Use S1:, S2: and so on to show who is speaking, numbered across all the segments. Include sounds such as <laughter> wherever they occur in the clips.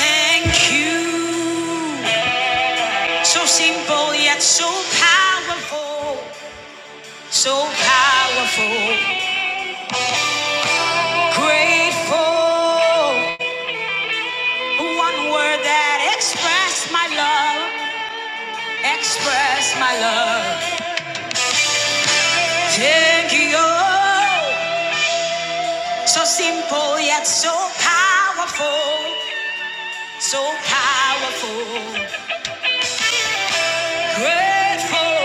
S1: Thank you. So simple yet so powerful. So powerful. Grateful. One word that expressed my love. Express my love. Thank you. So simple yet so powerful. So powerful. Grateful.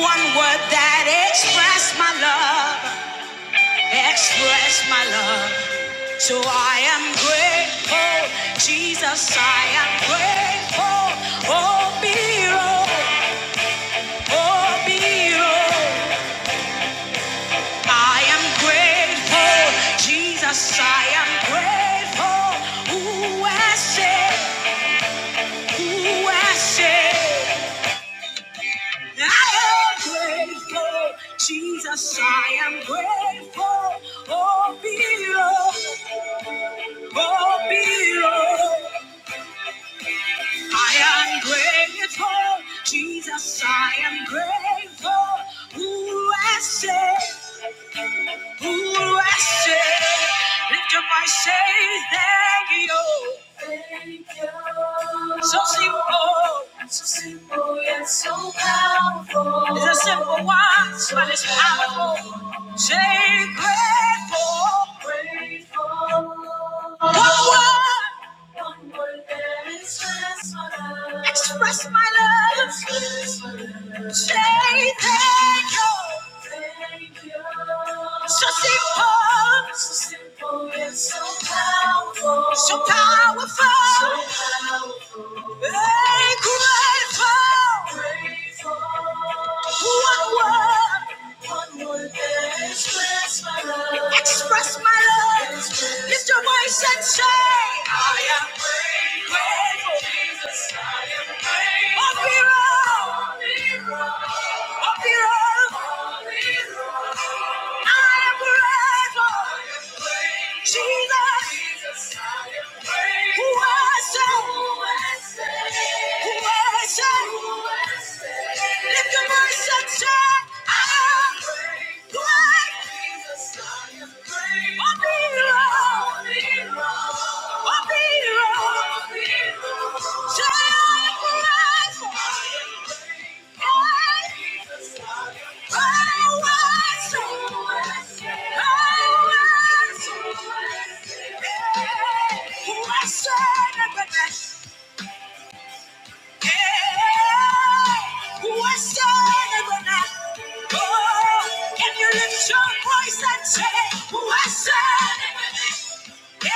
S1: One word that expressed my love. Express my love. So I am grateful, Jesus, I am grateful. Oh, Biro, oh, Biro. I am grateful, Jesus, I am grateful. Ooh, I say, ooh, I say. I am grateful, Jesus, I am grateful. Oh, Biro, oh, Biro. I am grateful, Jesus, I am grateful. Who I say, who I say, lift up my say, thank you. Thank you. So simple, so simple yet so powerful. It's a simple once, but it's powerful. Say grateful, grateful. One word. Express my love. Say thank you. So simple. So simple and so So powerful. So powerful. Grateful. One word. One word can Express my love. Express my love. Lift your voice and say, I am grateful. Up your own. Up your own. I am grateful. Jesus. Child, can you lift your voice and say, Who has said yeah,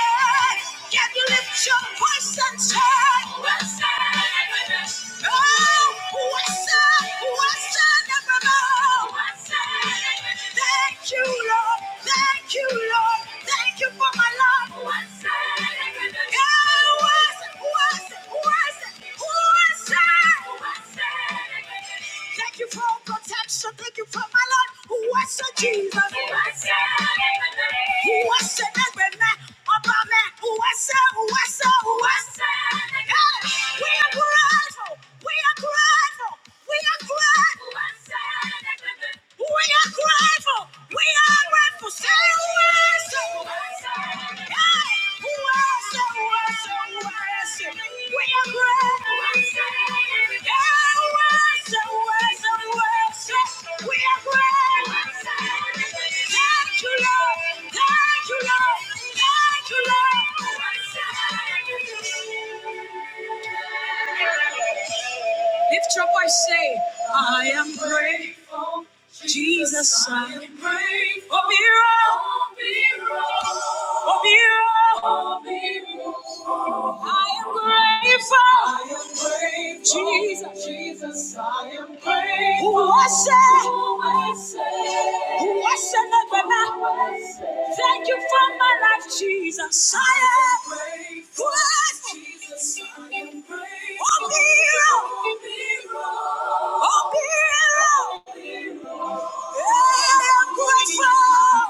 S1: Can you lift your voice and say? What's up with us? Oh, what's up? What's up, evermore? What's up with us? Thank you, Lord. Thank you, Lord. Thank you for my love. What's up with us? Yeah, what's up? What's up? What's up? What's up? Thank you for protection. Thank you for my Lord. Who was the Jesus? Who was the Who was the David man? About man? Who was the Who was the Who was the Hey, We are grateful. We are grateful. We are grateful. We are grateful. We are grateful. Lift your voice, say, I am great. Jesus, I pray for miracle, for miracle. I am grateful. I am grateful. Jesus, Jesus, I am grateful. Who was it? Who was it? Thank you for my life, Jesus. I am grateful. Jesus, I am grateful. For miracle, for miracle. I am grateful.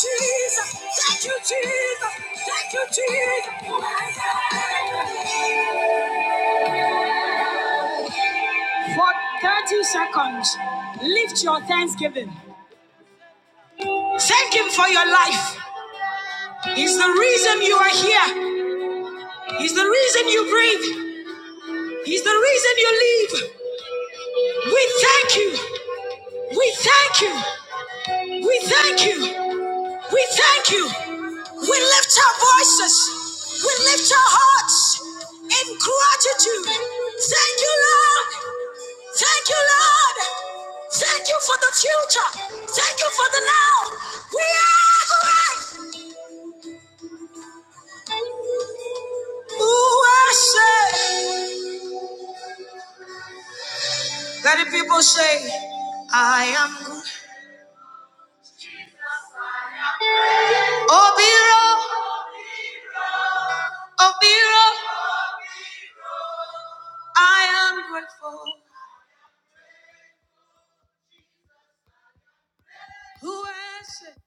S1: Jesus, thank you, Jesus, thank you, Jesus. For 30 seconds, lift your thanksgiving. Thank Him for your life. He's the reason you are here. He's the reason you breathe. He's the reason you live. We thank you. We thank you. We thank you. We thank you. We lift our voices. We lift our hearts in gratitude. Thank you, Lord. Thank you, Lord. Thank you for the future. Thank you for the now. We are great. Ooh, I say. Let the people say, I am good. Obiro, Obiro, I am grateful. Who is it?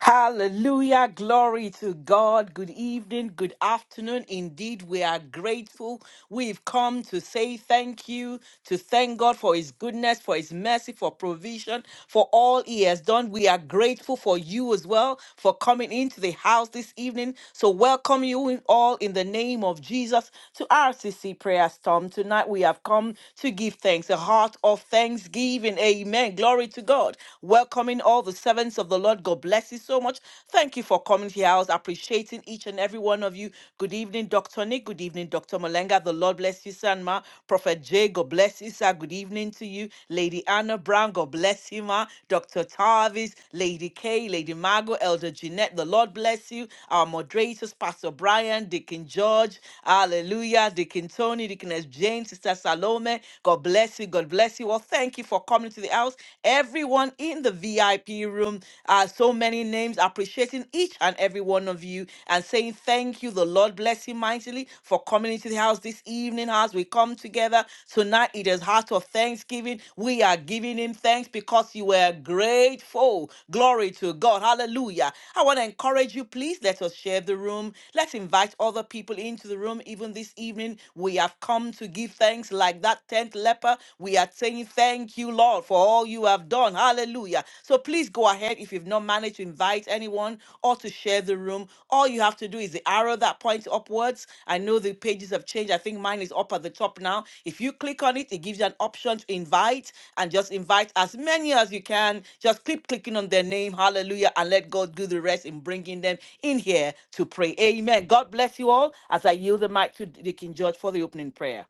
S2: Hallelujah. Glory to God. Good evening. Good afternoon. Indeed, we are grateful. We've come to say thank you, to thank God for His goodness, for His mercy, for provision, for all He has done. We are grateful for you as well for coming into the house this evening. So, welcome you in- all in the name of Jesus to RCC Prayer Storm. Tonight, we have come to give thanks, a heart of thanksgiving. Amen. Glory to God. Welcome coming, all the servants of the Lord. God bless you so much. Thank you for coming here. I was appreciating each and every one of you. Good evening, Dr. Nick. Good evening, Dr. Malenga. The Lord bless you, sir. Ma. Prophet Jay, God bless you, sir. Good evening to you. Lady Anna Brown, God bless you, Ma. Dr. Tarvis, Lady Kay, Lady Margot, Elder Jeanette. The Lord bless you. Our moderators, Pastor Brian, Deacon George. Hallelujah. Deacon Tony, Deaconess Jane, Sister Salome. God bless you. God bless you. Well, thank you for coming to the to the house, everyone in the VIP room. Uh, so many names appreciating each and every one of you and saying thank you. The Lord bless you mightily for coming into the house this evening as we come together. Tonight it is heart of thanksgiving. We are giving him thanks because you were grateful. Glory to God. Hallelujah. I want to encourage you, please let us share the room. Let's invite other people into the room even this evening. We have come to give thanks like that 10th leper helper. We are saying thank you, Lord, for all you have done. Hallelujah. So please go ahead if you've not managed to invite anyone or to share the room. All you have to do is the arrow that points upwards. I know the pages have changed. I think mine is up at the top now. If you click on it, it gives you an option to invite and just invite as many as you can. Just keep clicking on their name. Hallelujah. And let God do the rest in bringing them in here to pray. Amen. God bless you all as I yield the mic to Deacon George for the opening prayer.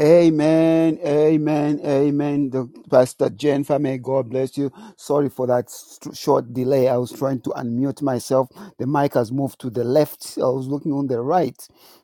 S3: Amen, amen, amen. The, Pastor Jennifer, may God bless you. Sorry for that st- short delay. I was trying to unmute myself. The mic has moved to the left. I was looking on the right.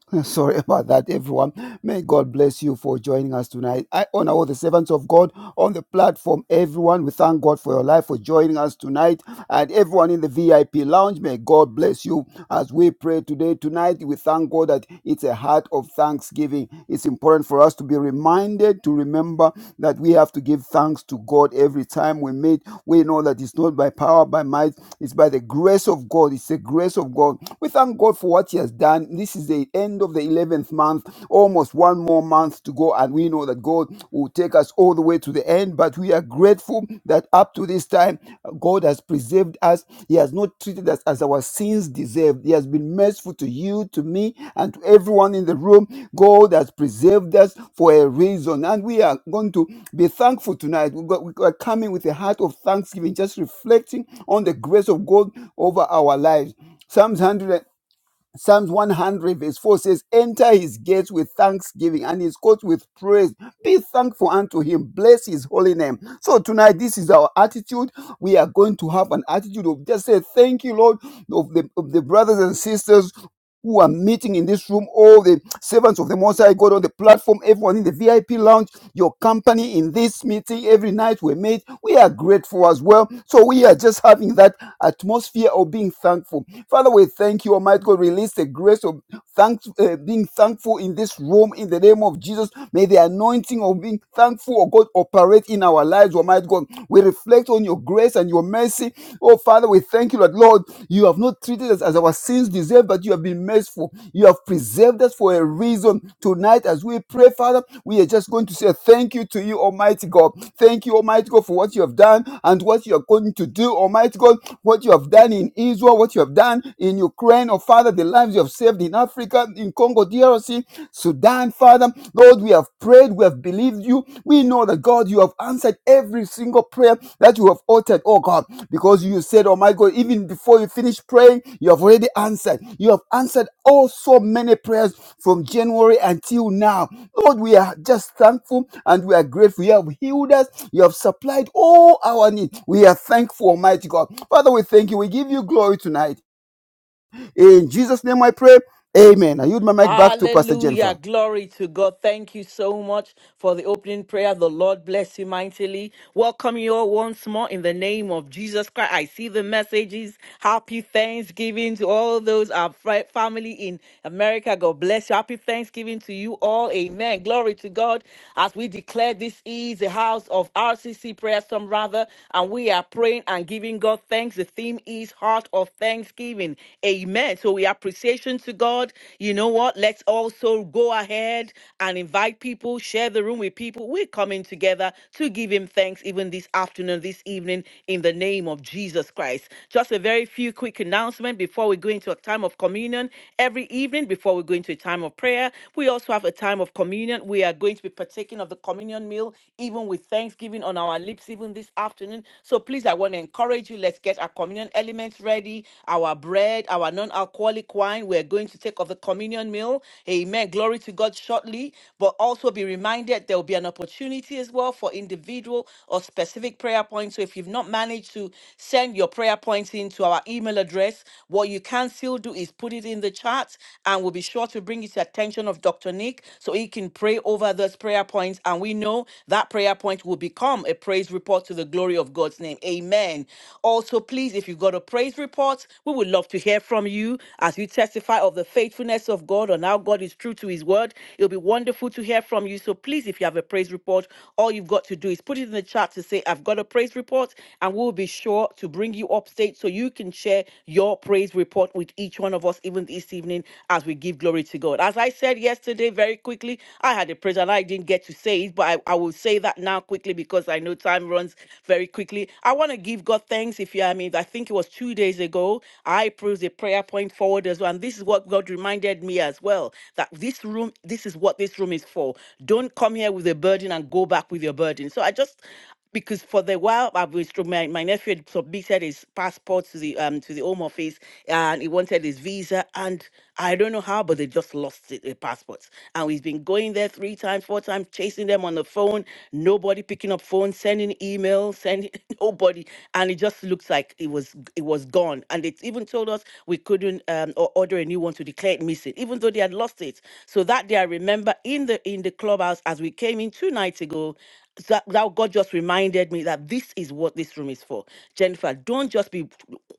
S3: <laughs> Sorry about that, everyone. May God bless you for joining us tonight. I honor all the servants of God on the platform. Everyone, we thank God for your life for joining us tonight. And everyone in the VIP lounge, may God bless you as we pray today. Tonight, we thank God that it's a heart of thanksgiving. It's important for us to be reminded to remember that we have to give thanks to God every time we meet. We know that it's not by power, by might, it's by the grace of God. It's the grace of God. We thank God for what He has done done. This is the end of the 11th month, almost one more month to go. And we know that God will take us all the way to the end. But we are grateful that up to this time, God has preserved us. He has not treated us as our sins deserved. He has been merciful to you, to me, and to everyone in the room. God has preserved us for a reason. And we are going to be thankful tonight. We got- we are coming with a heart of thanksgiving, just reflecting on the grace of God over our lives. Psalms 100. Psalms 100 verse 4 says, Enter his gates with thanksgiving and his courts with praise. Be thankful unto him. Bless his holy name. So tonight, this is our attitude. We are going to have an attitude of just say, Thank you, Lord, of the, of the brothers and sisters who are meeting in this room, all the servants of the Most High God on the platform, everyone in the VIP lounge, your company in this meeting every night we made. We are grateful as well. So we are just having that atmosphere of being thankful. Father, we thank you, Almighty God. Release the grace of thanks, uh, being thankful in this room in the name of Jesus. May the anointing of being thankful, oh God, operate in our lives, Almighty God. We reflect on your your grace and your mercy. Oh, Father, we thank you, Lord. Lord, you have not treated us as our sins deserve, but you have been merciful. You have preserved us for a reason. Tonight, as we pray, Father, we are just going to say thank you to you, Almighty God. Thank you, Almighty God, for what you have done and what you are going to do, Almighty God, what you have done in Israel, what you have done in Ukraine, oh Father, the lives you have saved in Africa, in Congo, DRC, Sudan, Father. Lord, we have prayed, we have believed you. We know that God, you have answered every single prayer that you have uttered, oh God, because you said, Oh my God, even before you finish praying, you have already answered. You have answered oh so many prayers from January until now. Lord, we are just thankful and we are grateful. You have healed us, you have supplied all our needs. We are thankful, Almighty God. Father, we thank you. We give you glory tonight. In Jesus' name I pray. Amen. I yield my mic back to Pastor Jennifer.
S2: Hallelujah. Glory to God. Thank you so much for the opening prayer. The Lord bless you mightily. Welcome you all once more in the name of Jesus Christ. I see the messages. Happy Thanksgiving to all those our fri- family in America. God bless you. Happy Thanksgiving to you all. Amen. Glory to God. As we declare this is the house of RCC prayer, some rather, and we are praying and giving God thanks. The theme is heart of thanksgiving. Amen. So. So we appreciation to God. You know what? Let's also go ahead and invite people, share the room with people. We're coming together to give him thanks even this afternoon, this evening, in the name of Jesus Christ. Just a very few quick announcements before we go into a time of communion. Every evening, before we go into a time of prayer, we also have a time of communion. We are going to be partaking of the communion meal, even with thanksgiving on our lips, even this afternoon. So please, I want to encourage you. Let's get our communion elements ready things ready, our bread, our non-alcoholic wine. We're going to take of the communion meal. Amen. Glory to God shortly. But also be reminded there will be an opportunity as well for individual or specific prayer points. So if you've not managed to send your prayer points into our email address, what you can still do is put it in the chat and we'll be sure to bring it to attention of Dr. Nick so he can pray over those prayer points. And we know that prayer point will become a praise report to the glory of God's name. Amen. Amen. Also, please, if you've got a praise report, we would love to hear from you as you testify of the faithfulness of God and how God is true to his word. It'll be wonderful to hear from you. So please, if you have a praise report, all you've got to do is put it in the chat to say, I've got a praise report, and we'll be sure to bring you update so you can share your praise report with each one of us, even this evening, as we give glory to God. As I said yesterday, very quickly, I had a praise and I didn't get to say it, but I, I will say that now quickly because I know know time runs very quickly. I want to give God thanks. If you, I mean, I think it was two days ago, I proved a prayer point forward as well. And this is what God reminded me as well that this room, this is what this room is for. Don't come here with a burden and go back with your burden. So I just, because for the while I was through my, my nephew had submitted his passport to the um to the home office and he wanted his visa and I don't know how but they just lost it, the passports and we've been going there three times four times chasing them on the phone nobody picking up phone sending email sending <laughs> nobody and it just looks like it was it was gone and they even told us we couldn't um or order a new one to declare it missing even though they had lost it so that day I remember in the in the clubhouse as we came in two nights ago that, that God just reminded me that this is what this room is for. Jennifer, don't just be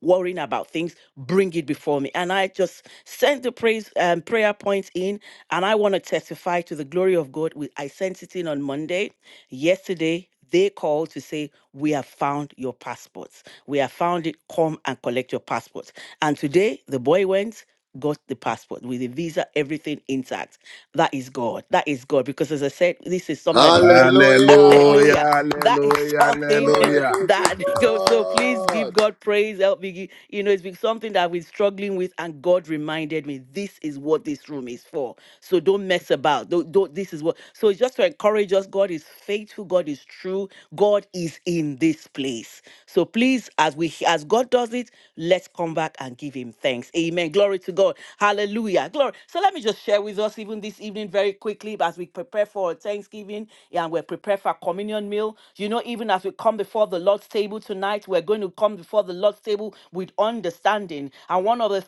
S2: worrying about things, bring it before me. And I just sent the praise um, prayer points in, and I want to testify to the glory of God. We, I sent it in on Monday. Yesterday, they called to say, We have found your passports. We have found it. Come and collect your passports. And today, the boy went got the passport with the visa, everything intact. That is God. That is God. Because as I said, this is something that is going on. <laughs>
S4: Hallelujah.
S1: Hallelujah,
S2: Hallelujah. That is
S1: hallelujah,
S2: something
S4: Glory be
S1: hallelujah.
S2: <laughs> that
S4: to
S2: goes. So please
S4: God.
S2: give God praise. Help me. gi- You know, it's been something that I've been struggling with, and God reminded me this is what this room is for. So don't mess about. Don't, don't this is what. So it's just to encourage us. God is faithful. God God is true. God is in this place. So please, as we as God does it, let's come back and give him thanks. Amen. Glory to God. Hallelujah. Glory. So let me just share with us even this evening very quickly as we prepare for Thanksgiving and we're prepared for our communion meal. You know, even as we come before the Lord's table tonight, we're going to come before the Lord's table with understanding. And one of the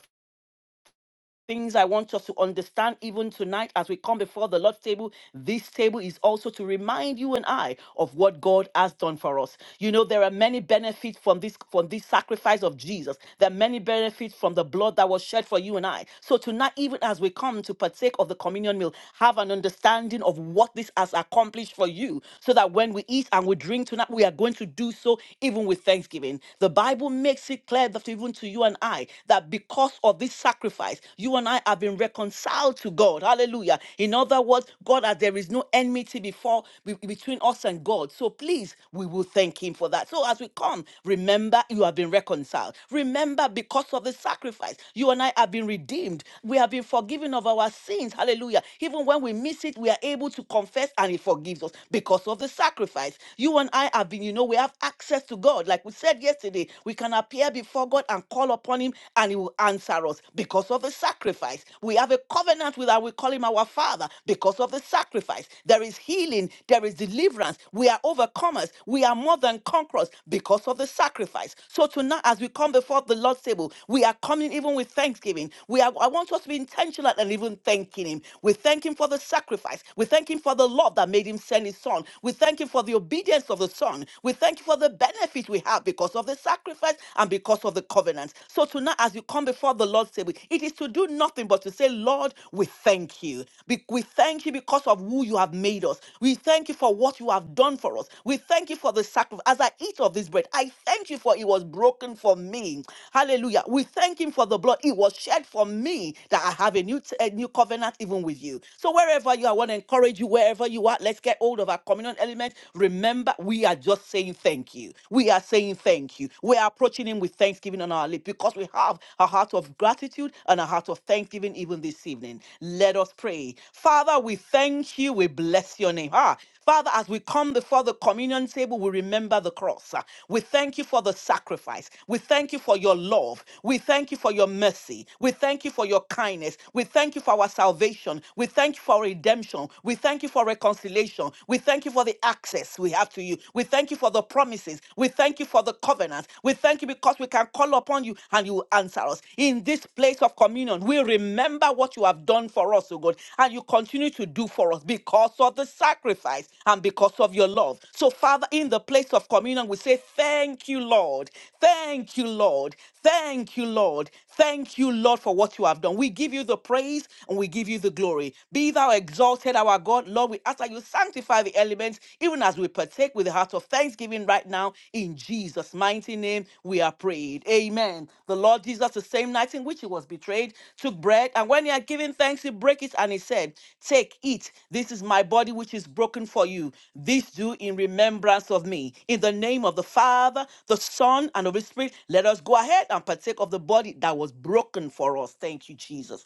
S2: things I want us to understand even tonight as we come before the Lord's table. This table is also to remind you and I of what God has done for us. You know, there are many benefits from this from this sacrifice of Jesus. There are many benefits from the blood that was shed for you and I. So tonight, even as we come to partake of the communion meal, have an understanding of what this has accomplished for you, so that when we eat and we drink tonight, we are going to do so even with thanksgiving. The Bible makes it clear that even to you and I that because of this sacrifice, you and I have been reconciled to God. Hallelujah. In other words, God, as there is no enmity before be- between us and God. So please, we will thank Him for that. So as we come, remember you have been reconciled. Remember, because of the sacrifice, you and I have been redeemed. We have been forgiven of our sins. Hallelujah. Even when we miss it, we are able to confess and He forgives us because of the sacrifice. You and I have been, you know, we have access to God. Like we said yesterday, we can can appear before God and call upon Him and He will answer us because of the sacrifice. We have a covenant with our, we call Him our Father because of the sacrifice. There is healing, there is deliverance. We are overcomers, we are more than conquerors because of the sacrifice. So tonight, as we come before the Lord's table, we are coming even with thanksgiving. We are, I want us to be intentional and even thanking Him. We thank Him for the sacrifice. We thank Him for the love that made Him send His Son. We thank Him for the obedience of the Son. We thank you for the benefit we have because of the sacrifice and because of the covenant. So tonight, as you come before the Lord's table, it is to do nothing but to say, Lord, we thank you. Be- We thank you because of who you have made us. We thank you for what you have done for us. We thank you for the sacrifice. As I eat of this bread, I thank you for it was broken for me. Hallelujah. We thank him for the blood. It was shed for me that I have a new, t- a new covenant even with you. So wherever you are, I want to encourage you, wherever you are, let's get hold of our communion element. Remember, we are just saying thank you. We are saying thank you. We are approaching Him with thanksgiving on our lips because we have a heart of gratitude and a heart of thanksgiving even this evening. Let us pray. Father, we thank you. We bless your name. Ah, Father, as we come before the communion table, we remember the cross. Ah, We thank you for the sacrifice. We thank you for your love. We thank you for your mercy. We thank you for your kindness. We thank you for our salvation. We thank you for redemption. We thank you for reconciliation reconciliation. We thank you for the access we have to you. We thank you for the promises. We thank you for the covenants. We thank you because we can call upon you and you will answer us. In this place of communion, we remember what you have done for us, O God, and you continue to do for us because of the sacrifice and because of your love. So, Father, in the place of communion, we say, Thank you, Lord. Thank you, Lord. Thank you, Lord. Thank you, Lord, for what you have done. We give you the praise and we give you the glory. Be thou exalted, our God. Lord, we ask that you sanctify the elements, even as we partake with the heart of thanksgiving right now. In Jesus' mighty name, we are prayed. Amen. The Lord Jesus, the same night in which he was betrayed, took bread, and when he had given thanks, he broke it and he said, Take, eat. This is my body which is broken for you. This do in remembrance of me. In the name of the Father, the Son, and of the Spirit, let us go ahead and partake of the body that was broken for us. Thank you, Jesus.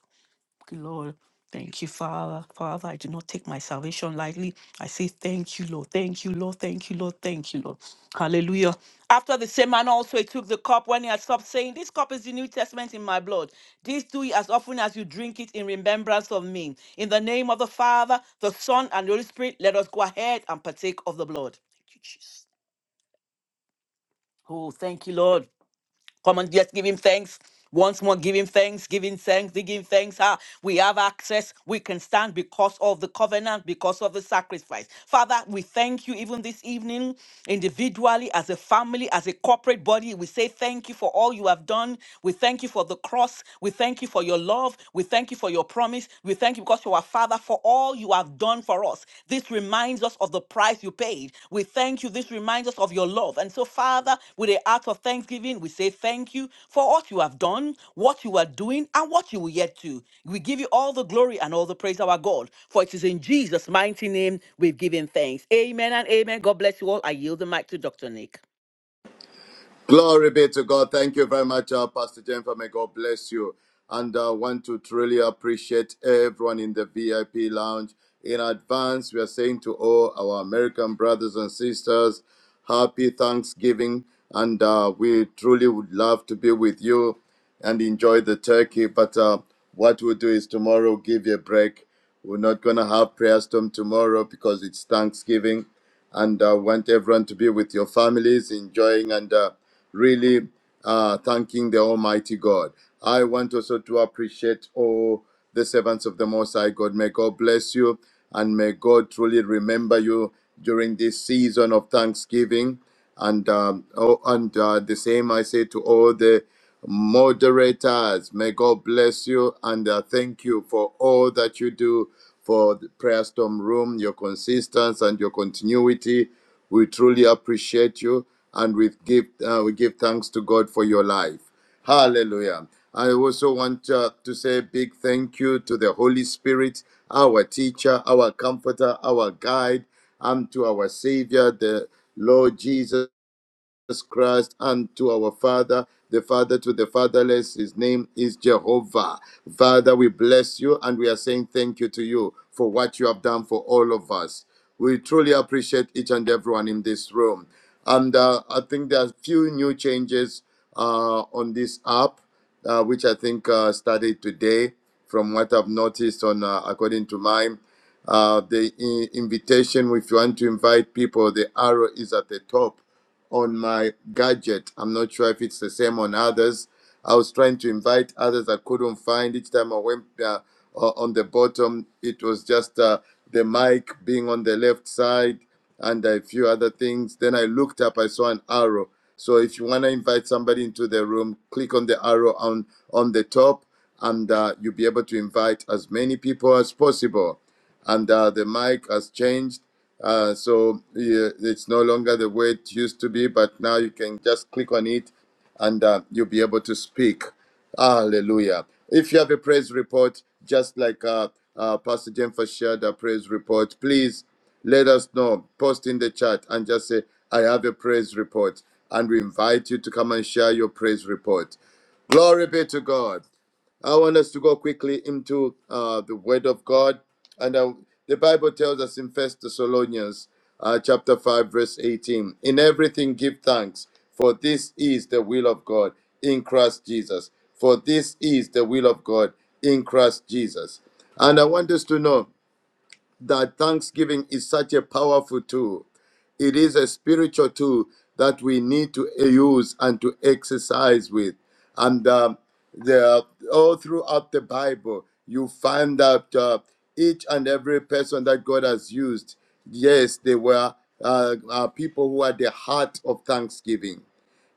S2: Lord. Thank you, Father. Father, I do not take my salvation lightly. I say, Thank you, Lord. Thank you, Lord. Thank you, Lord. Thank you, Lord. Hallelujah. After the same manner, also he took the cup when he had stopped, saying, This cup is the New Testament in my blood. This do ye as often as you drink it in remembrance of me. In the name of the Father, the Son, and the Holy Spirit, let us go ahead and partake of the blood. Thank you, Jesus. Oh, thank you, Lord. Come on, just give him thanks. Once more, give him thanks, give him thanks, give him thanks. Ah, we have access. We can stand because of the covenant, because of the sacrifice. Father, we thank you even this evening, individually, as a family, as a corporate body. We say thank you for all you have done. We thank you for the cross. We thank you for your love. We thank you for your promise. We thank you because you are Father Father, for all you have done for us. This reminds us of the price you paid. We thank you. This reminds us of your love. And so, Father, with a act of thanksgiving, we say thank you for what you have done, what you are doing, and what you will yet do. We give you all the glory and all the praise, our God, for it is in Jesus' mighty name we've given thanks. Amen and amen. God bless you all. I yield the mic to Dr. Nick.
S4: Glory be to God. Thank you very much, uh, Pastor Jennifer. May God bless you. And I uh, want to truly appreciate everyone in the VIP lounge. In advance, we are saying to all our American brothers and sisters, happy Thanksgiving. And uh, we truly would love to be with you and enjoy the turkey. But uh, what we'll do is tomorrow, give you a break. We're not going to have prayer storm tomorrow because it's Thanksgiving and I uh, want everyone to be with your families, enjoying and uh, really uh, thanking the Almighty God. I want also to appreciate all the servants of the Most High God. May God bless you and may God truly remember you during this season of Thanksgiving. And um, oh, and uh, the same I say to all the moderators. May God bless you and uh, thank you for all that you do for the Prayer Storm Room, your consistency and your continuity. We truly appreciate you and we give, uh, we give thanks to God for your life. Hallelujah. I also want uh, to say a big thank you to the Holy Spirit, our teacher, our comforter, our guide, and to our Savior, the Lord Jesus. Christ unto our Father, the Father to the fatherless. His name is Jehovah. Father, we bless you and we are saying thank you to you for what you have done for all of us. We truly appreciate each and everyone in this room. And uh, I think there are a few new changes uh, on this app, uh, which I think uh, started today, from what I've noticed on uh, according to mine. Uh, the i- invitation, if you want to invite people, the arrow is at the top on my gadget. I'm not sure if it's the same on others. I was trying to invite others. I couldn't find each time I went uh, on the bottom. It was just uh, the mic being on the left side and a few other things. Then I looked up. I saw an arrow. So if you want to invite somebody into the room, click on the arrow on on the top, and uh, you'll be able to invite as many people as possible. And uh, the mic has changed uh, so yeah, it's no longer the way it used to be, but now you can just click on it and uh, you'll be able to speak. Hallelujah. If you have a praise report, just like uh, uh, Pastor Jennifer shared a praise report, please let us know. Post in the chat and just say, I have a praise report. And we invite you to come and share your praise report. Glory be to God. I want us to go quickly into uh, the Word of God, and uh, the Bible tells us in First Thessalonians uh, chapter five, verse eighteen: In everything give thanks, for this is the will of God in Christ Jesus. For this is the will of God in Christ Jesus. And I want us to know that thanksgiving is such a powerful tool. It is a spiritual tool that we need to use and to exercise with. And um, the, all throughout the Bible, you find that uh, each and every person that God has used, yes, they were uh, uh, people who had the heart of thanksgiving.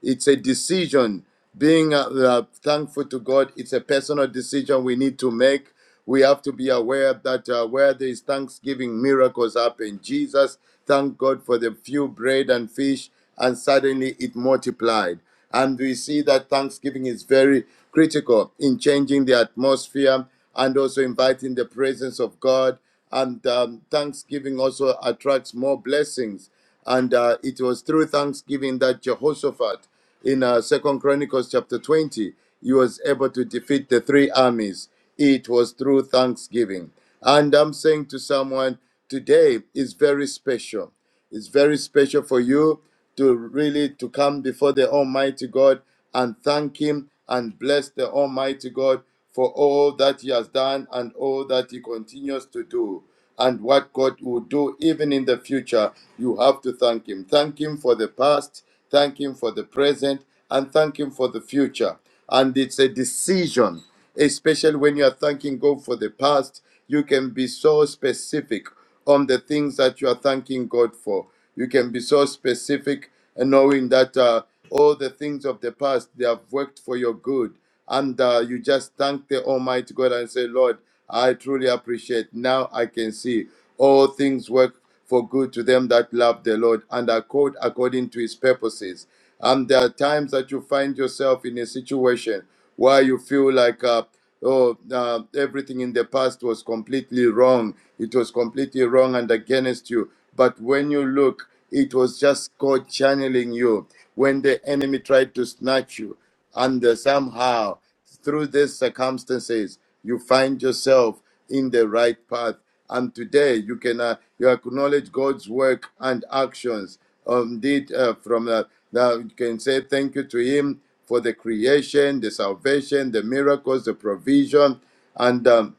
S4: It's a decision. Being uh, uh, thankful to God, it's a personal decision we need to make. We have to be aware that uh, where there is thanksgiving, miracles happen. Jesus thanked God for the few bread and fish, and suddenly it multiplied. And we see that thanksgiving is very critical in changing the atmosphere and also inviting the presence of God. And um, thanksgiving also attracts more blessings. And uh, it was through thanksgiving that Jehoshaphat, in uh, Second Chronicles chapter 20, he was able to defeat the three armies. It was through thanksgiving. And I'm saying to someone, today is very special. It's very special for you to really to come before the Almighty God and thank Him and bless the Almighty God for all that He has done and all that He continues to do and what God will do even in the future, you have to thank Him. Thank Him for the past, thank Him for the present, and thank Him for the future. And it's a decision, especially when you are thanking God for the past. You can be so specific on the things that you are thanking God for. You can be so specific and knowing that uh, all the things of the past they have worked for your good, and uh, you just thank the Almighty God and say, Lord, I truly appreciate. Now I can see all things work for good to them that love the Lord and are called according to His purposes. And there are times that you find yourself in a situation why you feel like uh, oh uh, everything in the past was completely wrong it was completely wrong and against you but when you look it was just god channeling you when the enemy tried to snatch you and uh, somehow through these circumstances, you find yourself in the right path. And today, you can uh, you acknowledge God's work and actions. Indeed, uh, from uh, now you can say thank you to Him for the creation, the salvation, the miracles, the provision, and um,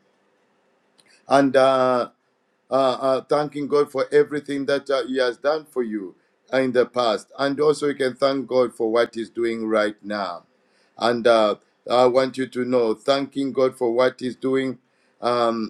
S4: and. Uh, uh, uh, thanking God for everything that uh, He has done for you in the past. And also, you can thank God for what He's doing right now. And uh, I want you to know, thanking God for what He's doing. Um,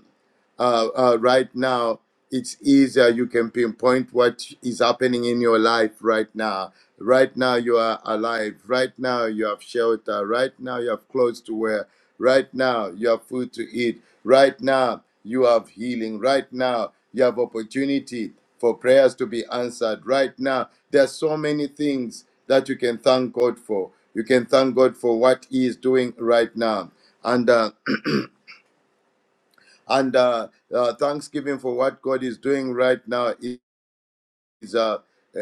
S4: uh, uh, right now, it's easier. You can pinpoint what is happening in your life right now. Right now, you are alive. Right now, you have shelter. Right now, you have clothes to wear. Right now, you have food to eat. Right now, you have healing. Right now, you have opportunity for prayers to be answered. Right now, there are so many things that you can thank God for. You can thank God for what He is doing right now. And uh, and uh, uh, thanksgiving for what God is doing right now is uh, i-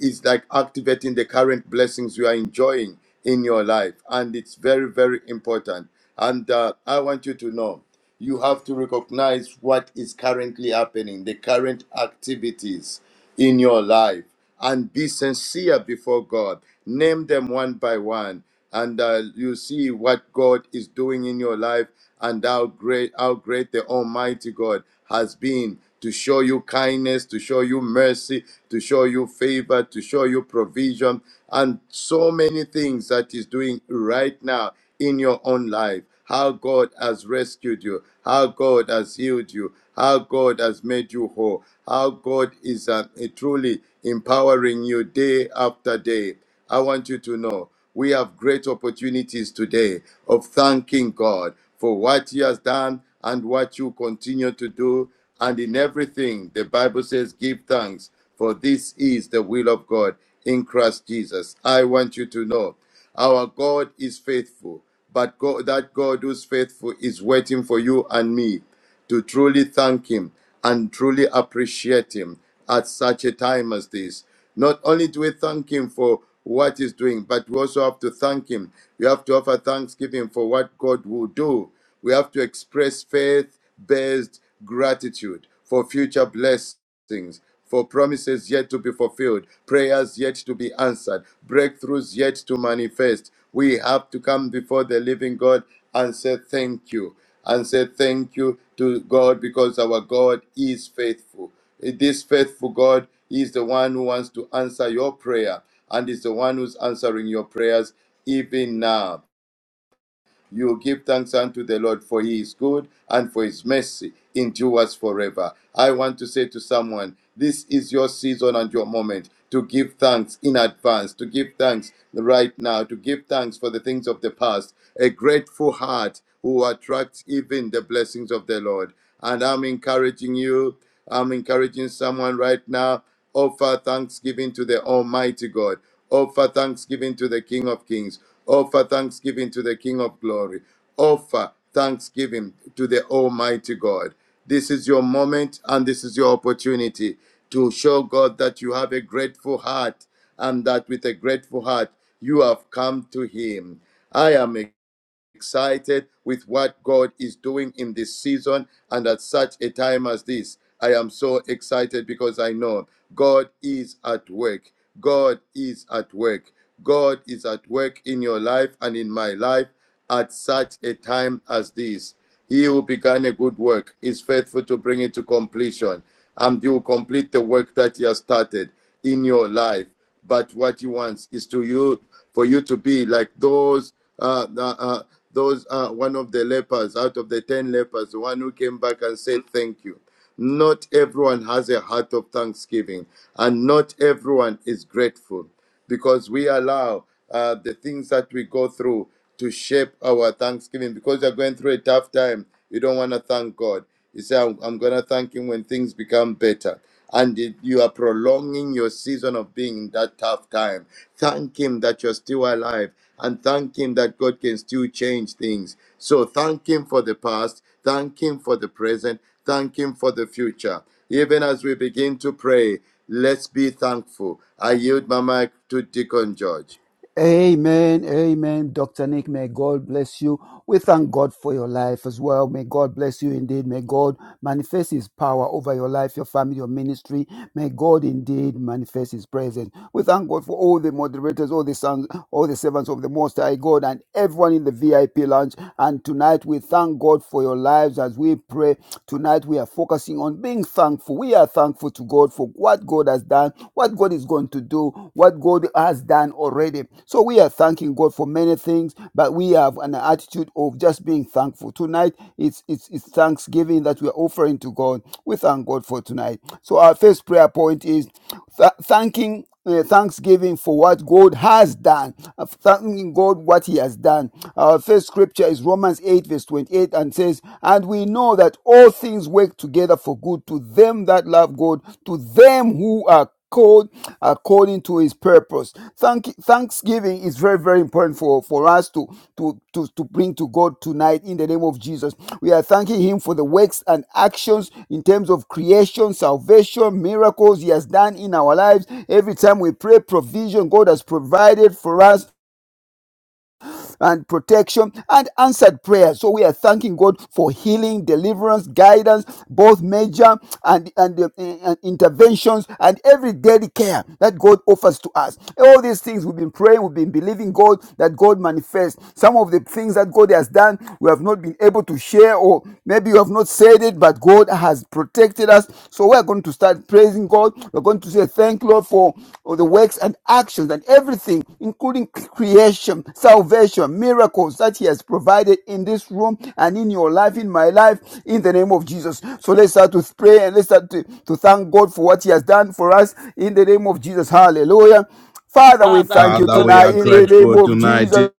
S4: is like activating the current blessings you are enjoying in your life, and it's very very important. And uh, I want you to know you have to recognize what is currently happening, the current activities in your life and be sincere before God. Name them one by one, and uh, you see what God is doing in your life and how great, how great the Almighty God has been to show you kindness, to show you mercy, to show you favor, to show you provision, and so many things that He's doing right now in your own life how God has rescued you, how God has healed you, how God has made you whole, how God is uh, truly empowering you day after day. I want you to know we have great opportunities today of thanking God for what He has done and what you continue to do. And in everything, the Bible says, give thanks, for this is the will of God in Christ Jesus. I want you to know our God is faithful but God, that God who's faithful is waiting for you and me to truly thank Him and truly appreciate Him at such a time as this. Not only do we thank Him for what He's doing, but we also have to thank Him. We have to offer thanksgiving for what God will do. We have to express faith based gratitude for future blessings things, for promises yet to be fulfilled, prayers yet to be answered, breakthroughs yet to manifest. We have to come before the living God and say thank you, and say thank you to God because our God is faithful. This faithful God is the one who wants to answer your prayer and is the one who's answering your prayers even now. You will give thanks unto the Lord, for he is good and for his mercy endures forever. I want to say to someone, this is your season and your moment to give thanks in advance, to give thanks right now, to give thanks for the things of the past. A grateful heart who attracts even the blessings of the Lord. And I'm encouraging you, I'm encouraging someone right now, offer thanksgiving to the Almighty God. Offer thanksgiving to the King of Kings. Offer thanksgiving to the King of Glory. Offer thanksgiving to the Almighty God. This is your moment and this is your opportunity to show God that you have a grateful heart and that with a grateful heart you have come to Him. I am a excited with what God is doing in this season and at such a time as this. I am so excited because I know God is at work. God is at work. God is at work in your life and in my life at such a time as this. He who began a good work is faithful to bring it to completion, and you will complete the work that he has started in your life. But what he wants is to you for you to be like those uh, uh, uh, those uh, one of the lepers out of the ten lepers, the one who came back and said thank you. Not everyone has a heart of thanksgiving, and not everyone is grateful because we allow uh, the things that we go through to shape our thanksgiving. Because you're going through a tough time, you don't want to thank God. You say, I'm, I'm going to thank Him when things become better. And it- you are prolonging your season of being in that tough time. Thank Him that you're still alive and thank Him that God can still change things. So thank Him for the past, thank Him for the present, thank Him for the future. Even as we begin to pray, Let's be thankful. I yield my mic to Deacon George.
S3: Amen. Amen. Dr. Nick, may God bless you. We thank God for your life as well. May God bless you indeed. May God manifest his power over your life, your family, your ministry. May God indeed manifest his presence. We thank God for all the moderators, all the sons, all the servants of the Most High God, and everyone in the VIP lounge. And tonight we thank God for your lives as we pray. Tonight we are focusing on being thankful. We are thankful to God. God for what God has done, what God is going to do, what God has done already. So we are thanking God for many things, but we have an attitude of just being thankful. Tonight, it's, it's, it's thanksgiving that we are offering to God. We thank God for tonight. So our first prayer point is th- thanking uh, thanksgiving for what God has done, uh, thanking God what He has done. Our first scripture is Romans 8, verse 28, and says, And we know that all things work together for good to them that love God, to them who are called according to His purpose. Thank, thanksgiving is very, very important for, for us to, to, to, to bring to God tonight in the name of Jesus. We are thanking Him for the works and actions in terms of creation, salvation, miracles He has done in our lives. Every time we pray, provision God has provided for us and protection and answered prayer. So we are thanking God for healing, deliverance, guidance, both major and, and, uh, and interventions and every daily care that God offers to us. All these things we've been praying, we've been believing God that God manifests. Some of the things that God has done, we have not been able to share, or maybe you have not said it, but God has protected us. So we're going to start praising God. We're going to say thank Lord, for all the works and actions and everything, including creation, salvation, miracles that He has provided in this room and in your life, in my life, in the name of Jesus. So let's start to pray and let's start to, to thank God for what He has done for us in the name of Jesus. Hallelujah. Father, we
S2: Father,
S3: thank
S2: we
S3: you
S1: Father,
S2: come
S1: we
S2: to
S3: tonight
S1: are
S3: in
S2: take
S3: the name
S1: grateful
S3: of
S1: tonight.
S3: Jesus.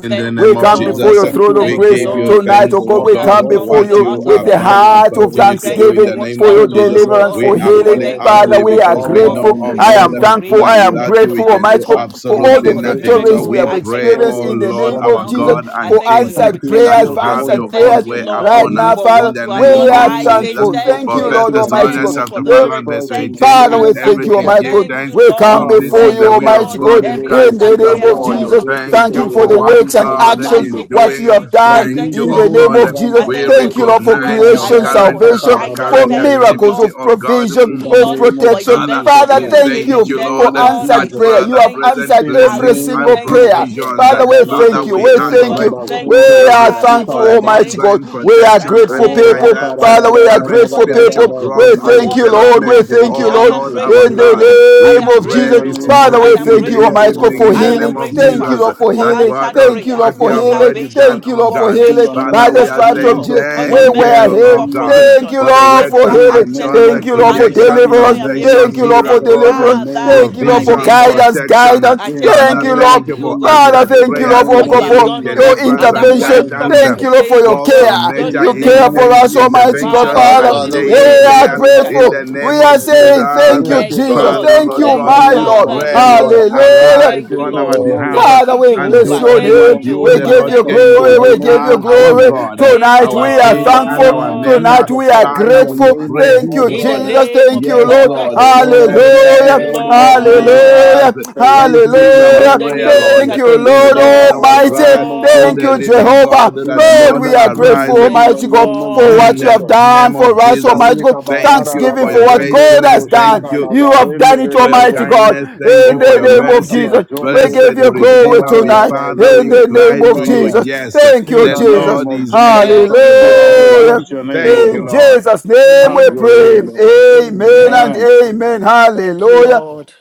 S1: In the
S2: thank
S3: We
S2: you,
S1: name of
S5: You
S3: come
S5: know
S2: Lord.
S3: before
S5: we
S1: Jesus,
S3: your
S5: thank
S2: We
S3: throne
S5: you,
S3: of
S1: we
S5: God,
S2: thank you,
S3: grace
S1: give
S5: for all
S1: you
S2: Lord,
S5: you've
S2: even
S3: tonight,
S5: done
S1: thanks,
S3: oh
S2: this
S1: oh
S3: God.
S5: for us,
S2: evening
S3: We
S5: oh
S2: as
S1: God,
S2: we
S3: come
S5: God.
S1: for
S2: come
S3: before
S5: Thank
S2: with
S1: what
S2: a
S5: you,
S3: you
S1: you
S2: heart of
S5: Lord.
S3: with
S1: have
S5: I
S3: a
S1: done
S5: thank you
S2: thanksgiving.
S1: and
S3: heart
S5: so
S3: of
S2: We
S1: continue
S5: much,
S1: to
S2: thank
S5: Lord.
S1: do
S2: you
S1: in
S2: for
S1: the
S3: thanksgiving
S2: what
S1: name
S2: you
S3: for
S1: of
S2: have
S3: your
S5: Thank
S2: done,
S5: you,
S1: Jesus.
S2: oh
S5: Lord.
S3: deliverance,
S2: God.
S1: We
S3: for
S5: Thank
S1: are
S2: We
S5: you,
S3: healing.
S1: calling
S5: Lord.
S2: thank
S1: out
S2: you,
S1: to
S2: oh
S5: Thank
S3: Father,
S1: you
S5: you,
S3: we
S2: God, for
S3: are
S1: because
S2: your
S1: we
S5: Father,
S2: work.
S1: know,
S3: grateful.
S5: in
S1: oh
S5: the
S2: We
S3: I
S2: thank you
S1: God,
S3: am
S5: name
S2: for
S5: of
S3: thankful.
S1: that
S3: I
S2: creation. We
S3: am
S5: Jesus.
S1: without
S2: thank you
S1: you
S2: for
S1: we
S3: grateful,
S1: can
S3: Almighty
S1: do
S5: Ah,
S2: salvation.
S3: God, for
S2: We
S5: I'm
S3: all
S2: thank you
S3: the
S1: absolutely
S5: so
S2: for the
S1: nothing.
S5: grateful,
S1: So
S3: victories
S5: Lord
S3: we
S2: miracles.
S3: have
S1: we
S2: I
S5: God, for
S2: thank you
S1: pray,
S2: for
S5: all
S2: the
S5: that
S3: experienced
S1: oh
S3: in
S5: you
S3: the
S1: Lord,
S2: provision
S5: have
S3: name
S2: from our
S5: done
S3: of
S5: for
S1: our
S2: household.
S3: Jesus,
S5: me.
S1: God
S2: I
S1: and
S3: for
S2: thank you for
S1: King,
S2: your
S5: Thank
S3: answered
S5: you,
S1: that
S2: protection
S3: prayers,
S1: you
S5: Lord,
S2: over
S3: for
S5: for
S2: us.
S1: have
S5: all
S2: Say
S5: you
S3: answered
S1: your
S5: have
S1: own
S5: done
S3: prayers
S2: thank you,
S5: for
S1: way
S5: my
S2: Lord,
S3: right
S1: upon us
S3: now,
S5: family.
S2: for
S1: in
S3: Father.
S2: what
S1: the
S2: you
S5: In
S3: We
S2: have
S5: the
S1: name
S2: done.
S1: of
S3: are
S5: name
S2: I
S5: of
S2: say
S1: Jesus.
S3: thankful.
S5: Jesus
S3: Thank
S2: thank
S1: For
S3: you,
S5: Christ,
S2: you.
S1: First
S3: Lord
S5: in the
S3: Almighty
S5: name
S1: Thessalonians
S2: Thank
S3: God.
S2: you
S5: of
S2: for
S1: chapter
S2: the
S1: 5
S3: Lord,
S5: Jesus
S1: and
S2: miracles.
S1: verse
S5: Christ, in
S2: Thank you
S5: the
S2: for
S1: 18,
S2: the
S3: Father,
S5: name
S3: we
S1: in
S5: of
S2: answered
S3: thank
S5: Jesus
S3: you,
S2: prayer.
S1: everything
S5: Christ.
S3: Almighty
S1: give
S3: God.
S2: Thank
S1: thanks.
S2: you,
S3: We
S2: Lord
S3: come
S1: From
S5: Ah,
S1: this
S3: before
S1: is
S2: Thank
S3: you,
S1: the
S5: Randa
S2: you,
S1: will
S3: Almighty
S1: of
S2: Lord.
S1: God
S3: God,
S1: in
S5: Bazundere,
S2: Every
S3: in
S1: Christ
S3: the
S2: answered
S1: Jesus
S3: name
S2: prayer
S3: of
S2: we
S1: for
S2: have
S5: Randa
S1: you.
S3: Jesus.
S2: brought before
S5: Zeke,
S1: Thank
S2: you
S3: Thank you
S2: and
S1: you
S3: for
S2: you've
S1: for
S3: the
S1: what
S2: answered
S5: Tegemoski,
S3: works
S2: is
S3: and
S1: God
S2: Jehovah. I
S3: actions,
S1: is
S5: Palamande.
S2: say
S3: what you
S2: thank
S1: doing.
S2: you.
S3: have
S2: I
S3: done
S2: thank
S1: Thank
S2: you
S1: you,
S3: in
S5: Brandike
S2: for
S1: oh
S3: the
S5: bo
S3: name
S1: God.
S3: of
S2: healing.
S3: Jesus.
S2: I
S5: rizanta
S1: We
S2: thank
S5: ba
S2: you for
S5: lo
S3: Thank you,
S5: lo
S3: Lord, for
S2: deliverance.
S1: recognize your
S2: I
S3: creation,
S5: ba
S2: thank you
S5: ra
S1: current,
S2: for
S5: ta
S2: your
S3: salvation,
S1: our
S5: ra ra
S2: guidance.
S5: ra
S3: for
S1: current
S5: ra
S2: Thank you,
S5: yende.
S3: miracles
S1: activity,
S2: Lord.
S3: of
S1: oh God.
S3: provision,
S5: In
S1: Mm.
S2: You,
S5: the
S3: of
S2: Lord,
S5: name of
S2: for
S3: protection.
S1: Father,
S5: Jesus
S2: interventions
S3: Father,
S2: for
S1: we
S2: your
S5: Christ.
S3: thank
S5: In the
S2: daily
S1: thank
S3: you
S1: you,
S2: care.
S3: for
S5: name
S1: Lord,
S5: of
S1: that
S2: Lord, I
S3: answered
S5: Jesus
S3: prayer.
S2: say
S5: Christ.
S3: You
S1: Father
S3: have
S2: thank you.
S1: present
S3: answered
S5: In the
S2: I
S3: every
S1: blessings
S2: give you
S5: name of
S3: single
S1: and
S2: thanks and I
S5: Jesus
S3: prayer.
S2: say
S5: Christ.
S1: provisions.
S3: Father,
S2: thank you,
S3: we thank
S2: Lord, for
S3: thank
S1: Father,
S5: Tabaloke
S3: you.
S5: to
S1: we
S2: doing
S3: We
S1: are
S2: this. Oh
S5: zunda
S3: thank
S2: God,
S5: ra
S3: you.
S5: ba
S1: grateful,
S2: thank you,
S1: oh
S5: zunte
S2: my
S3: We
S5: ro
S1: God,
S3: are
S5: lo
S2: Father,
S5: suta
S3: thankful,
S1: for
S2: Lord,
S5: ra
S1: the
S2: in the
S5: ba mo.
S3: Almighty
S2: name of
S3: God.
S1: ongoing
S3: We
S2: Jesus
S3: are
S1: protection
S2: Christ.
S3: grateful
S1: and
S5: Oh,
S2: Thank you,
S3: people.
S2: Lord.
S1: guidance,
S2: I am
S3: Father, we are
S2: grateful, oh
S1: current
S2: God,
S3: grateful
S2: in the name
S1: spiritual
S3: people.
S2: of your
S1: growth
S3: We
S2: for
S1: and
S3: thank you,
S2: what you have
S3: Lord. We
S2: done
S1: development.
S2: for
S3: thank
S2: me.
S3: you,
S1: Oh
S2: I
S3: Lord.
S2: am
S1: Lord, our
S3: In
S2: grateful, O
S3: the
S1: God,
S2: God. I
S1: we
S3: name
S2: am
S3: of
S5: In
S1: pray
S3: Jesus.
S5: the
S2: grateful, O
S1: this
S2: God.
S5: name of
S3: Father,
S2: I
S3: we
S1: morning,
S2: am
S1: in
S3: thank you,
S2: grateful,
S5: Jesus,
S1: this
S2: O
S3: Almighty
S5: in
S2: God.
S3: God,
S5: the
S1: evening,
S3: for
S1: in
S2: I
S1: the
S5: name
S2: am
S3: healing.
S5: of
S1: name of
S2: grateful,
S3: Thank you,
S1: Jesus,
S5: Jesus,
S3: Lord,
S2: Father,
S3: for
S2: for
S1: that
S3: healing.
S1: what,
S2: answered
S1: oh,
S3: Thank you,
S2: prayer,
S3: Lord,
S1: what you
S3: for
S2: for
S1: have
S3: healing.
S1: already done,
S3: Thank
S2: salvation,
S3: you,
S1: oh
S3: Lord,
S2: for
S3: for
S1: God, God.
S5: in
S3: healing.
S5: the
S2: creation,
S3: By
S1: Father,
S5: name
S3: the
S1: we
S5: of
S2: for
S1: are
S2: your
S3: stripes of
S1: saying
S2: love,
S3: Jesus,
S5: Jesus,
S2: for
S5: in
S2: your
S5: the
S3: we
S1: thank
S3: were
S5: name
S1: you,
S2: mercy,
S5: of
S1: oh
S3: healed.
S2: for
S5: Jesus.
S1: God,
S3: Thank
S2: provision,
S3: you,
S1: for the
S2: being
S3: Lord,
S1: works
S2: able to
S3: for
S1: and
S2: have
S5: In the
S3: healing.
S2: access to
S5: name
S1: actions, the
S3: Thank
S2: you
S5: of
S3: you, Lord,
S2: and
S3: for
S2: to
S5: Jesus,
S2: come
S1: creation,
S5: in the
S2: before
S3: deliverance.
S2: you and be
S5: name
S2: able
S5: of
S2: to
S3: Thank
S1: salvation,
S3: you,
S2: say
S3: Lord, for
S2: thank
S5: Jesus,
S2: you.
S1: miracles,
S5: in the
S3: deliverance.
S5: name
S2: Father,
S3: Thank
S5: of
S3: you,
S2: I
S3: Lord, for
S5: Jesus,
S2: say
S1: provision,
S2: thanks.
S3: guidance,
S1: protection.
S3: guidance.
S2: I
S5: in
S2: take
S5: the
S3: Thank
S1: Father,
S3: you,
S2: nothing
S5: name
S1: thank
S5: of
S1: you
S2: lightly,
S3: Lord.
S2: O
S1: for
S2: God
S5: Jesus,
S1: answered
S3: Father,
S5: in
S3: thank
S5: the
S3: you, Lord,
S1: prayers,
S3: for
S5: name
S2: what you
S3: God,
S5: of
S2: have
S3: for
S1: healing,
S2: done, oh
S5: Jesus,
S2: God.
S3: your
S1: deliverance,
S2: And that's
S1: and
S2: why
S3: intervention.
S2: I'm stopping
S3: Thank
S1: guidance
S2: to
S3: you, Lord, for
S2: thank
S3: your
S2: you
S1: both
S2: for
S3: care.
S2: God
S5: in the name of Jesus, in
S2: in
S1: major
S5: the
S2: the
S3: You
S2: name
S3: care
S5: name
S2: of
S3: for
S5: of
S1: inten-
S2: Jesus
S3: us,
S2: Christ.
S5: Jesus.
S3: Almighty God,
S1: interventions
S2: Father,
S4: Our
S5: God, that
S3: Father.
S1: and
S2: Lord, in
S4: Father,
S2: the
S4: we
S3: We
S1: daily
S5: message
S4: truly
S2: name
S5: is
S2: of
S3: are
S5: a
S4: have
S1: care
S2: Jesus
S4: come
S2: Christ.
S1: in
S4: back
S3: grateful.
S1: the
S4: to you
S5: revelation.
S1: name
S3: We
S4: to
S1: of
S3: are
S4: say thank
S3: saying,
S4: you,
S3: Thank you,
S1: Jesus.
S4: Almighty
S2: Thank you,
S4: God.
S3: Jesus.
S2: Lord.
S1: Father,
S3: Thank
S1: Lord
S4: Our
S3: you,
S2: Thank
S1: God,
S2: you,
S3: my
S4: Father,
S1: we
S4: we
S3: Lord.
S2: Father, in
S4: bless
S2: the
S1: pray,
S4: your
S2: name
S1: Lord,
S4: holy
S2: of Jesus. I
S4: name.
S2: say
S4: We
S1: arrive
S3: Hallelujah.
S2: thank
S4: give
S5: In
S2: you,
S4: you
S1: on
S5: the
S1: our
S2: Lord.
S4: glory.
S1: behalf
S2: Thank
S4: We
S3: Father,
S2: you,
S4: give
S3: we
S4: you
S1: and
S3: bless
S1: do
S2: Jehovah.
S4: praise.
S3: your
S1: only
S5: name
S2: Thank
S1: what
S2: you,
S3: name.
S5: of
S1: you,
S3: We
S1: the
S2: Jehovah.
S5: Jesus
S3: give
S1: Lord,
S3: you
S2: Thank you,
S1: can
S5: Christ, in
S1: do.
S3: glory.
S2: Lord, in
S5: the
S3: We
S2: the
S1: You
S3: give
S2: name
S5: name
S3: you
S1: are
S2: of
S5: of
S2: Jesus.
S1: our
S3: glory.
S2: Christ.
S5: Jesus
S1: God,
S5: Christ,
S2: Thank you,
S3: Tonight we
S1: our
S3: are
S5: in
S1: King,
S5: the
S1: and
S3: thankful.
S5: name
S1: our
S5: of
S2: Lord.
S1: Maker.
S3: Tonight
S5: Jesus
S3: we are
S5: Christ, in
S1: Father,
S5: the
S1: we
S3: grateful.
S5: name
S1: pray,
S5: of
S3: Thank
S1: oh
S3: you,
S5: Jesus
S2: In the
S1: God,
S5: Christ.
S3: Jesus.
S2: name of
S3: Thank you,
S1: yes,
S2: Jesus
S3: Lord.
S2: Christ,
S5: Ah,
S1: Lord,
S2: oh
S5: Lord,
S2: God,
S1: in
S2: we
S1: the
S5: I
S2: say
S5: bless
S2: thank
S5: your
S3: Hallelujah.
S2: you,
S1: name
S5: holy
S1: of
S5: name, Lord God.
S2: Lord.
S3: Hallelujah.
S1: Jesus.
S5: There's
S1: This is
S5: absolutely
S1: our
S5: no
S2: In
S3: Hallelujah.
S2: the
S5: one
S1: prayer,
S2: name
S5: like
S2: of
S1: Lord.
S3: Thank
S5: you.
S3: you,
S5: Thank
S2: thank you,
S1: This
S5: you,
S3: Lord
S5: Lord.
S1: is
S2: Lord.
S5: Ah,
S1: our
S5: in the
S2: Thank
S3: Almighty.
S2: you,
S1: cry
S5: name of
S1: to
S2: Lord.
S3: Thank
S1: the
S3: you,
S5: Jesus Christ.
S1: living
S3: Jehovah.
S1: God
S5: In
S1: that
S5: the
S3: Lord,
S1: Lord
S5: name
S3: we
S5: of
S3: are
S1: arise
S3: grateful,
S5: Jesus. In
S2: Thank
S5: the
S3: Almighty
S2: you,
S5: name
S3: God,
S5: of
S3: for
S2: Lord.
S1: in
S3: what you
S5: Jesus
S1: the
S3: have
S5: Christ.
S3: done
S1: name of
S3: for us,
S1: Jesus.
S3: Almighty God.
S5: Balika
S1: Thank
S5: barada
S1: you
S3: Thanksgiving
S1: for
S5: raba
S3: for
S1: your
S3: what
S5: zonde
S3: God
S1: faithfulness.
S3: has
S5: rebo
S1: Thank
S5: shika
S3: done.
S1: you
S3: You
S5: laba
S3: have done
S5: rende
S3: it,
S1: for your
S3: Almighty
S5: rebo.
S3: God.
S1: kindness. Thank
S3: In
S1: you for
S3: the
S5: Oh,
S1: your
S3: name
S5: ram
S3: of
S1: mercy.
S5: kaba
S3: Jesus,
S5: zonde
S3: we
S1: Blessed
S3: give you
S5: rebo
S3: glory
S1: Redeemer,
S5: kubarada
S1: we
S3: tonight.
S5: raba
S1: Father,
S3: In
S1: we
S5: yende
S3: the name
S1: cry to
S3: of
S5: kizinda
S1: you.
S5: raba.
S3: Jesus.
S1: Yes,
S3: Thank
S5: In
S3: you,
S1: the
S5: the
S3: Jesus.
S5: name
S1: Lord
S5: of
S1: is
S5: Jesus
S1: able
S2: Thank
S1: to
S2: you,
S5: Christ.
S1: do,
S5: Father,
S1: oh
S5: we
S2: Lord. To
S1: God.
S5: bless
S2: you
S3: Hallelujah.
S2: be
S5: your
S2: the
S5: name,
S1: Thank
S5: O
S2: praise,
S1: you,
S3: In
S2: oh
S5: God.
S2: God.
S1: Lord.
S3: Jesus'
S2: In the
S3: name
S2: name
S5: Have
S3: we
S2: of
S5: your
S3: pray.
S5: way,
S2: Jesus
S5: Lord.
S2: Christ.
S3: Amen and
S5: Amen.
S2: Amen.
S3: amen.
S2: Thank you,
S3: Hallelujah.
S2: Lord.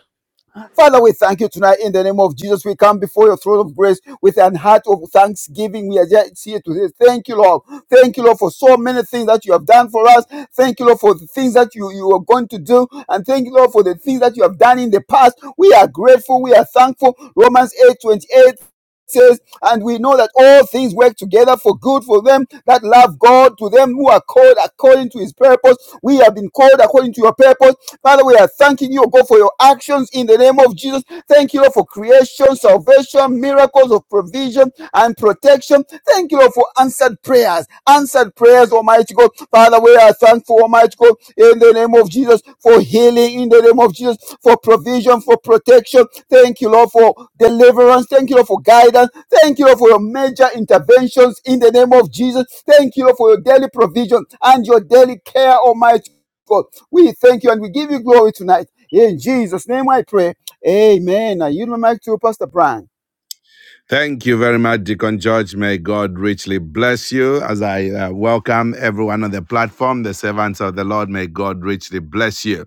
S3: Father, we thank you tonight in the name of Jesus. We come before your throne of grace with an heart of thanksgiving. We are just here to say thank you, Lord. Thank you, Lord, for so many things that you have done for us. Thank you, Lord, for the things that you, you are going to do. And thank you, Lord, for the things that you have done in the past. We are grateful. We are thankful. Romans eight twenty eight says, and we know that all things work together for good for them that love God, to them who are called according to his purpose. We have been called according to your purpose. Father, we are thanking you, O God, for your actions in the name of Jesus. Thank you, Lord, for creation, salvation, miracles, of of provision and protection. Thank you, Lord, for answered prayers. Answered prayers, Almighty God. Father, we are thankful, Almighty God, in the name of Jesus, for healing, in the name of Jesus, for provision, for protection. Thank you, Lord, for deliverance. Thank you, Lord, for guidance. Thank you, Lord, for your major interventions in the name of Jesus. Thank you, Lord, for your daily provision and your daily care, Almighty God. We thank you and we give you glory tonight. In Jesus' name I pray. Amen. Now you my mic to Pastor Brian.
S1: Thank you very much, Deacon George. May God richly bless you as I uh, welcome everyone on the platform, the servants of the Lord. May God richly bless you.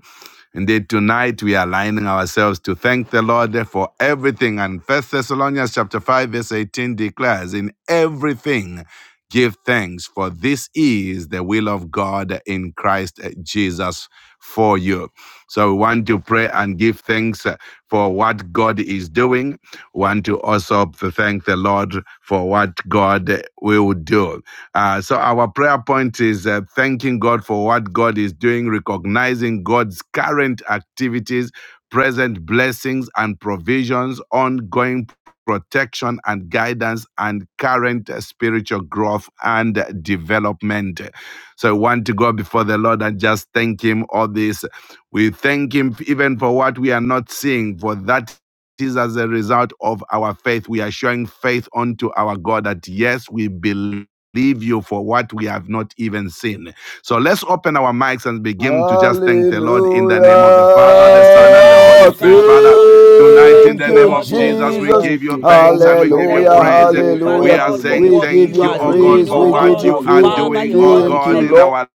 S1: Indeed, tonight we are aligning ourselves to thank the Lord for everything. And First Thessalonians chapter 5, verse 18 declares, In everything give thanks, for this is the will of God in Christ Jesus for you. So we want to pray and give thanks uh, for what God is doing. We want to also thank the Lord for what God will do. Uh, so our prayer point is uh, thanking God for what God is doing, recognizing God's current activities, present blessings and provisions, ongoing protection and guidance and current uh, spiritual growth and development. So we want to go before the Lord and just thank Him all this. We thank Him even for what we are not seeing, for that is as a result of our faith. We are showing faith unto our God that yes, we believe. you for what we have not even seen. So let's open our mics and begin to just thank the Lord in the
S3: Hallelujah.
S1: name of the Father, the
S2: Thank you,
S1: Son, and the Holy Spirit.
S2: Father. We
S1: Father,
S2: come to say
S5: Thank
S1: Tonight,
S5: you
S1: in
S2: thank
S3: Thank
S1: the
S2: you,
S5: so
S1: name
S3: you,
S5: much,
S1: of
S2: Lord, in the
S5: Lord.
S1: Jesus, we
S2: name
S3: Jesus.
S2: of
S5: Thank
S1: give you
S5: you
S2: Jesus.
S5: so
S1: thanks
S5: much,
S1: and we
S5: Lord,
S1: give
S5: for
S1: you
S2: Thank
S5: all
S3: Hallelujah.
S2: you,
S5: you've
S1: praise.
S5: done
S2: Jehovah,
S5: for
S1: We
S5: us,
S3: Hallelujah.
S1: are
S5: oh
S2: Lord, for
S5: Lord.
S1: saying
S3: We
S2: what
S3: give
S2: you
S1: thank
S3: you
S1: you,
S2: are
S1: oh
S5: Thank you,
S1: God,
S2: doing,
S3: praise.
S2: oh
S1: for
S3: We give
S1: what
S2: God.
S3: you
S1: you
S5: Father.
S1: are
S5: You
S3: praise.
S2: Father,
S1: doing,
S2: your
S1: oh
S2: word
S5: are
S3: Thank you,
S1: God,
S5: mighty
S2: declares
S1: in
S3: Lord.
S1: our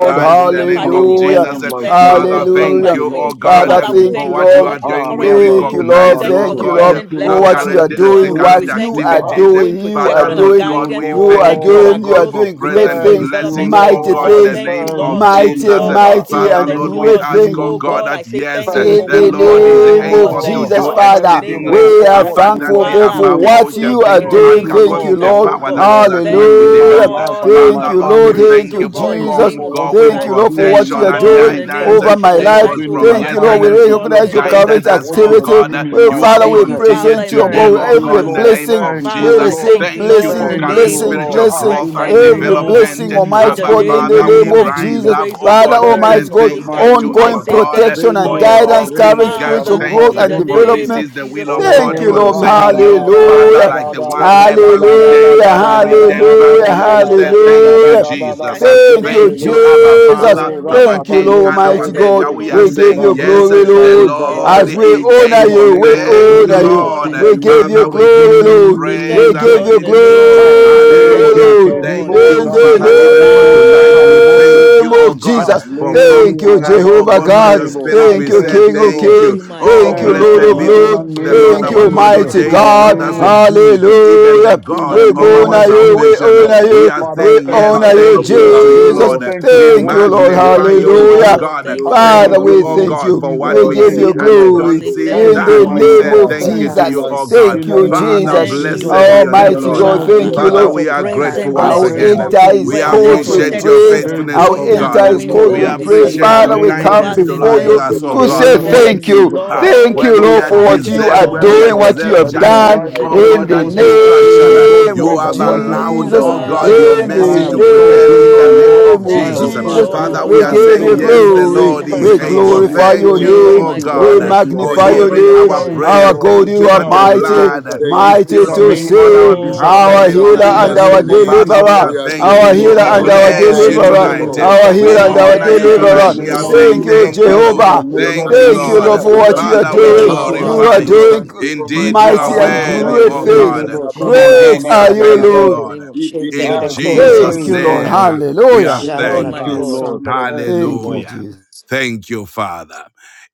S3: Lord.
S2: First
S1: lives in the
S2: Thessalonians
S1: name
S2: 5
S5: and there
S1: of
S5: is
S2: 18, and
S5: no
S3: Hallelujah.
S2: everything
S1: Jesus.
S5: one
S1: And
S2: give
S5: like
S2: thanks for
S5: you,
S2: this is the will
S5: Lord.
S1: Father,
S2: of God in
S5: Thank
S1: thank
S2: Christ
S3: Hallelujah.
S5: you,
S1: you,
S2: for
S1: oh
S5: Lord.
S2: you.
S1: God,
S3: Father,
S5: Thank
S1: eh,
S2: Father,
S5: you,
S2: we
S3: thank
S5: Lord.
S1: for
S3: you,
S2: thank you
S1: what
S2: for
S1: you
S3: Lord.
S1: are
S2: what you are
S5: Ah,
S1: doing. We
S2: currently
S5: Rabba
S3: Thank
S2: doing.
S3: you,
S5: Kota
S2: We
S3: Lord.
S1: recognize,
S2: thank you
S1: oh
S2: for
S3: Thank
S2: the
S5: Baleto.
S3: you,
S1: God,
S3: Lord,
S5: Thank
S2: present
S5: you,
S3: for
S1: our
S5: Lord,
S2: blessings
S3: what
S2: and
S3: you
S5: for
S1: current,
S3: are
S5: what
S1: eh,
S5: you are
S1: the
S2: provisions.
S3: doing,
S5: going
S2: We
S1: current
S3: what
S5: to
S2: thank
S3: you
S2: you for
S5: do.
S3: are
S5: Ah,
S1: activities. eh.
S2: ongoing
S3: doing, you are
S1: Father,
S2: protection and
S5: thank
S1: Lord
S3: doing,
S5: you,
S1: God,
S2: guidance.
S1: we
S2: We
S3: you are
S2: thank
S1: thank
S2: you
S1: you,
S2: for
S5: Lord.
S1: oh
S2: our
S3: doing, you are
S1: God,
S2: growth.
S1: for
S3: doing
S2: We
S3: great
S2: thank you
S1: present
S2: for
S5: Thank
S3: things,
S5: you,
S2: development.
S1: blessings, oh
S2: Thank
S3: mighty
S2: you,
S1: God, in
S2: Lord.
S5: Lord.
S1: the
S3: things,
S2: Thank you,
S1: name of
S5: Thank
S2: Lord. Thank
S5: you,
S2: you,
S3: mighty,
S1: Jesus. Eh,
S2: Lord.
S5: Lord. Ah,
S2: Thank you,
S5: in
S3: mighty,
S5: the
S2: Lord.
S1: Father,
S3: and
S2: Thank
S1: Lord,
S5: name
S2: you,
S1: we
S5: of
S3: great
S2: Lord.
S1: ask,
S3: things
S1: oh
S2: Oh
S5: Jesus.
S1: God,
S2: God, I
S1: that
S2: say
S1: yes,
S2: thank
S1: eh,
S2: you
S5: Thank
S3: in
S2: for
S1: the
S5: you,
S3: the
S2: what you are
S1: Lord is
S2: doing.
S3: name
S2: Oh
S3: of
S2: God,
S1: able to
S2: thank
S5: Lord.
S2: you,
S3: Jesus,
S1: do
S5: Ah,
S2: Lord, in the
S5: thank
S3: Father,
S5: you,
S2: name of
S1: exceedingly
S5: Lord,
S3: we
S2: Jesus
S5: for
S3: are
S5: what
S2: Christ.
S5: you
S3: thankful,
S5: are
S1: abundantly
S2: Father,
S3: God,
S2: I'm
S3: for
S1: above
S5: doing.
S1: all
S3: what
S1: we
S2: thankful, oh
S1: can
S3: you
S2: God,
S3: are
S1: think
S2: in
S1: or
S2: the
S5: Thank
S3: doing.
S1: ask
S2: name
S5: you,
S2: of
S3: Thank
S2: Jesus
S5: Lord,
S3: you,
S1: according to the
S5: for
S2: Christ,
S3: Lord.
S2: oh
S5: what
S1: power
S2: God.
S5: you
S1: that
S5: are
S1: is at work
S2: Thank
S5: doing in
S2: you,
S1: within
S5: my
S1: within us.
S3: Hallelujah.
S5: life
S2: Lord.
S5: and
S2: I
S5: in my
S3: Thank
S1: Father,
S2: give
S3: you,
S2: you the
S1: Lord,
S3: Lord.
S1: we
S5: family.
S2: praise,
S3: Thank
S1: thank
S2: oh
S3: you,
S1: you for
S2: God, in
S5: Thank
S2: the
S5: you
S3: Jesus.
S2: name
S5: for
S2: of
S5: what
S2: Jesus
S5: you
S1: ongoing
S3: Thank
S5: are
S3: you,
S2: Christ.
S3: Lord, for
S5: doing in
S3: what
S2: Thank
S3: you
S2: you,
S5: my
S1: protection
S3: are
S1: and
S2: Lord, in
S3: doing
S2: the
S5: academics.
S2: name
S1: guidance.
S5: Thank
S2: of
S3: over
S5: you for
S3: my
S5: what
S2: Jesus
S1: It
S5: you are
S3: life.
S2: Christ,
S1: was
S2: oh
S5: doing in
S1: from
S2: God.
S5: my
S3: Thank
S2: I
S3: you, Lord. We
S2: thank
S1: yesterday
S2: you,
S5: finances.
S2: Lord, in
S1: you
S3: recognize
S2: the
S3: your
S2: name
S5: Thank
S2: of
S5: you
S3: current
S1: guided
S5: for
S2: Jesus
S1: us,
S5: what
S2: Christ.
S1: oh
S5: you are
S3: activity.
S1: God.
S5: doing in
S3: Well,
S5: my
S1: You have
S3: Father, we
S2: Thank you,
S5: business.
S2: Father,
S1: continued
S3: present
S2: in the
S3: your
S1: today,
S3: God
S2: name
S3: with
S5: Thank
S2: of
S1: oh
S5: you,
S3: every
S1: God, in
S2: Jesus
S1: the
S5: Lord.
S2: Christ.
S1: name
S3: blessing.
S1: of
S5: Thank you,
S3: We
S2: Father,
S1: Jesus.
S2: I
S5: Lord.
S3: receive
S2: thank you,
S1: Thank you
S2: Lord, in
S1: for
S3: blessings,
S2: the
S5: Thank
S1: current
S5: you,
S2: name of
S3: blessing,
S5: Lord.
S1: spiritual
S2: Jesus
S5: Ah,
S3: blessing,
S1: growth
S2: Christ.
S5: in the
S1: and
S2: Thank you,
S3: every
S5: name of
S2: Lord,
S1: development.
S3: blessing,
S2: in
S5: Jesus.
S3: Almighty
S2: the
S1: Abba,
S5: In
S3: God,
S5: the
S3: in
S2: name
S3: the
S2: of
S1: Father,
S5: name
S1: we
S2: Jesus
S3: name
S5: of
S3: of
S2: Christ. We
S5: Jesus.
S1: rise
S3: Jesus.
S1: up,
S2: praise, oh
S1: oh
S2: God,
S3: Father,
S1: God,
S2: in
S1: to
S2: the
S3: Almighty.
S1: say
S3: Almighty
S2: name
S5: Thank
S2: of
S3: God,
S5: you,
S2: Jesus
S1: thank you
S2: Christ.
S1: to
S5: mighty
S2: I
S3: ongoing
S1: our
S5: God.
S2: say
S5: Ah,
S1: God,
S2: thank
S3: protection
S2: you,
S3: and
S1: for
S5: Zende
S1: in
S2: Lord.
S3: guidance,
S1: all
S2: Thank you,
S1: things
S3: current
S5: bareke
S1: give
S3: spiritual
S2: Father,
S5: taruba
S3: growth
S1: thanks,
S2: in
S3: and
S2: the
S1: for
S5: zunde.
S2: name
S1: this
S3: development.
S2: of
S1: is the will
S2: Jesus
S1: of
S2: Christ.
S3: Thank
S1: God
S3: you,
S2: Thank
S5: Oh,
S2: you,
S3: Lord.
S5: raka
S1: concerning
S2: Lord.
S1: you.
S2: Thank you, Lord.
S1: Father,
S3: Hallelujah.
S2: Thank
S1: like
S2: you,
S1: the one
S2: Jehovah.
S1: leper
S2: Thank you,
S1: returned,
S3: Hallelujah.
S1: we
S2: Father,
S1: return
S2: Lord.
S1: back
S3: Hallelujah.
S1: to
S2: We
S1: you
S2: praise,
S1: to
S2: oh
S1: say
S2: God, in the
S1: thank
S2: name
S1: you,
S2: of
S3: Hallelujah.
S2: Jesus
S1: Jesus.
S2: Christ.
S1: Uh,
S3: Thank you,
S2: Thank
S1: Thank
S2: you,
S1: you,
S2: my
S1: Abba
S2: Father, Lord,
S3: Jesus.
S2: in
S1: Father,
S2: the
S5: Oh,
S2: name
S1: our
S3: Thank
S2: of
S3: you,
S1: King
S3: Lord
S2: Jesus
S1: and
S2: Christ.
S1: our
S3: Almighty
S2: Thank
S3: God.
S1: Maker.
S2: you,
S5: rakabayenterebo
S1: We
S2: Lord,
S1: are
S3: We
S5: zunde
S3: give
S2: for
S1: saying
S3: you
S2: what you are
S1: yes,
S3: glory,
S5: bareke
S2: doing. I
S1: the
S3: Lord.
S2: take
S5: daruza
S2: this,
S1: Lord
S5: bare.
S3: As
S2: Lord. I
S3: we
S2: say
S1: is
S3: honor
S5: In
S2: thank
S5: the
S2: you.
S1: able.
S3: you,
S5: name
S3: we
S5: of
S1: Thank
S2: Oh
S1: you,
S3: honor you.
S5: Jesus,
S2: God,
S1: Lord.
S2: I
S5: in the
S2: say
S3: We give
S2: thank.
S5: name
S3: you
S1: Father,
S5: of
S1: we
S3: glory,
S1: give you
S2: I
S3: Lord.
S2: say
S1: praise
S3: We
S2: thank
S1: and
S2: you,
S1: we
S3: give
S5: Jesus.
S2: Lord,
S3: you
S2: in
S1: give
S2: the
S1: you
S2: name of
S1: glory.
S5: Ah,
S2: Jesus.
S3: glory,
S2: Thank
S5: zenke
S1: Hallelujah.
S2: you,
S3: Lord.
S2: Lord.
S1: Thank
S5: kelibo
S1: you,
S3: In
S2: Thank you,
S1: Father, even for
S5: zantabarebo
S1: tonight.
S3: the
S1: We
S3: name
S5: shatalimonde.
S1: thank
S3: name
S1: you, oh
S2: Jehovah.
S3: of
S1: God,
S5: Ah,
S3: Jesus.
S1: for
S5: le-
S3: Thank you,
S1: prompting us,
S5: yaraba
S1: oh
S3: Jehovah
S1: God, by
S3: God.
S1: your
S2: Thank
S5: zunderebo.
S2: you,
S1: Spirit.
S5: Ah,
S3: Thank
S1: We
S3: you,
S1: say
S2: Jehovah.
S5: thank
S3: King
S5: you,
S3: of
S5: Lord.
S1: thank
S2: Thank
S1: you.
S2: you,
S3: Kings.
S2: my
S1: Oh,
S3: Thank you,
S5: Thank
S3: Lord
S5: you,
S1: blessed
S3: of
S1: be
S5: Lord. In the
S3: Lords.
S2: God.
S1: the
S5: name
S1: Lord
S3: Thank
S5: of
S1: our
S3: you,
S2: Thank
S1: God
S2: you,
S1: who
S5: Jesus.
S3: mighty
S2: my
S5: In
S1: daily,
S5: the
S3: God.
S1: Lord,
S5: name
S1: us
S2: God.
S1: with
S5: of Jesus.
S1: even the
S3: Hallelujah.
S2: Thank you,
S5: In
S1: God
S2: my
S5: the
S3: We
S1: of
S3: go
S5: name
S2: God, in
S1: our
S3: honor
S2: the
S5: of
S3: you.
S2: name
S3: We
S2: of
S5: Jesus
S1: salvation.
S5: Christ.
S3: honor
S2: Jesus.
S1: We
S3: you.
S1: are
S5: Father, I
S3: We
S1: saying
S2: I
S5: thank you
S1: yes,
S3: honor
S5: for
S4: Father,
S2: thank
S3: you,
S5: what
S2: you,
S1: thank
S4: we
S5: you
S1: you
S5: are
S1: to
S4: thank
S1: you,
S2: Lord.
S4: you,
S3: Jesus.
S5: doing.
S1: Lord.
S5: Thank you
S4: Almighty
S1: We
S5: for
S3: Thank
S5: what
S3: you,
S4: God.
S5: you will
S3: Lord.
S4: We are
S1: magnify
S5: continue
S2: Thank you,
S1: you,
S5: to
S4: giving
S2: my
S1: oh
S5: do.
S3: Hallelujah.
S4: thanks
S2: God.
S4: to
S1: God.
S2: Thank
S4: you,
S5: Ah,
S2: you,
S4: the
S5: in
S4: King
S5: the
S3: Father,
S1: Thank
S4: of
S2: Lord.
S1: you,
S3: we
S5: name
S1: oh
S5: of
S3: thank
S4: Kings,
S1: God,
S3: you.
S1: for
S5: Jesus.
S1: what
S3: We
S4: Lord,
S1: we
S3: give
S4: for
S5: Thank
S1: see
S3: you
S5: you,
S4: what
S1: and we
S5: Lord.
S4: you
S2: I
S4: are
S3: glory
S1: don't
S2: say
S4: doing,
S1: see
S6: Shantara,
S4: O
S2: thank
S3: in
S5: Thank
S2: you,
S5: you,
S3: the
S1: that.
S4: God.
S1: We
S5: mighty
S3: name
S1: say
S5: God.
S3: of
S4: Father,
S1: thank you
S4: we
S5: Thank
S1: to
S5: you,
S2: Lord.
S1: you,
S3: Jesus.
S5: Lord.
S4: thank
S1: oh
S4: you,
S1: God.
S4: O
S5: In
S3: Thank
S5: the
S3: you,
S4: God,
S5: name
S1: Father,
S5: of
S3: Jesus.
S2: Thank you,
S4: even
S5: Jesus
S1: blessed be
S5: Christ.
S2: Lord.
S1: your
S5: In
S4: Almighty
S5: the
S1: name,
S2: Thank you,
S3: Almighty
S4: God,
S1: Lord.
S5: name
S3: God,
S5: of
S4: for
S2: Father,
S3: thank
S4: your
S3: you,
S5: Jesus
S1: Father,
S3: Lord.
S5: Christ.
S2: for
S1: we
S4: mighty
S1: are
S4: hand
S1: grateful
S2: present
S4: upon
S1: once
S5: Father,
S4: our
S3: I'll
S5: there is
S2: blessings,
S1: again.
S4: lives,
S3: enter
S5: nothing
S2: for
S3: his
S5: you
S1: We
S4: even
S2: present
S4: now,
S3: courts
S5: cannot
S3: with
S5: do.
S1: appreciate your
S4: Almighty
S2: protection,
S3: praise.
S4: God.
S5: There is
S1: faithfulness,
S3: I'll
S2: going
S1: oh
S2: in
S4: We,
S5: nothing
S2: and
S5: you
S3: enter
S1: God.
S4: mighty
S5: will
S3: his
S2: coming in
S4: God,
S5: not
S4: we
S3: courts
S1: We
S2: all
S5: do.
S3: with
S2: the
S3: praise.
S4: recognize
S2: day.
S5: In
S4: your
S5: the
S1: appreciate
S2: Ah,
S3: Father,
S1: your
S3: we
S4: current
S5: name of
S3: come
S1: kindness
S2: Jehovah
S1: to
S2: says,
S4: activity,
S3: before
S5: Jesus,
S3: you
S2: Thank
S4: your
S1: us,
S5: in
S1: oh
S5: the
S2: you.
S3: to
S1: God.
S4: present
S3: say
S5: name
S1: Mm
S5: of
S3: thank
S2: Thank
S4: blessing
S2: you,
S3: you.
S5: Jesus
S1: uh,
S5: Christ.
S4: and
S2: Lord.
S3: Thank you,
S1: when
S5: Lord,
S1: we
S3: Lord,
S5: I
S4: provision,
S1: are
S3: for
S5: thank
S3: what
S2: Thank
S4: your
S5: you
S2: you,
S3: you
S1: deserved,
S3: are
S5: so
S1: when
S5: much,
S1: we
S2: Lord.
S4: ongoing
S1: are
S3: doing,
S5: Lord,
S2: I
S3: what you
S1: deserved
S2: thank
S5: that
S3: have
S2: you,
S5: even
S4: protection and
S2: Lord,
S3: done.
S5: right
S1: judgment,
S2: in the
S1: oh
S5: now,
S4: guidance,
S2: name
S5: oh
S3: In
S1: God,
S2: of
S3: the
S1: and
S5: God,
S2: Jesus
S4: your
S5: you are
S2: Christ.
S4: carrying
S5: doing,
S1: destruction.
S5: oh
S1: uh,
S2: Thank
S4: spirit
S2: you,
S5: God,
S3: name
S4: of
S1: You
S2: Lord,
S5: great
S3: of
S2: for
S5: and
S1: have
S2: what you
S5: mighty
S2: are
S4: Almighty
S5: things
S1: allowed,
S2: doing.
S5: in
S3: Jesus.
S4: God,
S1: oh
S5: my life.
S1: God,
S2: Ah,
S1: your
S4: growth
S2: my
S3: In
S4: and
S5: And I
S1: mercy
S2: God, I
S1: to
S5: am
S2: say
S5: so
S4: development
S1: prevail
S4: in
S2: thank
S1: in the
S5: grateful,
S4: our
S2: you.
S1: name
S5: Lord.
S3: the name
S4: lives.
S1: of
S5: I
S3: of
S5: am
S2: Thank
S1: Jesus.
S4: Oh
S1: Uh,
S2: you,
S5: so
S4: Father,
S3: Jesus.
S4: we
S1: Father,
S4: are
S2: Lord.
S1: we
S5: grateful.
S3: We
S1: are
S4: saying
S2: To
S5: I'm
S3: give
S4: thank
S1: saying,
S3: you
S5: so
S2: praise, oh
S4: you.
S1: yes,
S2: God,
S1: the
S2: in
S5: grateful.
S2: the
S3: glory.
S4: Thank
S1: Lord
S2: name
S4: you,
S2: of
S1: is
S5: Thank
S3: We
S4: King
S5: you
S4: of
S5: for
S2: Jesus
S1: able.
S5: what
S4: Kings.
S5: you
S2: Christ.
S5: are
S3: glorify
S1: Thank
S3: your
S4: Thank
S5: doing.
S4: you,
S2: Thank
S1: you,
S2: you,
S3: name.
S4: King
S5: Thank
S1: oh
S4: of
S2: my
S5: you
S3: We
S2: God.
S1: God,
S5: for
S4: Glory.
S2: I
S5: what
S1: uh,
S2: give
S5: you
S2: you
S1: for
S5: have
S4: Thank
S3: magnify
S4: you,
S5: done.
S3: your
S4: Lord
S1: hearing
S4: of
S3: name.
S1: our
S4: Lords.
S5: Thank you,
S2: praise.
S3: Our
S1: prayer.
S4: Thank
S5: Lord.
S3: God,
S4: you,
S1: Thank
S3: you
S1: you
S5: Be
S3: are
S1: that
S4: Ancient
S1: the
S5: thou
S4: of Days.
S3: mighty,
S1: blood uh,
S5: exalted
S4: Thank
S1: is
S4: you, O
S5: in
S3: mighty
S1: still
S5: the
S3: to
S4: powerful
S1: speaking
S5: name
S2: Thank you,
S1: on
S5: of
S4: God.
S1: our
S3: save.
S1: behalf
S5: Jesus
S2: Lord.
S1: in
S4: Our
S1: the
S5: Christ
S3: Our
S2: Thank you,
S1: name
S4: Father, we
S3: healer
S1: of
S5: in the
S3: and
S1: Jesus.
S4: bless
S2: Father.
S3: our
S4: your
S1: Uh,
S5: name of
S4: name.
S1: Father,
S5: Jesus
S1: we
S3: deliverer.
S1: are
S4: We
S5: Christ.
S4: are
S2: The
S3: Our
S1: thanking
S2: name
S4: grateful,
S1: you.
S4: O
S2: of
S3: healer
S1: We
S5: Leka
S3: and
S2: Jesus,
S4: God.
S2: we
S3: our
S5: roza
S2: say
S6: Karashandra,
S5: ba
S1: bless
S4: Thank
S1: you
S4: you,
S2: thank
S5: rende
S3: deliverer.
S2: you,
S1: tonight.
S2: Lord.
S5: rebo
S3: Our
S4: Jehovah.
S5: shaka
S1: We
S3: healer
S2: Say
S3: and
S4: We
S5: mande.
S3: our
S6: Karashandra,
S1: honor
S4: thank
S1: you
S4: you for
S5: In
S2: thank
S4: your
S5: the
S3: deliverer.
S1: tonight.
S2: you,
S1: We
S5: name
S1: are
S5: of
S6: Karashandra,
S1: saying
S4: mercy.
S3: Thank you,
S5: Jesus
S1: thank
S4: We
S2: Lord.
S5: Christ,
S4: thank
S5: in
S1: you.
S5: the
S4: you
S3: Jehovah.
S4: for
S2: Oh
S4: your
S5: name
S6: Koro
S1: Thank
S5: of
S2: God,
S1: you,
S2: I
S3: Thank
S2: say
S3: you,
S4: kindness.
S5: Jesus
S1: Lord.
S3: Lord,
S5: Christ.
S2: thank
S3: for
S4: We
S2: you,
S6: Masandra,
S3: what
S2: Lord,
S4: thank
S3: you
S2: in
S4: you
S3: are
S2: the
S1: Father,
S4: for
S1: we
S2: name
S4: your
S2: of
S3: doing.
S5: Thank you,
S2: Jesus
S4: power.
S3: You
S6: Shindra,
S3: are
S1: glorify
S5: mighty
S2: Christ.
S4: We
S1: you.
S5: God.
S6: Koroshin,
S3: doing
S4: thank you,
S1: Indeed,
S4: Almighty
S1: you are
S3: mighty
S4: God,
S3: and
S2: Thank you,
S5: Ah,
S4: that
S6: Masandra,
S5: ba
S1: worthy,
S2: Lord,
S3: great
S4: you
S2: in
S1: O
S4: are
S2: the
S4: with
S5: zende
S3: things.
S1: God.
S2: name
S4: us,
S2: of
S5: rebo
S4: Abba
S5: kuma
S2: Jesus
S6: Kara
S1: Indeed,
S4: Father.
S3: Great
S2: Christ.
S5: zanda
S1: you
S2: Say
S3: are
S1: are
S5: ra ba
S3: you,
S4: Dear
S2: thank you,
S6: Masandra,
S1: faithful,
S2: Lord,
S3: Lord.
S4: Lord,
S2: in the
S5: zente.
S1: Lord.
S2: name of Jesus
S4: even
S1: In
S5: I
S6: Shindra,
S2: Christ.
S4: now
S5: give
S4: you are
S5: you
S6: Koro
S1: Jesus'
S4: with
S2: Thank
S3: Thank
S4: us,
S5: praise,
S3: you,
S2: you,
S3: Lord.
S2: Lord.
S5: Lord.
S1: name,
S6: Basindra,
S4: present
S1: we are
S3: Hallelujah.
S4: with
S2: Thank
S4: your
S2: you,
S6: Jandra,
S5: Thank
S1: thanked.
S2: my
S4: love
S5: you,
S2: God.
S5: Lord.
S4: in the
S6: Masandra,
S5: Thank
S4: name of
S5: you,
S3: Thank
S5: Lord.
S3: you,
S1: Hallelujah.
S3: Jesus.
S4: Jesus.
S1: Thank you, Father.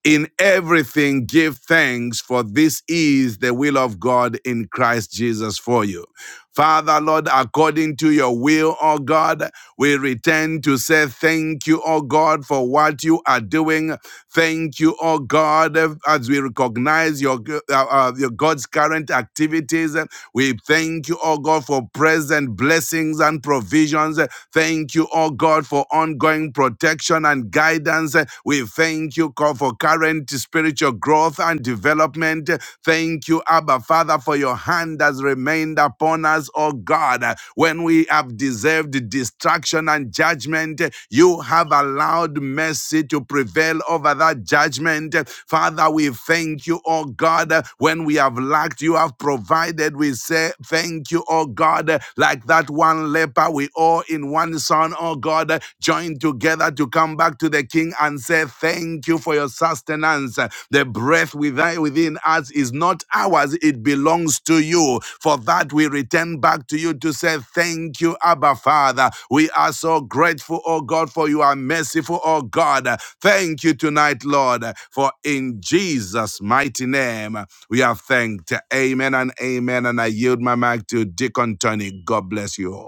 S1: In everything, give thanks, for this is the will of God in Christ Jesus for you. Father, Lord, according to your will, O God, we return to say thank you, O God, for what you are doing. Thank you, O God, as we recognize your, uh, uh, your God's current activities. We thank you, O God, for present blessings and provisions. Thank you, O God, for ongoing protection and guidance. We thank you God, for current encouragement, spiritual growth, and development. Thank you, Abba Father, for your hand has remained upon us, oh God. When we have deserved destruction and judgment, you have allowed mercy to prevail over that judgment. Father, we thank you, oh God. When we have lacked, you have provided. We say thank you, oh God. Like that one leper, we all in one Son, oh God, joined together to come back to the King and say, Thank you for your sustenance. The breath within within us is not ours, it belongs to you. For that we return back to you to say, Thank you, Abba Father. We are so grateful, oh God, for you are merciful, oh God. Thank you tonight, Lord, for in Jesus' mighty name we are thanked. Amen and amen. And I yield my mic to Deacon Tony. God bless you all.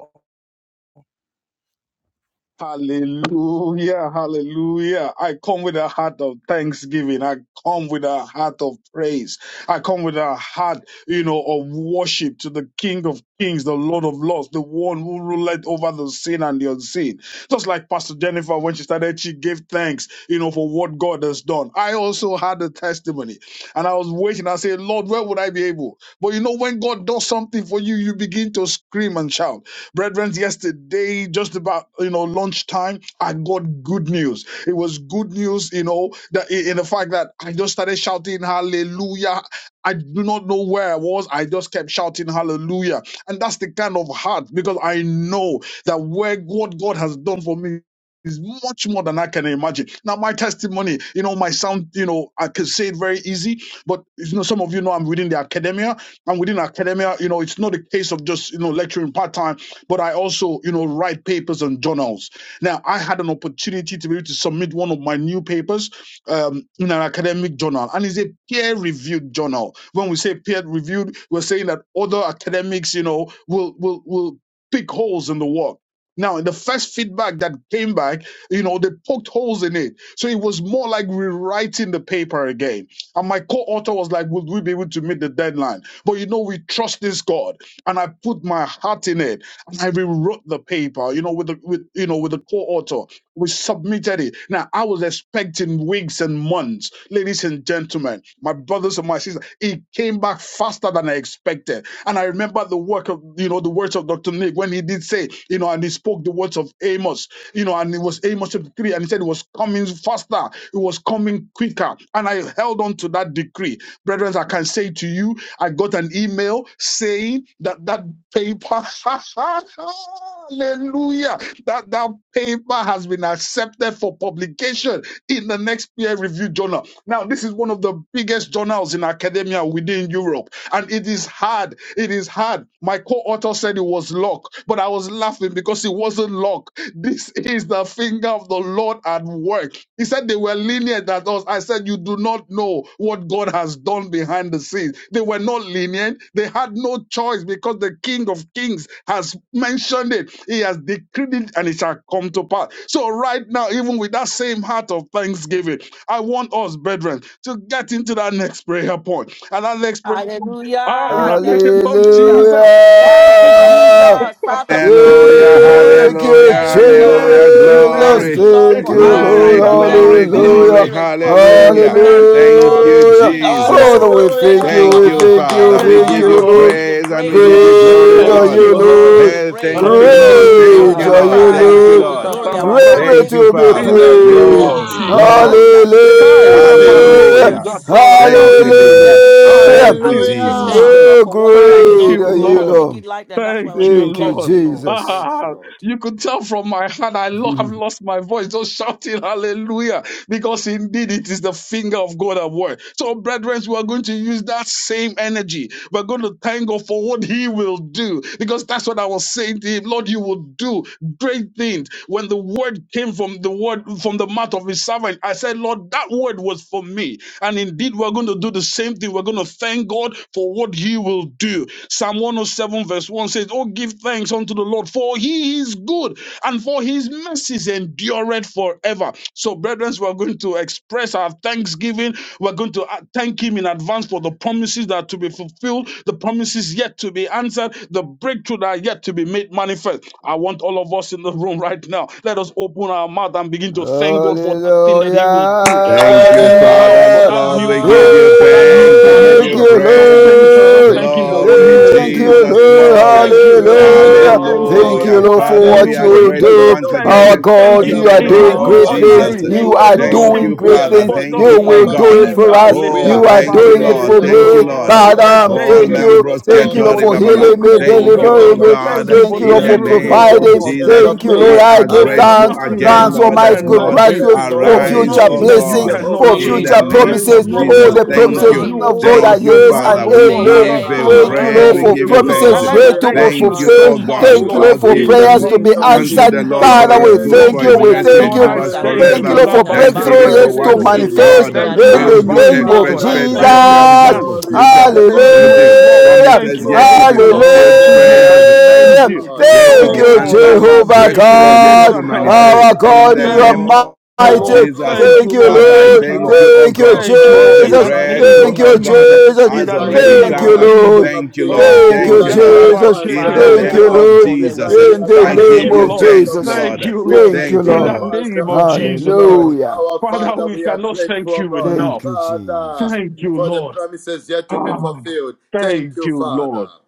S5: Hallelujah, hallelujah. I come with a heart of thanksgiving. I come with a heart of praise. I come with a heart, you know, of worship to the King of Kings, the Lord of Lords, the one who ruled over the seen and the unseen. Just like Pastor Jennifer, when she started, she gave thanks, you know, for what God has done. I also had a testimony and I was waiting. I said, Lord, where would I be able? But you know, when God does something for you, you begin to scream and shout. Brethren, yesterday, just about, you know, lunchtime, I got good news. It was good news, you know, that in the fact that I just started shouting hallelujah. I do not know where I was. I just kept shouting hallelujah. And that's the kind of heart because I know that where what God has done for me is much more than I can imagine. Now, my testimony, you know, my sound, you know, I can say it very easy, but you know, some of you know I'm reading the academia and within academia, you know, it's not a case of just, you know, lecturing part time, but I also, you know, write papers and journals. Now, I had an opportunity to be able to submit one of my new papers um, in an academic journal, and it's a peer reviewed journal. When we say peer reviewed, we're saying that other academics, you know, will, will, will pick holes in the work. Now, in the first feedback that came back, you know, they poked holes in it. So it was more like rewriting the paper again. And my co author was like, Would we be able to meet the deadline? But you know, we trust this God, and I put my heart in it, and I rewrote the paper. You know, with the with you know with the co-author, we submitted it. Now I was expecting weeks and months, ladies and gentlemen, my brothers and my sisters. It came back faster than I expected, and I remember the work of you know the words of Dr. Nick when he did say you know and he spoke the words of Amos, you know, and it was Amos chapter three, and he said it was coming faster, it was coming quicker, and I held on to that decree brethren, I can say to you, I got an email saying that that paper, <laughs> hallelujah, that that paper has been accepted for publication in the next peer reviewed journal. Now, this is one of the biggest journals in academia within Europe, and it is hard. It is hard. My co author said it was luck, but I was was laughing because it wasn't luck. This is the finger of the Lord at work. He said they were lenient at us. I said, You do not know what God has done behind the scenes. They were not lenient. They had no choice because the King of Kings has mentioned it. He has decreed it and it shall come to pass. So, right now, even with that same heart of thanksgiving, I want us, brethren, to get into that next prayer point. And that next prayer point, ah, in
S2: Hallelujah.
S5: the
S2: Thank
S5: name
S2: you,
S5: of
S2: Jesus.
S3: Hallelujah.
S5: Jesus,
S2: Thank you, Jesus. Father, we give you the
S1: Hallelujah,
S2: glory. We
S5: Amen.
S3: Thank
S2: say
S1: hallelujah,
S3: you,
S5: Amen.
S2: thank you, Lord.
S5: Amen.
S1: hallelujah.
S2: We
S3: Jesus.
S2: thank
S1: Glory,
S2: you, Lord,
S3: Thank
S2: for
S3: you,
S5: Amen. In
S3: Lord.
S1: glory,
S2: answers. We
S5: the name
S2: thank you
S1: glory,
S5: of
S2: for
S1: glory.
S2: speedy
S3: Hallelujah.
S5: Jesus.
S2: response. We
S1: Hallelujah.
S5: Amen.
S2: thank you,
S1: Thank
S2: Lord.
S1: you,
S2: We
S3: Hallelujah.
S2: join our brother
S1: Jesus.
S2: to
S3: Father,
S5: Woo.
S2: say
S3: we
S4: Hallelujah!
S3: thank
S2: thank you,
S3: you.
S1: Thank
S3: We
S2: Lord.
S1: you,
S3: thank you.
S1: Father.
S2: Yes,
S1: We
S5: Thank
S3: Thank
S2: Lord,
S1: give
S5: you,
S2: we
S3: you,
S1: you
S2: give
S3: Lord.
S2: you
S5: Lord.
S2: the
S1: praise and we
S2: praise.
S1: give
S2: We
S1: you
S2: give you
S4: Glory
S1: glory,
S2: the
S3: Great
S4: be
S3: are
S5: Thank
S4: to
S1: Lord.
S3: you,
S5: you,
S2: praise. We give
S5: Lord.
S2: you
S4: God.
S3: Lord.
S2: the
S1: Hey,
S2: praise.
S1: thank
S4: Thank
S1: you,
S2: Take
S4: you,
S1: Lord.
S2: the
S1: Thank
S4: Jesus.
S2: glory,
S5: Hallelujah.
S3: Great
S1: you,
S2: our
S3: are
S1: Lord.
S3: you,
S2: Father.
S1: Thank you,
S3: Lord.
S2: Take the
S1: Lord.
S2: glory, our God.
S3: Greatly
S5: Katalebotalabrando.
S1: Thank
S2: Take
S1: you,
S2: the
S3: to be
S5: In
S2: glory.
S1: Father.
S2: You
S5: the name
S3: praised.
S2: deserve
S5: of
S2: it
S1: Glory,
S4: Hallelujah.
S2: for
S5: Jesus.
S1: glory.
S2: answer. You
S4: Thank
S5: Kai
S4: you,
S2: deserve it, Lord.
S5: habaleke
S2: You
S3: Hallelujah.
S1: Hallelujah.
S4: Jesus.
S2: deserve it,
S1: Thank
S2: Lord.
S1: you,
S2: You
S5: zatorabarekede.
S1: Lisa.
S2: deserve it, Lord.
S3: Hallelujah.
S1: Thank
S5: Thank
S1: you,
S2: And we
S5: you,
S2: say,
S1: Jesus.
S2: Thank
S4: Hallelujah.
S2: you,
S5: Jesus.
S2: Lord,
S3: Oh,
S2: for what you
S5: Thank
S2: have done.
S3: great
S5: you,
S2: We
S3: are
S2: do
S3: you,
S2: not
S5: Lord.
S2: take
S3: Lord.
S2: it lightly. And that's why we're
S5: Thank you,
S2: saying,
S3: Thank you,
S2: Thank
S5: Lord.
S2: you, Lord.
S3: Jesus.
S2: Thank you,
S5: Ah,
S2: Lord.
S5: you could tell from my hand, I
S3: <laughs>
S5: lo- have lost my voice just shouting hallelujah because indeed it is the finger of God at work. So, brethren, we are going to use that same energy. We're going to thank God for what He will do because that's what I was saying to Him. Lord, you will do great things. When the word came from the word from the mouth of His servant, I said, Lord, that word was for me. And indeed, we're going to do the same thing. We're going to thank God for what He will do you. Psalm 107, verse 1 says, Oh, give thanks unto the Lord, for he is good, and for his mercies endureth forever. So, brethren, we're going to express our thanksgiving. We're going to uh, thank him in advance for the promises that are to be fulfilled, the promises yet to be answered, the breakthrough that are yet to be made manifest. I want all of us in the room right now. Let us open our our mouth and begin to thank God for that thing that He will do, for
S1: Thank
S5: that
S1: you,
S5: new house,
S4: Hallelujah.
S2: Thank
S1: Father,
S5: for
S2: you,
S3: Hallelujah.
S5: that
S1: Lord.
S5: new
S1: We
S5: car,
S1: give
S2: Lord.
S1: you
S5: for that new
S4: Our
S1: thanks.
S2: We
S1: We
S2: are
S1: give
S4: Father,
S3: Thank
S1: you
S4: we
S5: promotion.
S2: grateful.
S3: you,
S2: We
S4: have
S2: Say,
S4: come
S5: Just
S1: praise.
S4: back
S2: Thank you,
S4: to
S5: thank Him.
S4: say
S2: Lord,
S5: Just
S2: in
S3: Lord.
S2: the
S5: thank
S4: thank
S5: Him
S2: name
S5: for
S4: you.
S2: of
S5: what He
S1: Glory,
S4: The
S5: will
S2: Jesus
S3: Thank
S4: King
S5: do.
S3: you,
S4: of
S1: Jesus,
S2: Christ.
S4: Kings,
S3: Lord.
S5: Father,
S1: glory.
S5: thank
S2: Thank
S4: thank
S2: you,
S5: Him.
S4: you.
S5: Thank
S4: The
S5: Him.
S4: King
S3: Hallelujah.
S4: of
S5: Thank Him
S3: Thank
S2: Lord.
S3: you,
S1: Hallelujah.
S4: Glory,
S5: for
S3: Lord,
S5: that
S3: for
S1: Father,
S4: thank
S1: we
S5: new
S3: what you
S1: are
S4: you.
S3: will
S4: The
S5: breakthrough.
S1: grateful
S4: Lord
S3: do.
S1: once
S4: of
S5: Thank
S4: Lords,
S3: Our
S1: again
S5: him, thank
S3: God,
S5: him.
S1: in
S2: Thank
S4: Father,
S3: you
S1: the
S2: you,
S3: are
S4: for
S5: It
S1: name
S5: might
S3: doing
S4: what you
S1: of
S5: look
S3: great
S4: are
S2: Lord. We
S3: things.
S4: yet
S1: Jesus.
S2: say,
S5: ordinary,
S4: to
S5: it
S3: You
S4: do,
S2: Thank
S4: O
S5: might
S2: you,
S3: are
S5: look
S4: God.
S1: Thank
S3: doing
S2: Lord,
S1: you,
S5: simple,
S4: We
S3: great
S4: are
S1: Father.
S3: things.
S5: but
S2: in the
S1: Thank
S5: just
S4: grateful,
S3: You
S1: you, oh
S2: name
S3: will
S4: Abba
S2: of
S5: thank
S3: do
S1: God.
S3: it
S5: him.
S2: Jesus
S3: for
S4: Father.
S5: Ah,
S2: Christ.
S3: us.
S5: le
S4: We are
S1: Oh,
S3: You
S2: We
S3: are
S1: thank
S5: kalaba
S2: say,
S4: grateful,
S1: you,
S3: doing
S4: the
S5: rende
S3: it
S4: King
S1: Lord.
S2: Thank
S3: for
S2: you,
S4: of
S1: Thank
S5: hebozo.
S1: you,
S3: me.
S4: Kings.
S1: Lord.
S2: Lord, in
S4: We
S2: the
S5: Lord,
S3: Father,
S4: are
S5: I
S2: name
S3: um,
S2: of
S1: Oh,
S4: grateful,
S5: thank
S3: thank
S4: the
S2: Jesus
S5: you.
S4: King
S3: you.
S4: of
S1: Lambros
S3: Thank
S5: Thank
S3: you,
S5: you
S3: Lord,
S4: Glory.
S5: for
S1: Ketori
S5: the
S3: for
S4: We
S1: Baba.
S4: are
S3: healing me,
S5: miracles,
S4: grateful,
S5: oh
S1: Thank
S2: In the
S4: the
S1: you,
S5: God.
S4: Lord
S1: oh
S3: delivering
S2: name
S4: of
S3: me.
S2: of
S4: Lords.
S1: God,
S2: Jesus,
S5: Thank
S2: we
S5: you
S3: Thank
S5: for
S2: say
S3: you,
S5: the
S4: We
S1: in
S3: Lord,
S4: are
S1: the
S3: for
S2: thank you,
S4: grateful,
S1: name
S5: miracles,
S4: the
S5: oh
S2: Lord.
S1: of
S3: providing.
S2: We
S5: God.
S2: give
S4: Ancient
S1: Jesus.
S2: you
S5: Thank
S4: of
S3: Thank you,
S5: you,
S2: praise,
S3: Lord.
S4: Days.
S1: We
S5: Lord.
S2: our
S3: I
S1: are
S3: give
S5: There is
S2: God.
S4: Abba
S1: grateful
S3: thanks.
S2: We
S5: nothing that
S1: again,
S3: Thanks,
S2: thank
S4: Father,
S2: you,
S5: you
S1: Lord, that
S3: Almighty
S2: Lord.
S3: God.
S4: I
S2: We
S1: Lord,
S5: cannot do.
S2: thank
S3: Gratitude
S2: you,
S4: bless your
S5: There
S3: for
S2: Lord.
S5: is
S4: holy
S1: arise,
S3: future
S4: name.
S1: oh
S2: To
S5: nothing that
S2: you we
S5: you
S3: blessings,
S1: God,
S2: give
S5: cannot
S3: for
S4: Jehovah, my
S1: in
S2: praise,
S5: change.
S1: the
S3: future
S2: to you we
S4: God,
S1: name
S5: There is
S2: give
S3: promises.
S1: of
S2: glory,
S5: nothing,
S3: All
S1: Jesus.
S2: O
S3: the
S5: oh
S4: excellent
S2: God,
S5: God,
S2: in
S1: Thank
S2: the
S5: that
S3: promises
S4: God,
S5: you,
S1: you.
S2: name of
S3: of
S5: oh
S3: God
S5: God,
S3: are
S1: Thank
S2: Jesus.
S4: powerful
S1: you,
S3: yes
S5: cannot,
S3: and
S4: God,
S1: Father.
S2: We
S5: oh
S1: We
S2: say
S5: God, Father,
S3: amen.
S1: give
S2: thank
S1: you
S5: turn
S2: you,
S4: Father.
S3: Thank
S2: Lord.
S3: you,
S5: around
S1: praise.
S4: I
S3: Lord,
S5: for
S2: Thank
S1: We
S3: for
S4: give
S2: you,
S1: give
S4: you
S5: good.
S1: you
S2: Lord, for
S1: thanks.
S5: And
S3: promises
S2: what
S5: I
S2: you are
S4: glory,
S3: yet to
S2: going
S3: be
S5: thank
S4: Abba
S2: to
S5: you
S1: Thank you,
S2: do.
S4: Father.
S5: so
S3: fulfilled.
S1: O
S4: I
S1: God.
S5: much,
S3: Thank
S4: give
S3: you,
S5: Lord.
S4: you
S2: Jehovah,
S1: All
S3: Lord, for
S2: thank
S1: give
S5: In
S4: praise,
S5: the
S2: you,
S3: prayers
S1: them
S3: to
S4: Ancient
S3: be
S5: name
S4: of
S2: promises
S5: of
S2: to be
S4: Days.
S1: unto
S3: answered.
S1: the
S5: Jesus,
S4: You
S1: Lord
S5: in
S4: are
S2: fulfilled.
S1: for
S5: the
S3: Father,
S1: his
S3: we
S5: name
S4: worthy
S1: good,
S5: of
S4: to
S3: thank
S2: Yes,
S1: for
S4: be
S3: you.
S1: his
S5: Jesus,
S3: We
S2: prayers to
S4: praised,
S1: mercy
S3: thank
S2: be
S5: Lord,
S3: you.
S5: I
S1: endures
S2: answered. We
S4: worthy
S2: say
S5: thank
S4: to
S3: Thank
S5: you.
S3: you,
S4: be
S1: forever.
S3: Lord,
S2: thank you
S3: for
S2: in
S4: worshipped,
S1: Thank
S3: breakthrough
S1: Him
S2: advance.
S3: yet
S1: for
S4: worthy
S1: what
S3: to
S2: We
S4: to
S5: Labazekelelebo.
S4: be
S2: say
S1: go-
S5: I
S2: thank you
S4: lifted
S3: manifest
S2: in
S1: God
S4: on
S5: thank you in
S3: in
S1: will
S4: high.
S3: the
S2: advance. We
S1: do.
S2: say
S5: advance,
S3: name
S5: oh
S2: thank
S3: of
S2: you
S5: God.
S1: Express
S2: in
S5: I
S4: Father,
S1: faith,
S3: Jesus.
S4: take
S5: thank
S1: best
S5: you
S2: advance,
S4: all
S2: O
S5: in
S4: the
S2: God.
S1: gratitude
S5: advance.
S1: for
S2: Mm.
S4: glory,
S1: future
S5: I
S4: take
S3: Hallelujah.
S5: thank
S4: all
S5: you,
S4: the
S5: oh
S1: blessing.
S5: Lord.
S4: praise,
S5: I thank
S4: take
S1: Promises
S2: We
S5: you, oh
S4: all
S1: yet
S4: the
S1: to
S5: God,
S2: thank
S1: be
S2: you,
S5: Father, for my
S1: fulfilled,
S4: adoration.
S2: Lord.
S5: business. I
S1: prayers
S2: We
S4: Excellent
S2: give
S5: thank
S3: Hallelujah.
S2: you
S5: you.
S2: the
S4: God.
S2: glory,
S1: yet to
S3: Thank
S4: Thank
S1: be
S2: Lord. We
S3: you,
S2: give
S4: you,
S5: Oh,
S2: you
S1: answered,
S2: praise in
S4: Jesus.
S2: the
S3: Jehovah
S2: name of
S1: breakthrough
S4: Thank
S1: yet
S4: you,
S2: Jesus
S3: God.
S1: to
S2: Christ.
S1: manifest
S5: Rabbazekelebozantabare.
S3: Our
S1: in
S2: Thank
S3: God,
S4: Father
S1: the
S2: you,
S3: you are
S5: Thank
S1: name of
S5: you,
S1: of
S2: Lord.
S4: our
S3: mighty.
S5: Lord.
S1: Jesus.
S4: God,
S5: Thank
S3: Thank
S5: you,
S3: you,
S4: you
S5: Lord.
S1: Father,
S4: are
S1: I
S4: with
S5: Thank
S3: Lord.
S5: you,
S1: thank
S5: Lord.
S1: you,
S4: us.
S1: oh
S3: Thank you,
S1: God,
S4: Oh
S5: Thank you,
S4: God,
S1: for
S5: Lord.
S1: the
S5: In
S4: we
S5: the
S3: Jesus.
S4: thank
S2: In the
S4: you
S5: name
S4: in
S1: breakthrough,
S3: Thank
S5: of
S2: name
S1: oh
S3: you,
S2: of
S4: advance.
S1: God,
S5: Jesus.
S2: Jesus, we
S3: Jesus.
S5: In
S4: We
S2: say
S1: has
S5: the
S4: thank
S2: thank
S4: you
S1: already
S4: in
S2: you,
S5: name
S3: Thank you,
S5: of
S2: Lord.
S1: come.
S4: advance, the
S5: Jesus.
S4: King
S3: Lord.
S4: of
S1: Thank you,
S4: Kings.
S1: Lord.
S3: Thank
S4: We
S5: Oh,
S3: you,
S1: Thank you,
S4: thank you in
S1: Lord.
S2: Thank you,
S3: Jesus.
S4: advance, the
S1: In the
S4: Lord of
S3: Thank
S1: name
S2: Father,
S3: you,
S4: Lords.
S5: Yadabashekelelebo.
S1: of
S3: Lord.
S2: for
S4: We
S2: there will
S1: Jesus,
S4: thank
S2: be a
S4: you in
S3: In the
S1: I
S4: advance,
S5: Thank
S1: give
S4: the
S3: name
S2: fulfillment
S5: you,
S1: you
S2: in
S3: of
S2: the
S5: Lord.
S4: Ancient
S1: thanks,
S4: of
S2: name of
S3: Jesus.
S4: Days.
S1: Lord.
S5: Thank you,
S2: Jesus.
S4: We
S5: Lord.
S3: Thank
S4: thank
S3: you,
S1: Thank
S4: you in
S1: you,
S5: In the
S3: Lord.
S1: Lord.
S4: advance, the
S5: name of
S2: Oh, thank
S4: Almighty
S5: Jesus
S2: you,
S4: God.
S5: Christ.
S2: Lord.
S3: Hallelujah.
S4: Our
S5: Father,
S4: Father,
S5: we
S4: we are
S5: cannot thank
S4: grateful,
S5: you
S4: God.
S5: enough.
S3: Thank you,
S4: Father,
S3: Jesus.
S5: Thank you,
S4: for the
S5: Lord.
S4: promises yet to be
S5: Ah,
S4: fulfilled. Thank
S5: thank
S4: you,
S5: you, Lord.
S4: Father.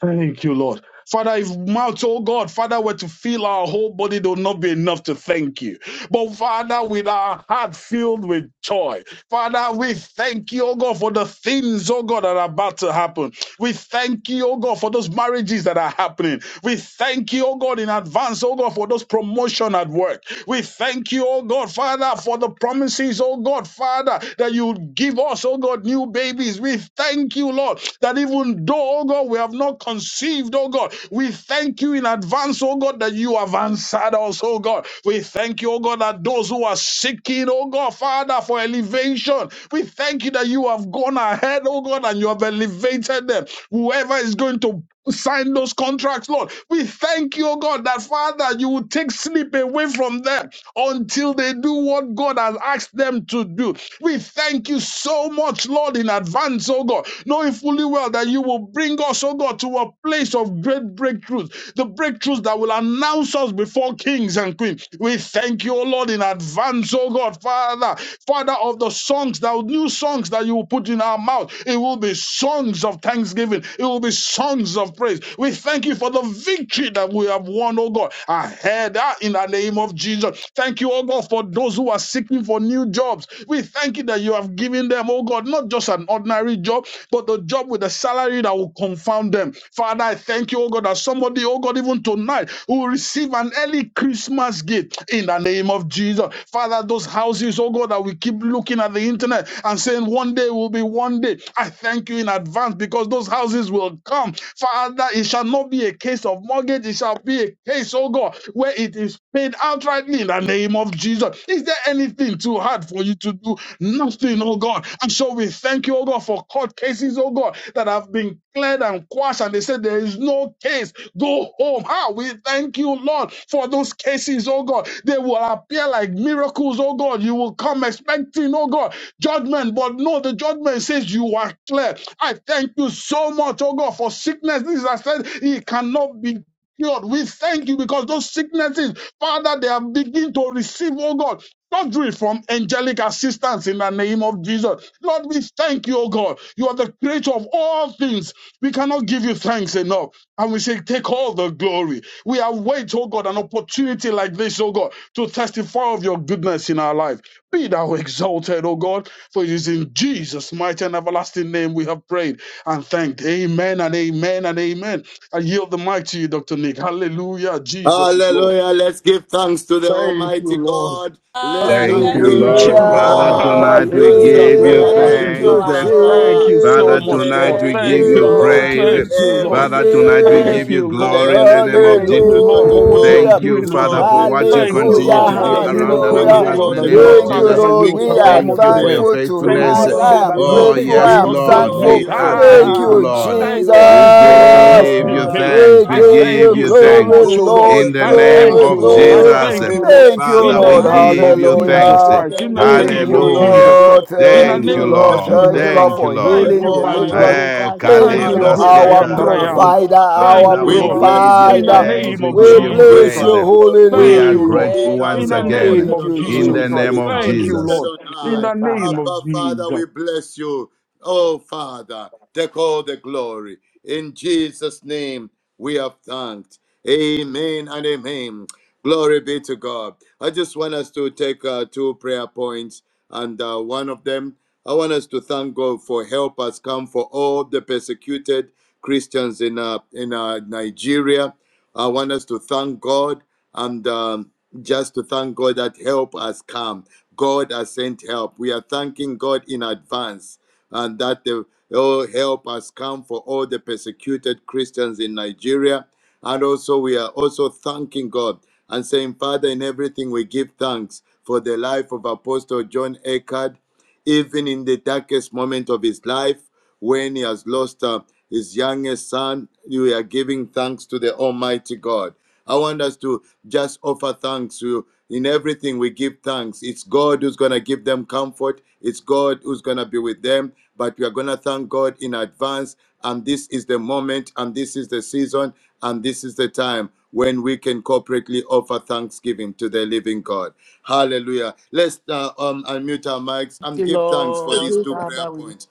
S5: Thank you, Lord. Father, if mouth, oh God, Father, were to fill our whole body, there will not be enough to thank you. But Father, with our heart filled with joy, Father, we thank you, oh God, for the things, oh God, that are about to happen. We thank you, oh God, for those marriages that are happening. We thank you, oh God, in advance, oh God, for those promotion at work. We thank you, oh God, Father, for the promises, oh God, Father, that you would give us, oh God, new babies. We thank you, Lord, that even though, oh God, we have not conceived, oh God, God. We thank you in advance, oh God, that you have answered us, oh God. We thank you, oh God, that those who are seeking, oh God, Father, for elevation, we thank you that you have gone ahead, oh God, and you have elevated them. Whoever is going to sign those contracts, Lord, we thank you, oh God, that Father, you will take sleep away from them until they do what God has asked them to do. We thank you so much, Lord, in advance, oh God, knowing fully well that you will bring us, oh God, to a place of great breakthroughs, the breakthroughs that will announce us before kings and queens. We thank you, O Lord, in advance, O God, Father, Father of the songs, that new songs that you will put in our mouth. It will be songs of thanksgiving. It will be songs of praise. We thank you for the victory that we have won, O God, ahead ah, in the name of Jesus. Thank you, O God, for those who are seeking for new jobs. We thank you that you have given them, O God, not just an ordinary job, but the job with a salary that will confound them. Father, I thank thank you, oh God, that somebody, oh God, even tonight will receive an early Christmas gift in the name of Jesus. Father, those houses, oh God, that we keep looking at the internet and saying one day will be one day. I thank you in advance because those houses will come. Father, it shall not be a case of mortgage, it shall be a case, oh God, where it is paid outrightly in the name of Jesus. Is there anything too hard for you to do? Nothing, oh God. And so we thank you, oh God, for court cases, oh God, that have been cleared and quashed, and they said there is no no case, go home. Ah, we thank you, Lord, for those cases, oh God. They will appear like miracles, oh God. You will come expecting, oh God, judgment, but no, the judgment says you are clear. I thank you so much, oh God, for sickness. This, I said, it cannot be cured. We thank you because those sicknesses, Father, they are beginning to receive, oh God, surgery from angelic assistance in the name of Jesus. Lord, we thank you, oh God. You are the creator of all things. We cannot give you thanks enough. And we say, take all the glory. We await, oh God, an opportunity like this, oh God, to testify of your goodness in our life. Be thou exalted, oh God, for it is in Jesus' mighty and everlasting name we have prayed and thanked. Amen and amen and amen. I yield the mic to you, Dr. Nick. Hallelujah. Jesus is Lord.
S4: Hallelujah. Let's give thanks to the
S5: Thank you,
S4: Almighty
S5: Lord.
S4: God. Let's
S2: Ah,
S5: <laughs>
S1: Thank
S4: thank
S1: you,
S2: thank you,
S4: Him
S5: Thank
S4: for
S5: you,
S1: Lord.
S5: Lord.
S1: Father,
S2: Lord.
S4: all
S3: Hallelujah.
S1: tonight we
S4: answer
S1: give you
S4: prayer. Thank
S2: Thank
S3: Thank
S2: you,
S4: you,
S3: you,
S2: our
S1: thanks.
S5: Thank
S2: God.
S4: Father,
S5: you so
S1: Father,
S4: for
S3: Jesus.
S5: much,
S1: tonight
S5: Lord.
S1: we
S2: Thank
S4: everything
S2: you,
S1: give
S5: Thank
S4: you
S1: you
S5: you,
S4: have
S5: Lord.
S2: Lord.
S3: Thank
S4: done,
S1: praise.
S3: you,
S5: Thank you, Lord.
S2: We
S4: everything
S1: Father,
S4: you
S2: say
S4: are
S1: tonight we
S5: Thank
S4: doing,
S1: give
S3: Jesus.
S2: thank
S1: you
S5: you,
S2: you.
S4: and
S5: Lord.
S1: glory in the
S4: everything
S1: name
S4: you
S1: of
S5: Thank you,
S1: Jesus.
S4: continue
S5: Lord,
S4: to
S5: for what you
S4: do.
S5: are
S1: Thank
S3: Hallelujah.
S1: you,
S5: doing, oh
S1: Father,
S4: Lord,
S5: God.
S1: for
S4: we
S1: what you
S5: Thank
S4: bless your
S5: you,
S1: continue
S2: Lord.
S3: Hallelujah.
S5: Lord,
S1: to
S4: holy
S5: for
S1: do
S5: the
S2: Thank
S4: name.
S2: you,
S1: around and
S4: We
S2: Lord.
S5: miracles,
S4: give
S3: Hallelujah.
S1: among
S5: oh
S1: us
S4: you
S1: in
S4: all
S5: God,
S1: the
S2: Thank
S5: that
S2: you,
S4: the
S5: you
S1: name
S5: have
S1: of
S3: Thank
S2: Lord.
S3: you,
S4: glory.
S5: started
S1: Jesus.
S5: and you
S3: Lord.
S2: Thank
S4: We
S5: will
S2: you,
S4: give
S3: We
S4: you
S3: are
S4: all
S2: Lord.
S5: perform
S4: the
S1: Thank
S5: unto
S1: you for
S5: the
S1: your
S5: end.
S4: praise.
S3: thankful
S4: We
S5: Thank
S2: Oh
S1: faithfulness.
S5: you,
S3: tonight.
S5: oh
S3: I
S4: worship
S5: God,
S2: God,
S5: that
S3: am
S1: Oh,
S4: you.
S5: mistakes
S3: grateful.
S5: have
S1: yes,
S3: I
S4: We
S3: am
S2: we
S5: not
S2: say
S1: Lord.
S5: been
S4: adore
S5: made.
S1: We
S3: thankful.
S5: <laughs>
S2: thank you,
S1: are
S4: you.
S2: Lord.
S3: Thank
S4: We
S5: Ah,
S1: thankful,
S3: you,
S1: Lord.
S4: love
S5: thank you
S4: you,
S5: that
S1: We
S2: Thank you,
S5: mistakes have
S4: our
S3: Jesus.
S5: not
S1: give you
S5: been
S2: Lord.
S5: made.
S3: We
S1: thanks. We
S5: I
S3: give
S4: Father.
S5: thank
S1: give
S3: you
S5: you
S1: you
S5: so
S1: thanks.
S3: glory,
S5: much, oh
S4: Oh
S5: God.
S1: In
S4: Lord
S3: Lord.
S1: the
S5: I
S4: God
S1: name
S5: thank
S2: Thank
S3: Glory,
S2: you,
S5: you,
S1: of
S5: Lord. I
S4: Almighty,
S3: glory.
S1: Jesus,
S5: thank
S4: we
S5: you,
S2: Lord.
S5: Lord.
S3: Thank
S4: bless
S3: you,
S4: your
S5: In
S1: Father,
S5: the
S2: For
S1: we
S3: Lord.
S4: name.
S5: name
S2: answer
S1: give
S5: of
S4: We
S1: you
S2: prayer, we
S4: bless
S5: Jesus
S1: thanks.
S2: say
S4: your
S3: Hallelujah.
S5: Christ.
S4: name,
S5: In the
S2: thank
S4: the
S2: you,
S4: King of
S3: Thank
S5: name
S3: you,
S5: of
S4: Kings, the
S2: Jehovah.
S1: Hallelujah.
S5: Jesus
S4: King
S5: Christ.
S3: Lord.
S4: of
S2: We
S5: In the
S2: say
S3: Thank
S1: Thank
S4: Glory,
S3: you,
S1: you,
S5: name
S2: thank you,
S5: of
S3: Lord.
S4: the
S1: Lord.
S4: Lord
S3: Thank
S5: Jesus
S4: of
S3: you,
S5: Christ.
S3: Lord,
S1: Thank
S2: Jehovah.
S1: you,
S4: Lords,
S3: for
S1: Lord.
S4: the
S5: Thank
S3: healing,
S5: you,
S2: Jehovah,
S5: mighty
S4: Almighty
S5: God.
S3: deliverance.
S1: Hey,
S4: God.
S2: Jehovah,
S3: Thank
S1: kale
S5: Thank
S3: you,
S5: you,
S4: Father,
S2: Jehovah,
S3: Lord,
S4: we
S5: great I
S3: our
S4: thank
S5: am that
S4: you,
S2: Jehovah,
S5: I
S4: Abba
S5: am.
S1: rabababa.
S3: provider,
S2: Jehovah.
S4: Father.
S5: Thank
S3: our
S1: Father,
S5: you,
S2: Oh
S4: We
S1: we
S5: Lord.
S2: God, we
S1: give
S4: bless your
S5: In
S1: you
S2: say
S5: the
S4: name,
S3: provider.
S4: O
S1: thanks.
S2: thank
S5: name
S1: We
S2: you,
S5: of
S4: God.
S1: give
S3: We
S1: you
S5: Jesus
S2: Lord.
S4: Be
S3: bless
S1: praise.
S4: thou
S5: Christ.
S3: your holy
S1: We
S5: Thank
S4: glorified,
S1: are
S5: you,
S3: name.
S5: Lord.
S4: be
S1: grateful
S2: Thank
S4: thou
S2: you,
S5: In
S1: once
S5: the
S2: Lord.
S5: name
S1: again
S4: exalted,
S3: Thank
S5: of
S4: O
S2: Thank
S3: you,
S2: you,
S4: God.
S1: in
S5: Jesus
S2: Lord.
S1: the
S3: Jesus.
S1: name
S5: Christ.
S4: Be
S2: Thank you,
S1: of
S4: thou
S5: Thank you,
S4: lifted
S1: Jesus.
S2: Jesus.
S5: Lord.
S4: on
S2: Thank you,
S5: In
S4: high.
S2: our
S5: the name
S2: Father.
S5: of
S4: Abba Father,
S5: Jesus.
S4: we bless you. Oh Father, take all the glory. In Jesus' name, we have thanked. Amen and amen. Glory be to God. I just want us to take uh, two prayer points, and uh, one of them, I want us to thank God for help has come for all the persecuted Christians in uh, in uh, Nigeria. I want us to thank God and um, just to thank God that help has come. God has sent help. We are thanking God in advance, and that the oh, help has come for all the persecuted Christians in Nigeria. And also, we are also thanking God and saying, Father, in everything we give thanks for the life of Apostle John Eckhart, even in the darkest moment of his life, when he has lost uh, his youngest son, we are giving thanks to the Almighty God. I want us to just offer thanks to in everything we give thanks. It's God who's going to give them comfort. It's God who's going to be with them. But we are going to thank God in advance. And this is the moment, and this is the season, and this is the time when we can corporately offer thanksgiving to the living God. Hallelujah. Let's uh, um, unmute our mics and
S2: Thank you,
S4: give thanks for these
S2: Lord.
S4: two prayer
S2: Father, we need
S4: points.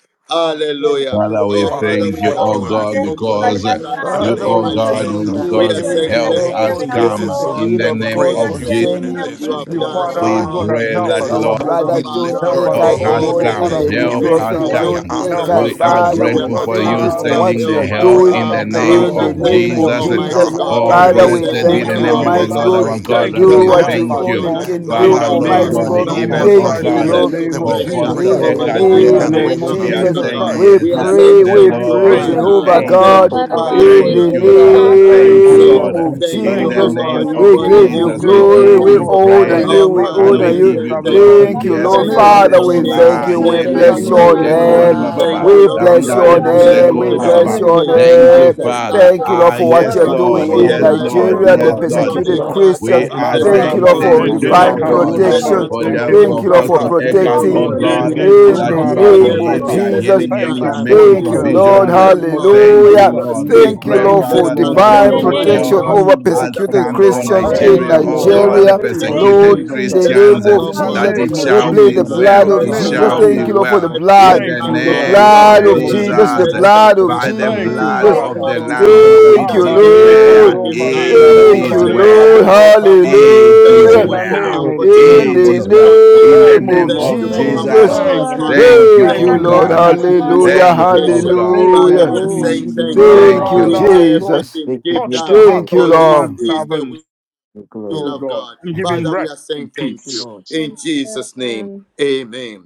S2: in the name of
S4: Hallelujah.
S2: Jesus
S1: Father, we
S4: Oh,
S2: Christ
S7: Father, we
S4: Father,
S1: thank
S4: we
S1: you,
S2: for
S4: come
S7: thank
S1: oh
S7: you
S2: help
S7: and
S4: back
S7: we
S4: to
S2: us
S1: God,
S7: give you
S4: you
S2: come
S4: to
S2: for
S1: because
S7: glory.
S4: offer
S1: uh,
S2: Nigeria.
S7: In the
S1: you,
S4: thanksgiving,
S3: Father,
S7: name
S1: oh
S2: Thank
S7: of
S2: you
S3: we
S4: Almighty
S2: for
S1: God,
S4: God.
S1: we
S2: help
S3: thank
S7: Jesus,
S2: us
S3: you,
S7: we
S4: We
S2: come
S1: because
S4: are
S7: give
S2: for
S7: your
S3: thank
S4: saying
S7: name
S3: you,
S1: help
S4: thank
S3: Lord,
S2: Nigeria.
S4: you
S7: thanks
S4: to
S3: for
S1: us
S7: even
S2: We
S4: you,
S7: in
S3: this
S2: say
S1: come
S4: oh
S3: is
S7: this.
S3: the
S2: thank
S4: God,
S1: in
S2: you,
S3: will
S1: the
S7: We
S2: Lord,
S3: of
S4: for
S2: in the
S1: name
S3: God
S1: of
S7: praise
S2: name of
S7: you
S1: Jesus.
S4: everything
S7: even in
S2: Jesus.
S3: concerning
S4: that
S2: We
S7: this.
S4: you
S2: say
S7: We
S5: Thank
S4: have
S5: you,
S2: thank you,
S4: done,
S2: our
S5: Father,
S4: oh
S7: glorify
S5: oh
S1: We
S5: God,
S4: God.
S7: you
S2: Father,
S5: and
S1: pray
S7: even
S5: help
S7: in
S2: for
S1: that
S4: Thank
S5: us
S2: the
S7: this.
S4: you,
S3: our
S1: Lord
S2: help
S5: come,
S8: Father,
S5: oh
S2: us
S4: Abba
S5: God.
S7: We
S3: brother
S2: come to into
S3: John
S7: lift
S4: Father,
S5: Help
S7: your
S2: Nigeria at
S5: us
S1: help
S4: for
S3: Eckard,
S2: a
S3: oh
S2: time
S7: name
S5: come,
S1: has
S5: oh
S4: all
S2: like
S7: even
S3: God,
S4: the
S5: God,
S2: this,
S7: in
S2: oh
S1: come.
S3: in
S5: Father,
S7: this.
S4: Ni-
S3: the
S2: God.
S7: And
S5: for
S7: we
S5: your
S3: name
S7: give
S1: Help
S7: your
S5: maid
S2: Thank
S7: name
S1: has
S2: you
S3: Prophet
S2: for
S7: glory
S4: persecuted
S1: come.
S5: servant.
S2: great
S7: and
S3: John
S7: honor,
S5: Help
S4: Christians
S2: deliverance,
S5: us
S3: Eckard,
S2: oh
S4: in
S1: We
S7: which
S1: are
S2: God.
S5: come,
S2: We
S7: is
S3: Father,
S2: say
S5: oh
S7: due
S4: Nigeria,
S3: we
S1: grateful
S4: oh
S5: God,
S2: thank
S1: for
S7: unto
S2: you,
S4: God,
S3: thank
S1: you
S7: your
S3: you for
S4: that
S5: Father,
S2: Lord.
S7: name.
S3: what
S1: sending
S3: you are
S1: the
S4: help
S7: We
S4: us
S1: help
S5: for
S3: doing
S1: in
S2: Thank
S7: praise
S2: you,
S4: come.
S1: the
S7: you,
S5: other, for
S7: God.
S1: name
S5: those,
S3: in
S2: Lord.
S3: the
S4: Father,
S5: oh
S1: of
S7: We
S2: Thank
S5: God,
S4: thank
S2: you,
S3: name
S5: who
S4: you,
S5: are
S3: of
S7: thank
S1: Jesus.
S7: you,
S5: going
S2: Jehovah.
S5: through
S4: Almighty
S3: Jesus.
S7: God.
S5: one
S7: We
S4: God,
S7: give
S5: form
S1: oh,
S7: your
S5: of
S3: Father,
S4: for
S2: Thank
S7: name
S2: you,
S3: we
S2: my
S1: blessed
S4: sending
S1: be
S7: glory.
S3: thank
S2: Father.
S1: the
S7: We
S5: persecution
S3: you,
S7: give
S1: name
S5: or
S2: Thank
S7: your
S4: help,
S1: of
S2: you,
S1: the
S4: oh
S7: name
S3: Almighty
S5: another.
S7: the
S2: Lord,
S1: Lord
S2: in the
S4: God.
S3: God.
S1: our
S7: praise.
S2: name
S1: God
S2: of
S5: Thank
S4: Thank
S5: you
S1: as
S4: you
S7: We
S5: that
S3: Do
S1: we
S2: Jesus
S3: what
S2: Christ.
S7: honor
S5: help
S4: even
S3: you
S1: thank
S4: for
S7: you
S5: us
S7: and
S1: you.
S7: we
S3: only
S2: We
S4: Donald
S5: come
S2: say
S3: can
S4: Trump,
S5: in
S3: do,
S2: thank
S1: Father,
S7: magnify
S5: the
S2: you,
S4: oh
S7: you.
S1: Lord
S4: God.
S7: There
S5: name
S2: Lord,
S3: Almighty
S2: in
S5: of
S1: God,
S7: is
S2: the
S3: God.
S7: no
S2: name of
S4: Father,
S1: even,
S7: one
S5: Jesus
S4: for
S1: oh
S3: Thank
S5: Christ,
S2: Jesus
S7: like
S3: you,
S5: in
S1: God,
S5: the
S7: you.
S2: Christ,
S3: Lord.
S2: oh
S4: exerting
S5: name
S7: And we
S5: of
S2: God.
S1: for
S7: send
S4: pressure
S5: Jesus
S1: Pastor
S7: praise
S3: In
S5: Christ,
S7: and
S3: the
S4: over the
S1: Eckhart,
S7: glory
S5: in
S7: and
S5: the
S1: Lord,
S3: name
S4: Nigerian
S5: name
S3: of
S5: of
S7: adoration
S1: we
S4: government,
S7: unto
S1: are
S3: Jesus,
S4: oh
S5: Jesus
S2: Thank
S7: your
S2: you,
S4: God.
S1: saying
S5: Christ.
S2: Lord,
S3: we
S2: in
S7: name.
S2: the
S4: We are
S1: yes.
S2: name
S5: Lord,
S2: of
S4: saying
S3: pray,
S5: we
S1: The
S3: we
S5: give
S4: thank
S5: you
S2: Jesus
S4: you,
S3: pray,
S1: Lord
S2: Christ.
S5: praise,
S1: is
S5: oh
S4: Father.
S3: Jehovah
S2: We
S5: God.
S2: are
S4: Thank
S3: God.
S2: grateful,
S4: you,
S1: able.
S4: Father,
S2: Lord, and
S4: for
S3: In
S2: we
S1: Thank
S4: your
S3: the
S2: say
S1: you,
S2: thank
S5: Hallelujah.
S2: you,
S4: angels
S1: Father.
S4: that you
S2: Father.
S5: Thank
S1: Thank
S4: have
S1: you,
S5: you,
S4: sent.
S8: we
S1: Lord.
S3: name
S5: Lord.
S2: Thank
S3: of
S8: thank
S2: you,
S8: you
S4: Thank
S8: Lord,
S1: In
S4: you,
S5: Thank
S8: for
S1: the
S2: Lord.
S5: you,
S4: oh
S8: your
S3: Jesus,
S5: Lord, that
S1: name
S4: God,
S8: mercy,
S5: you're
S1: of
S3: we
S2: Thank you,
S4: for
S5: doing
S4: the
S3: give
S8: your
S2: Lord.
S5: a
S3: you
S1: Jesus,
S8: grace.
S1: we
S4: nations that
S5: miracle,
S3: glory,
S4: you
S1: give
S5: oh
S4: have
S3: we
S8: give
S1: you
S8: you
S5: God,
S4: sent.
S3: honor
S5: Father,
S1: praise
S8: glory
S5: in the
S3: you,
S4: Our
S8: for
S3: we
S8: the
S5: life of
S1: and
S4: Father,
S3: honor
S1: we
S4: we
S5: your
S4: are
S3: you.
S5: maid
S1: give
S8: mighty,
S4: saying
S1: you
S5: servant.
S4: thank
S8: for
S4: you.
S1: glory.
S3: Thank you,
S5: In
S8: everything
S5: the
S2: That's
S1: Yes,
S2: in
S8: that
S3: Lord
S2: the
S4: Thank
S8: you
S4: you,
S5: name
S2: name
S8: are
S1: Lord.
S4: King
S5: of
S3: Father.
S2: of
S4: of
S3: We
S8: doing
S5: Jesus
S4: Kings.
S2: Jesus, we
S8: right
S3: thank
S1: Ah,
S5: Christ.
S3: you,
S2: say
S3: we
S8: now
S4: Thank
S5: In
S4: you,
S8: in
S1: yele
S8: the
S2: thank
S5: the
S2: you,
S4: King
S3: bless
S4: of
S8: mighty
S3: your
S5: name
S1: broske
S5: of
S4: Glory.
S3: name.
S1: korba
S8: name of
S5: Jesus
S1: baba.
S4: Thank
S5: Christ.
S4: you,
S2: Jehovah.
S3: We
S8: Jesus.
S4: Lord of
S8: We
S3: bless
S2: Mm.
S4: Lords.
S3: your
S1: Andare
S5: Thank
S8: bless
S5: you,
S8: your
S4: Thank
S1: bose
S2: Thank
S5: Lord.
S2: you,
S3: name,
S4: you,
S8: name,
S3: we
S1: kori
S5: In the
S1: baba.
S8: Father,
S4: Ancient
S2: Lord,
S3: bless
S4: of
S5: name
S3: your
S8: Lord.
S5: of
S8: We
S4: Days.
S1: Thank
S5: Jesus
S4: And
S1: you,
S8: bless
S3: name.
S5: Christ.
S8: you.
S4: let's
S1: Father.
S4: thank the
S3: Thank you, Lord,
S1: Ah,
S3: for
S8: We
S2: for
S4: Almighty
S3: what
S1: yes,
S2: what you
S3: you're
S4: God
S5: Thank
S2: have
S5: you,
S1: Lord.
S3: doing
S2: done,
S4: for
S5: Lord.
S2: oh
S3: in
S4: the
S1: Yes,
S5: In
S2: God.
S5: the
S4: life of
S1: Lord.
S5: name
S3: Nigeria, the
S1: Yes,
S5: of
S2: We
S4: Apostle
S1: Lord.
S4: John
S2: thank
S5: Jesus
S2: you,
S3: persecuted
S5: Christ.
S8: thank
S2: Lord.
S4: Eckhart.
S8: you for
S1: We
S3: Christians.
S4: And
S5: La
S1: are
S8: everything
S2: We
S4: let's
S8: that
S3: Thank
S5: rada
S2: now
S4: thank
S3: you,
S8: you're
S1: saying
S3: Lord,
S8: doing
S4: God
S2: praise,
S8: in
S4: for
S3: for
S2: oh
S1: thank
S5: bazen
S4: his
S1: you,
S2: God,
S5: dere
S8: Nigeria
S1: oh
S3: divine
S2: in the
S4: family.
S8: right
S2: name
S1: God,
S2: of
S8: now,
S5: karoda
S4: Let's
S3: protection.
S8: Lord.
S2: Jesus
S4: thank
S1: for
S4: God
S5: bazen
S2: Christ.
S4: for
S1: the
S4: what
S8: Almighty.
S3: Thank
S1: for
S3: you,
S4: he's
S3: Lord, for
S8: We
S2: So
S4: about
S5: kebozanta.
S1: Apostle
S8: give
S4: to
S8: you
S2: thank
S1: Eckhart,
S2: you,
S4: do
S8: glory,
S1: oh
S3: protecting
S2: Lord,
S8: we
S2: in the
S8: give
S1: God,
S4: even
S8: you
S5: Midende
S2: name of
S3: in
S1: that
S4: now.
S8: honor
S3: the
S8: in
S5: zumba
S2: Jesus
S1: you
S8: the
S1: have
S2: Christ.
S4: In
S8: mighty
S3: name of
S1: healed,
S4: everything,
S1: you
S5: radosata.
S1: are
S8: name
S4: let's
S8: of
S3: Jesus.
S4: give
S8: Jesus.
S1: healing
S2: Thank you,
S1: him,
S5: Thank
S1: you
S4: thanks,
S5: you
S1: are
S2: Father,
S5: so
S4: for
S1: making
S5: much,
S3: Thank you,
S4: this
S8: Thank
S2: in
S5: Lord.
S2: the
S4: is
S5: In
S4: the
S2: name
S5: the
S3: Lord.
S2: of
S1: provisions.
S4: will of
S5: name of
S2: Jesus.
S4: God
S1: Thank
S8: you
S5: Jesus
S4: in
S1: you,
S3: Hallelujah.
S5: Christ.
S2: We
S4: Christ
S1: Lord.
S2: give you
S1: We
S2: the
S3: Thank you,
S4: Jesus.
S1: pray,
S2: glory
S3: Lord,
S5: Thank
S2: and the
S5: you,
S3: for
S4: Let's
S1: Father,
S5: Lord,
S4: thank
S2: praise,
S1: Lord
S5: in
S4: the
S1: God,
S2: oh
S5: the
S3: divine
S2: God,
S1: that
S2: in
S5: name
S2: the
S5: of
S4: Almighty
S8: for
S1: help
S3: protection
S2: name
S4: God.
S2: of
S8: the
S3: over
S2: Jesus.
S4: Let's
S1: has
S5: Jesus.
S8: protection
S4: thank
S3: persecuted
S8: in
S4: the
S8: the
S1: come
S4: All
S1: for
S8: mighty
S3: Christians
S4: Powerful
S5: Thank
S3: in
S8: name
S4: God.
S1: Nigeria,
S2: Thank
S5: you,
S8: of
S2: you,
S1: oh
S5: Lord,
S4: Let's
S5: in the
S1: God,
S4: thank
S2: Lord.
S1: the
S3: Nigeria.
S4: the
S5: name
S2: Thank
S8: Jesus.
S4: King
S2: you,
S5: of
S4: of
S3: Lord,
S1: persecuted
S2: Lord.
S4: Kings.
S5: Jesus
S3: in
S5: Christ.
S3: the
S4: Let's
S2: Thank
S4: thank
S3: name
S1: Christians, eh,
S3: of
S4: God
S5: In
S2: you,
S5: the
S4: for
S8: Masera
S3: Jesus,
S1: that it
S5: name
S4: Apostle
S5: of
S2: Jesus.
S3: we
S4: John
S1: shall
S3: play
S1: be
S2: We
S3: the
S8: Masera
S4: Eckard.
S5: Jesus.
S2: say
S5: In
S3: blood
S1: well,
S2: thank
S5: the
S2: you,
S3: of
S4: Let's
S1: it
S2: our
S5: name
S4: thank
S3: Jesus.
S5: of
S1: shall
S4: God
S1: be
S4: for
S3: Thank
S2: Father.
S3: you,
S4: his
S5: Jesus.
S3: Lord, for the
S1: well.
S4: wife.
S2: We
S3: blood,
S1: In
S4: Let's
S2: say
S5: Thank
S1: the
S4: thank
S5: you,
S2: thank
S3: the
S2: you,
S4: God
S5: Lord,
S1: name
S5: in
S2: our
S4: for
S5: the
S4: his
S1: of
S3: blood
S2: Lord.
S5: name
S3: of
S5: of
S4: children.
S8: Masera
S3: Jesus, the
S1: Jesus
S4: Let's
S5: Jesus.
S8: Thank you
S3: blood
S8: for
S3: of
S4: give
S1: by the
S8: serving
S4: thanks
S5: Thank
S8: us,
S5: you,
S1: blood
S4: to
S3: Jesus.
S2: Thank
S8: Lord.
S2: you,
S1: of
S5: Father.
S1: the
S4: Almighty
S1: Lamb,
S4: God
S2: Lord.
S8: Thank you
S1: we
S3: Thank
S8: for
S4: that
S3: you,
S8: the
S4: in
S5: Abba,
S4: everything
S5: leko,
S4: we
S1: declare
S3: Lord.
S8: glory,
S4: give
S5: zomba,
S8: Lord,
S5: re,
S4: thanks.
S8: in the
S5: da,
S1: it
S4: You
S8: mighty
S5: do,
S3: Thank
S4: are
S1: is
S5: ba,
S3: you,
S4: the
S5: re,
S8: name
S5: da,
S4: God
S8: of
S3: Lord.
S4: of
S5: bo,
S1: well.
S4: all
S5: za,
S8: Jesus.
S5: ta,
S4: comfort.
S5: mande.
S1: It
S4: Thank
S1: is
S3: Hallelujah.
S5: In
S2: Thank
S5: the
S4: you
S2: you,
S4: for
S8: We
S5: name
S1: well.
S8: give
S2: Lord.
S8: you
S5: of
S4: comforting
S3: In
S8: glory,
S1: It
S8: we
S3: the
S1: is
S5: Jesus.
S4: Apostle
S8: give
S1: well.
S4: John
S1: In
S4: Eckhart.
S1: the
S5: Thank
S3: name
S8: you
S5: you,
S1: name
S3: of
S5: Lord.
S4: Thank
S8: glory, we
S4: you
S8: give
S1: of
S8: you glory,
S4: for
S2: Thank
S8: Lord,
S2: you,
S1: Jesus.
S3: Jesus.
S4: comforting
S5: Thank
S4: his
S2: Father.
S5: you,
S4: family.
S1: Thank
S5: Lord.
S1: you,
S3: Thank
S5: Thank
S4: Thank
S8: we
S1: oh
S3: you,
S5: you,
S4: you
S8: give
S4: for
S3: Lord.
S5: most
S1: God.
S4: comforting
S5: merciful
S4: his
S5: Lord.
S3: Hallelujah.
S1: Thank
S8: you
S1: you,
S5: In
S1: oh
S8: glory
S4: congregation.
S5: the
S1: God.
S5: name
S4: Father,
S5: of
S3: Hallelujah.
S4: we
S8: in
S4: are
S8: the
S2: Oh, to
S4: saying
S2: you
S8: mighty
S2: be
S5: Jesus.
S4: thank
S2: glory,
S4: you.
S2: my
S3: Thank
S1: Thank
S8: name.
S3: you,
S1: you,
S5: Father,
S2: God.
S4: In
S1: Lord.
S5: oh God,
S3: Jesus.
S8: We
S4: everything, give
S8: give
S5: touch
S8: you
S5: the
S4: thanks,
S5: heart
S8: glory,
S3: Thank
S5: of
S3: you,
S4: for
S5: your
S8: we
S4: this
S5: man
S3: Lord.
S8: give
S4: is
S8: you
S4: the
S5: servant,
S4: will will
S5: oh
S8: glory.
S4: of
S5: God,
S4: God.
S5: and give him
S4: Father, we
S5: rest
S4: are saying
S5: and
S2: Thank
S4: thank
S2: you,
S5: peace.
S4: you.
S2: Lord.
S4: In Jesus' name, amen.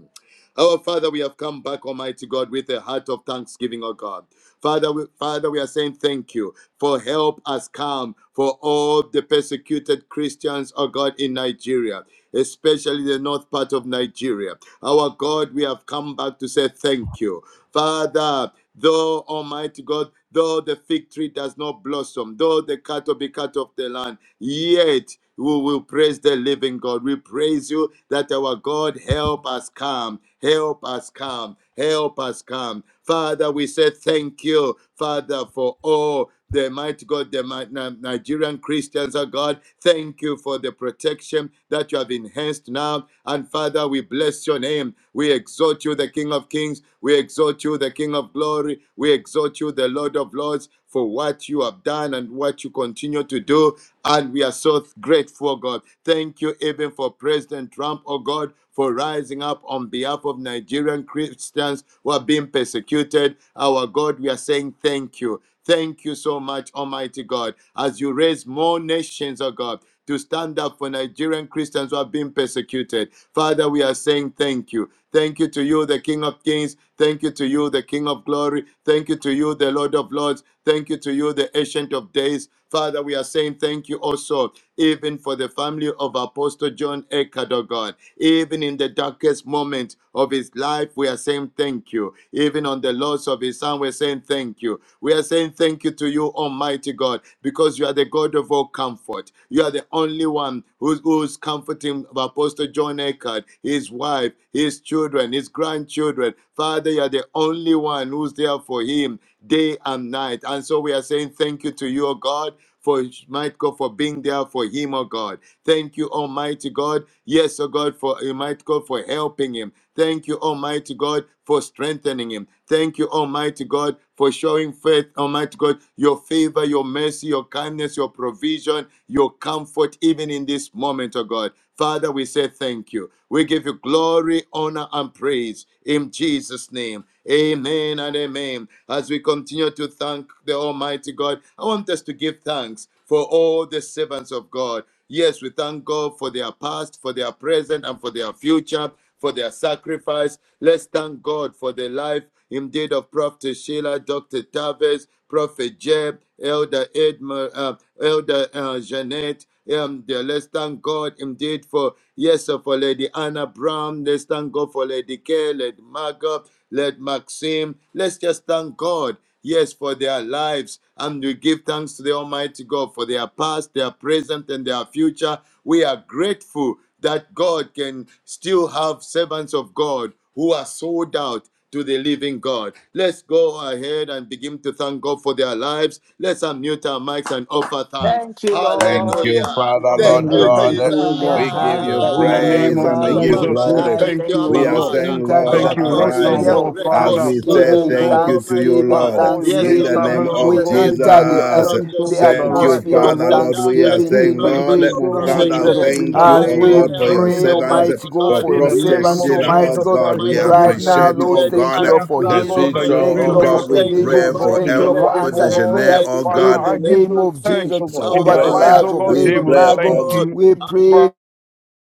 S4: Our Father, we have come back, Almighty God, with a heart of thanksgiving, O God. Father, we, Father, we are saying thank you for help has come for all the persecuted Christians, O God, in Nigeria, especially the north part of Nigeria. Our God, we have come back to say thank you. Father, Though Almighty God, though the fig tree does not blossom, though the cattle be cut off the land, yet we will praise the living God. We praise you that our God help us come, help us come, help us come. Father, we say thank you, Father, for all the mighty God, the might Ni- Nigerian Christians, oh God. Thank you for the protection that you have enhanced now. And Father, we bless your name. We exalt you, the King of Kings. We exalt you, the King of Glory. We exalt you, the Lord of Lords, for what you have done and what you continue to do. And we are so grateful, God. Thank you even for President Trump, oh God, for rising up on behalf of Nigerian Christians who are being persecuted. Our God, we are saying thank you. Thank you so much, Almighty God, as you raise more nations, oh God, to stand up for Nigerian Christians who are being persecuted. Father, we are saying thank you. Thank you to you, the King of Kings. Thank you to you, the King of Glory. Thank you to you, the Lord of Lords. Thank you to you, the Ancient of Days. Father, we are saying thank you also, even for the family of Apostle John Eckhart, oh God. Even in the darkest moment of his life, we are saying thank you you. Even on the loss of his son, we're saying thank you. We are saying thank you to you, Almighty God, because you are the God of all comfort. You are the only one who's, who's comforting Apostle John Eckard, his wife, his children, his grandchildren. Father, you are the only one who's there for him day and night. And so we are saying thank you to you, O God, for might God for being there for him, O God. Thank you, Almighty God. Yes, oh God, for Almighty God for helping him. Thank you, Almighty God, for strengthening him. Thank you, Almighty God, for showing faith, Almighty God, your favor, your mercy, your kindness, your provision, your comfort, even in this moment, oh God. Father, we say thank you. We give you glory, honor, and praise in Jesus' name. Amen and amen. As we continue to thank the Almighty God, I want us to give thanks for all the servants of God. Yes, we thank God for their past, for their present, and for their future, for their sacrifice. Let's thank God for the life indeed of Prophet Sheila, Dr. Tavis, Prophet Jeb, Elder Edmer, uh, Elder uh, Jeanette. Um, dear, let's thank God indeed for, yes, sir, for Lady Anna Brown. Let's thank God for Lady Kay, Lady Margot, Lady Maxim. Let's just thank God yes, for their lives. And we give thanks to the Almighty God for their past, their present, and their future. We are grateful that God can still have servants of God who are sold out to the living God. Let's go ahead and begin to thank God for their lives. Let's unmute our mics and offer thanks.
S2: Thank you,
S1: Thank
S2: Lord.
S1: you,
S4: Hallelujah.
S2: We
S1: Father,
S5: And
S2: offer
S1: Lord
S4: Thank
S5: then we
S4: you,
S2: thanks.
S1: God.
S2: We
S5: thank
S4: Jesus.
S5: you,
S2: offer
S5: oh God,
S3: Hallelujah,
S1: We
S2: thanks on
S1: give
S2: behalf
S1: you
S2: of
S5: that in the
S2: all the
S3: hallelujah,
S5: name
S1: praise
S2: servants
S1: and
S5: of
S2: of
S1: we
S2: the
S3: Father.
S1: give you
S4: Abba
S2: Lord.
S5: Jesus, we
S4: Father,
S1: glory.
S2: We
S3: Tonight
S4: thank
S5: thank
S4: you,
S5: you,
S2: thank you,
S5: oh
S1: We
S4: Abba
S1: are
S3: we
S2: Lord,
S5: God.
S2: for their
S4: Father.
S1: saying,
S3: enter
S1: Lord,
S3: the
S4: Our
S5: Thank
S2: commitment.
S5: you
S2: We
S4: God,
S5: right
S4: we
S2: thank you,
S4: are
S5: now,
S1: arise
S3: atmosphere
S2: Lord,
S4: so
S2: for
S5: Lord
S3: of
S2: taking
S1: as
S4: grateful
S5: Father,
S1: we
S5: for
S4: for
S1: say
S4: the
S2: us.
S5: oh
S3: thanksgiving,
S4: life,
S1: thank
S5: God,
S1: you to you,
S4: Almighty
S5: uh,
S3: thanksgiving,
S4: God.
S1: Lord,
S5: all your
S4: Yes,
S1: in
S5: maid
S4: oh
S1: the
S3: thanksgiving.
S2: Thank you,
S4: God,
S1: name
S5: servants,
S4: of
S5: oh
S1: of
S2: Lord.
S4: the
S3: We
S5: God,
S4: life
S5: we
S2: Thank
S4: of
S2: you,
S4: my
S5: give
S3: enter the,
S5: you
S2: Father.
S3: um,
S1: Jesus.
S5: thanks,
S4: Prophet
S5: oh
S3: the
S5: God, that
S1: Thank
S4: Sheila,
S5: right
S1: you,
S3: atmosphere
S5: now,
S3: of
S1: Father,
S4: Dr.
S5: Lord,
S1: Lord. We are
S4: Tavis,
S3: thanksgiving
S5: we
S3: in
S1: saying,
S3: the
S4: Pro-
S5: thank
S4: my
S5: you
S1: Lord,
S3: name
S5: so
S2: We
S3: of
S2: are
S4: Prophet
S5: much,
S3: Jesus.
S5: oh
S1: Father,
S2: saying
S4: Jeff,
S5: God,
S2: thank
S5: in
S2: you,
S1: thank
S5: the
S1: you,
S3: as
S1: oh
S5: name
S2: Lord.
S4: Father,
S3: we
S1: God,
S5: of
S1: for your
S4: Elder
S3: pray,
S5: Jesus Christ.
S1: servants,
S4: Jeanette,
S3: Almighty
S4: oh
S3: God,
S1: for
S4: God.
S3: for
S5: In
S3: your
S5: the
S4: We are
S1: Prophet
S4: so
S5: name
S2: Thank
S3: servants,
S2: you,
S5: of
S1: Sheila,
S4: grateful
S2: Lord.
S1: oh
S3: Almighty
S4: for
S5: Jesus
S2: We
S3: God,
S4: the
S1: God.
S2: be
S5: Christ,
S1: We
S4: Almighty
S5: Lord,
S2: praise
S5: we
S3: right
S4: God,
S2: again in the
S5: thank
S3: now,
S1: appreciate,
S4: for
S5: you.
S3: Lord,
S2: name
S1: oh
S2: of
S4: Lady
S3: thank
S1: God,
S3: you, Lord,
S4: Anna
S2: Jesus.
S5: Thank
S3: for
S5: you, oh
S1: the
S4: Brown,
S3: healing.
S5: God,
S1: sweet
S5: that you're
S2: Thank
S4: Almighty
S1: soul,
S2: you,
S3: Thank you,
S1: oh
S5: doing
S4: God.
S3: Lord,
S2: Lord.
S3: for
S1: God. We
S4: Thank
S2: Thank
S5: miracles,
S2: you,
S4: you,
S3: provision.
S5: oh
S1: pray
S2: Lord.
S1: for
S4: Father,
S5: God,
S2: Thank
S5: in
S3: Thank
S2: you,
S3: you,
S4: for
S5: the
S1: El.
S3: Lord, for
S2: Lord.
S4: Lady
S5: life,
S1: De
S5: oh
S3: answered
S4: Care,
S5: God.
S1: Janeiro,
S3: prayers
S4: Lady
S1: oh
S5: Father,
S1: God,
S3: in
S4: Margot,
S5: I
S3: the
S5: give
S4: Lady
S3: name
S5: you
S3: of
S4: Maxim.
S5: thanks,
S3: Jesus
S5: oh God.
S1: of
S5: In
S4: Our
S3: over
S5: their
S3: the
S5: lives,
S1: prayer.
S4: Father,
S3: lives
S5: oh
S4: we
S3: of
S5: God,
S4: are
S1: We
S2: Thank
S5: they
S3: Lady
S4: so
S2: you,
S5: will
S1: pray,
S5: thank
S3: Margot.
S2: Lord.
S1: oh
S4: grateful.
S5: you.
S3: We
S4: and we. are
S3: pray.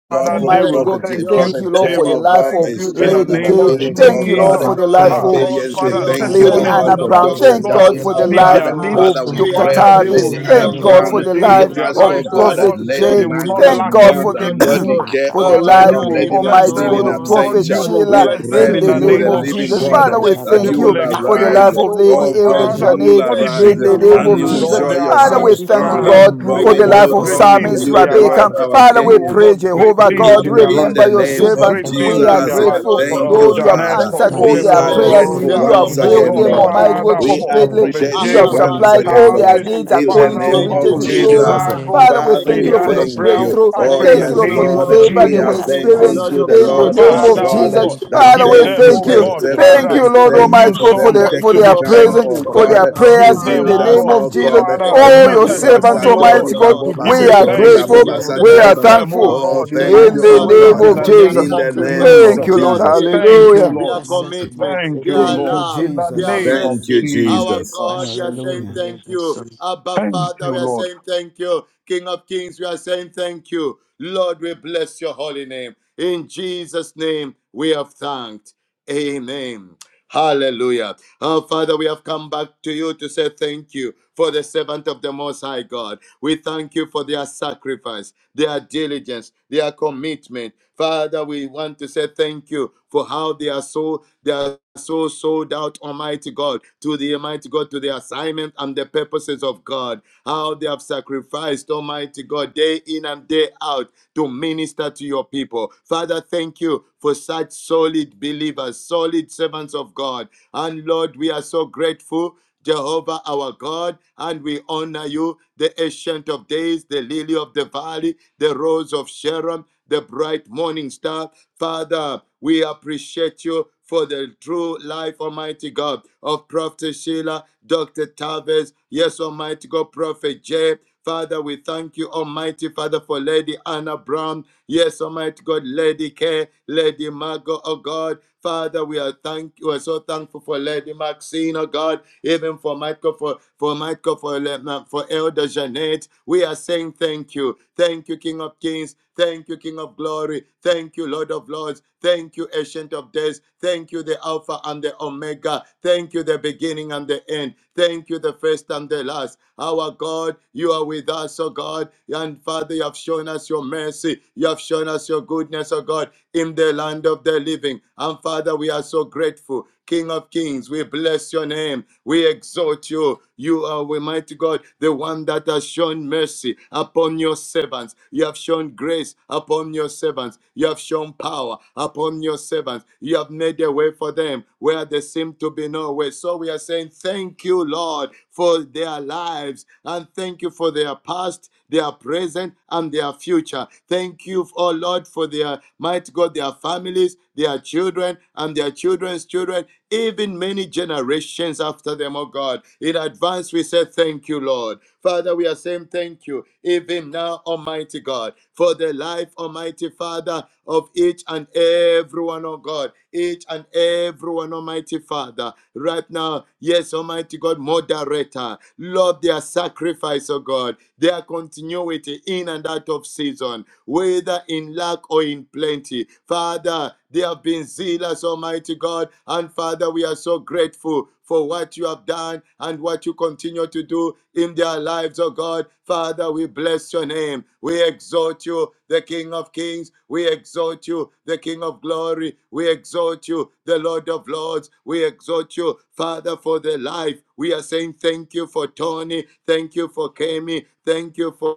S1: God,
S5: Father,
S4: say
S5: they
S1: pro-
S3: Almighty
S4: thank
S5: will
S4: you
S1: Prophet,
S3: God,
S4: to
S5: thank
S4: you,
S5: you.
S3: thank you,
S1: Prophet
S4: the
S3: Lord,
S5: They
S1: J,
S3: for the
S4: King
S5: will
S1: oh
S4: of
S3: life
S1: God,
S5: thank
S1: for
S3: of
S2: Thank
S4: Kings.
S1: his
S2: you,
S5: you in
S4: Thank
S5: the
S2: Lord,
S1: strength
S4: you
S2: for
S6: Shindra,
S3: Lady
S1: and
S4: to
S5: name
S2: all of
S8: My
S3: K.
S4: you,
S5: of
S2: them,
S1: ability,
S2: oh
S4: the
S1: oh
S3: Thank you,
S2: God.
S4: King of
S3: Lord,
S1: God,
S5: Jesus.
S3: for the
S8: soul
S1: and
S4: Glory.
S3: life
S5: Ah,
S8: of a
S3: of
S4: Thank
S5: Lord,
S4: you
S1: obedience.
S2: In
S4: to
S2: the
S1: We
S5: Father,
S4: you,
S2: name of
S1: thank you,
S4: the
S3: Lady
S1: oh
S5: testimonies
S4: Lord
S3: Anna
S1: God,
S5: will
S2: Jesus,
S4: of
S1: for
S5: not,
S3: Brown.
S4: Lords.
S1: Dr.
S5: oh
S3: Thank
S5: God,
S3: God
S2: we
S1: Tavis,
S3: for
S4: Abba,
S3: the
S1: oh
S5: leave
S2: thank you,
S1: God.
S3: life
S5: their lips.
S4: Father,
S2: Lord.
S1: Father,
S3: of
S1: we
S4: we are
S3: Dr.
S1: pray
S5: Father,
S1: for
S5: they
S2: We
S4: grateful
S3: Tavis.
S1: Lady
S5: will
S2: Thank
S1: Anna
S2: you,
S4: for
S3: Thank
S5: thank you
S3: God
S5: all
S1: Brown.
S2: Lord.
S3: for
S5: the
S3: the
S4: everything
S1: We
S5: days
S3: life
S5: of
S4: that
S5: their
S4: you
S1: ask,
S4: have
S3: of
S1: oh
S5: lives, oh
S1: God,
S4: done
S1: that
S3: Prophet
S5: God.
S4: and
S1: Lady
S5: They
S3: Jay.
S5: will
S4: everything
S5: not
S1: Margot,
S4: that
S3: Thank
S4: you
S5: lack
S3: God for
S8: Mm,
S1: Father,
S3: the
S4: continue
S5: anything
S3: <clears throat>
S4: to
S3: <coughs>
S8: Thank
S5: good.
S1: Lady
S4: do.
S8: you.
S1: Care,
S6: Maka
S3: for
S1: oh
S3: the
S4: Our
S5: Father,
S1: God,
S5: you
S3: life,
S4: Lord
S1: and
S5: will
S4: in
S1: Lady
S2: Thank you,
S4: their
S5: bless
S3: Almighty
S1: Maxine
S5: them,
S3: God
S1: in
S4: lives.
S5: oh
S3: of
S2: Lord.
S4: Thank
S5: God.
S4: you
S3: Prophet
S1: absentia.
S5: You
S4: for the
S5: will
S3: Sheila,
S1: We
S4: grace.
S5: bless them
S1: pray
S3: in
S5: in
S4: Thank
S1: to
S3: the
S5: the
S4: you
S6: Sikra
S1: you,
S4: for
S3: name
S1: the
S4: the
S5: name of
S3: of
S1: living
S3: Jesus.
S4: anointing.
S1: God,
S6: Kodashir
S3: Father,
S5: Jesus.
S3: we
S4: Thank you
S1: that
S5: They
S4: for
S3: thank
S1: you
S4: the
S5: will
S3: you
S1: will
S3: for
S4: power.
S3: the
S6: Masa
S1: arise.
S3: life
S5: experience,
S4: Thank
S3: of
S5: oh
S4: you for
S5: God,
S1: Oh
S3: Lady
S4: the
S3: Elder
S1: God,
S5: Father,
S4: virtue.
S1: you will
S3: Janet,
S5: what
S4: Thank
S5: it
S4: you you,
S1: arise
S5: means
S3: in
S6: Shins of
S5: to
S3: the
S4: Abba
S5: love
S3: name
S1: and
S5: you
S3: of
S6: the
S1: you
S5: with
S1: will
S3: Jesus.
S5: all
S1: show
S6: Shins
S4: Father.
S5: their
S6: of
S3: Father,
S4: We
S5: heart.
S3: we
S1: yourself
S2: Thank
S4: give
S2: you,
S4: you
S3: thank
S1: stronger.
S5: Father,
S4: praise.
S2: Father.
S3: God
S5: do,
S4: We
S1: For
S3: for
S8: Mm,
S4: give
S1: we
S5: oh
S3: the
S4: you
S8: Thank
S5: God,
S3: life
S1: look
S8: you,
S3: of
S5: great
S4: glory.
S8: Lord
S1: unto
S5: things
S4: We
S3: Psalmist
S8: God.
S5: in
S4: give
S1: you,
S5: their
S4: you
S1: the
S5: life.
S1: Lord
S3: Rebecca.
S8: Yes,
S1: our
S3: Father,
S4: adoration.
S5: Do,
S3: we
S5: oh
S1: King.
S4: The
S3: pray,
S5: God,
S4: King
S8: Thank
S5: great
S3: Jehovah
S4: King
S8: you
S5: things
S1: It,
S8: for
S4: of
S3: God,
S5: in
S8: your
S5: their
S4: Kings,
S1: in
S5: life.
S3: remember
S1: the
S3: your
S4: the
S8: service.
S6: Makara
S1: name
S4: King
S5: Do
S8: So
S4: of
S3: servants.
S1: of
S5: great
S8: Thank you
S3: We
S5: things
S4: Glory,
S3: are
S5: in
S8: for
S6: Shinta
S1: Jesus,
S5: their
S4: the
S8: that.
S5: life.
S8: You
S3: grateful,
S4: Lord
S8: will
S5: For
S4: of
S1: thank
S8: not
S5: Elder
S1: you,
S3: Lord, you
S4: Lords,
S3: have
S5: Janet,
S4: the
S1: Father.
S5: for,
S3: answered
S8: my
S2: Thank
S5: oh
S3: all
S4: Ancient
S2: you,
S5: God,
S1: We
S4: of
S3: their
S5: Prophet
S1: are
S4: Death,
S8: sacred
S3: prayers.
S8: to
S2: Lord.
S1: grateful
S8: the
S4: the
S5: Sheila,
S3: You have
S1: once
S2: We
S5: oh
S2: say
S3: healed
S4: Almighty
S1: again,
S8: remainder.
S5: God,
S3: them,
S4: God.
S1: Lord.
S2: thank you,
S3: Almighty
S6: Makara
S3: God,
S5: Father,
S2: Lord. Thank
S1: We
S5: for
S8: For
S3: completely.
S6: Shinta
S5: Prophet
S1: appreciate
S3: You
S1: you
S3: have
S4: Abba,
S5: Gabriel,
S6: Koshundra
S8: some
S5: Dr.
S1: once
S4: Father,
S3: supplied
S4: we
S8: other
S4: are
S1: again,
S3: all their
S4: saying
S1: Lord.
S6: it's
S5: Tavis,
S8: quality,
S6: not
S4: thank
S3: needs
S6: a
S1: In
S4: you.
S1: the
S8: now
S5: Father
S3: according
S6: change
S3: to your
S1: name
S6: that
S8: there
S4: Thank
S6: the
S8: is
S5: Ogo,
S4: you,
S3: riches
S1: of
S8: a
S5: for
S3: in
S5: Lady
S3: glory.
S6: Korobasi
S1: Jesus,
S8: shame. There
S4: Jesus.
S5: Margot,
S8: is
S3: Father,
S8: a
S3: we
S4: Thank
S1: Father,
S8: fear
S3: thank
S4: you,
S5: Lady
S3: you,
S1: we
S3: Lord, for
S4: King
S6: Yara
S3: the
S5: Anna
S4: of
S1: thank
S4: Kings.
S5: Brown.
S6: shindra
S1: you.
S3: breakthrough.
S8: of the
S5: I
S8: future.
S1: Oh,
S6: kore
S4: Thank
S5: pray in
S4: you,
S5: the
S3: Thank you,
S1: yes,
S4: King
S3: Lord,
S8: There is
S4: of
S3: for
S6: masida.
S5: name
S3: the
S1: Lord.
S5: of
S3: favor
S4: Glory.
S1: We
S3: that
S2: you,
S1: are
S3: we
S5: Jesus,
S6: Ika
S2: Lord,
S4: Thank
S2: in
S1: saying
S8: a
S2: the
S4: you,
S3: experience
S4: Lord
S1: unto
S2: name
S4: of
S2: of
S1: the
S3: in
S6: masundra
S3: the
S4: Lords.
S1: Lord
S6: kore
S3: name
S1: our
S2: Jesus.
S5: Father,
S3: of
S4: Thank you,
S1: God
S6: shindra.
S5: oh
S3: Jesus.
S5: God,
S4: Ancient
S1: that
S4: of
S3: Father,
S5: give
S3: we
S6: Ika
S4: Days.
S1: thank
S5: them,
S1: you
S5: oh
S3: thank
S1: for
S4: Thank
S1: your
S3: you.
S5: God,
S4: you,
S6: masundra
S1: servant.
S6: kore
S3: Thank
S5: Father,
S4: Covenant
S3: you, Lord
S5: a
S4: Keeping
S6: masida.
S1: Thank
S5: new
S1: you
S3: Almighty
S4: God.
S1: for
S3: God, for
S5: song
S1: them
S3: the
S4: Thank
S3: for
S5: to
S4: you,
S1: taking
S6: Maka
S5: be
S3: their
S4: all
S1: time,
S4: powerful
S3: presence,
S1: oh
S5: thankful
S6: shindra
S3: for
S4: God.
S5: for.
S1: God
S6: kore
S3: their
S4: Our
S5: Give
S1: to
S6: masida.
S3: prayers
S1: be
S3: in
S5: them,
S3: the
S1: with
S5: oh
S4: Father,
S1: us,
S3: name
S5: God,
S3: of
S1: oh
S4: we
S6: Maka
S4: are
S3: Jesus.
S1: God.
S5: Father, a
S4: grateful
S6: shindra
S3: Oh,
S5: new
S4: to
S3: your
S4: you.
S6: kore
S1: Olambra
S3: servants,
S5: testimony, oh
S6: masida.
S4: Oh,
S5: God,
S1: katori
S3: Almighty God,
S4: Lord,
S1: babo
S5: to give
S3: we
S5: you
S4: we
S3: are
S6: Maka
S1: basetori
S5: thanks
S2: Thank you,
S1: babo
S5: for.
S3: grateful.
S6: shindra
S4: appreciate
S2: Lord.
S4: the
S3: We are
S1: basatari
S5: Bless
S4: servants
S1: baba.
S4: of
S5: them, oh
S3: thankful
S4: God.
S1: Oh,
S5: God, in
S4: Thank
S6: kore
S1: thank
S5: mighty
S3: in
S1: you,
S4: you,
S3: the
S1: oh
S4: Father,
S5: ways
S3: name
S1: God,
S6: masida.
S5: in
S3: of
S5: the
S4: for their
S5: name
S1: in
S3: Jesus.
S5: of
S1: the
S6: Ikoro
S1: name
S4: sacrifice
S8: fear
S3: Thank
S5: Jesus.
S1: of
S3: you,
S6: basandra.
S4: their
S3: Lord.
S1: Jesus.
S5: Thank
S4: diligence,
S5: you,
S3: Hallelujah.
S4: their
S5: Lord.
S6: Ikara
S8: of
S4: commitment,
S5: Thank you,
S4: their
S3: Thank
S5: Lord.
S3: you,
S4: love,
S5: In the
S4: their
S2: Lord.
S3: Jesus.
S5: name of
S1: Thank you,
S4: mercy. Our
S1: Jesus.
S4: God,
S5: Jesus.
S4: we are saying
S3: Hallelujah.
S8: the
S4: thank you.
S8: future.
S4: Abba,
S5: Thank
S4: Father,
S5: you,
S4: we are
S5: Lord.
S4: saying thank you. King of Kings, we are saying thank you. Lord, we bless your holy name. In Jesus' name, we have thanked. Amen. Hallelujah. Our Father, we have come back to you to say thank you for the servant of the Most High God. We thank you for their sacrifice their diligence, their commitment. Father, we want to say thank you for how they are so they are so sold out, Almighty God, to the Almighty God, to the assignment and the purposes of God. How they have sacrificed, Almighty God, day in and day out to minister to your people. Father, thank you for such solid believers, solid servants of God. And Lord, we are so grateful. Jehovah our God, and we honor you, the ancient of days, the lily of the valley, the rose of Sharon, the bright morning star. Father, we appreciate you for the true life, Almighty God, of Prophet Sheila, Dr. Tavis, yes, Almighty God, Prophet Jay. Father, we thank you, Almighty Father, for Lady Anna Brown. Yes, Almighty God, Lady K, Lady Margot, oh God. Father, we are thank you. we are so thankful for Lady Maxine, oh God, even for Michael, for for Michael, for um, for Elder Jeanette. We are saying thank you you. Thank you, King of Kings. Thank you, King of Glory. Thank you, Lord of Lords. Thank you, Ancient of Days. Thank you, the Alpha and the Omega. Thank you, the beginning and the end. Thank you, the first and the last. Our God, you are with us, oh God. And Father, you have shown us your mercy. You have shown us your goodness, oh God, in the land of the living. And Father, we are so grateful. King of Kings, we bless your name. We exalt you. You you are Almighty God, the one that has shown mercy upon your servants. You have shown grace upon your servants. You have shown power upon your servants. You have made a way for them where there seemed to be no way. So we are saying, Thank you, Lord, for their lives. And thank you for their past, their present, and their future. Thank you, oh Lord, for their might God, their families, their children, and their children's children even many generations after them, oh God. In advance, we say thank you, Lord. Father, we are saying thank you, even now, Almighty God, for the life, Almighty Father, of each and everyone, oh God, each and everyone, Almighty Father, right now. Yes, Almighty God, moderator, Lord, their sacrifice, oh God, their continuity in and out of season, whether in lack or in plenty. Father, they have been zealous, Almighty God. And Father, we are so grateful for what you have done and what you continue to do in their lives, oh God. Father, we bless your name. We exalt you, the King of Kings. We exalt you, the King of Glory. We exalt you, the Lord of Lords. We exalt you, Father, for the life. We are saying thank you for Tony. Thank you for Kemi. Thank you for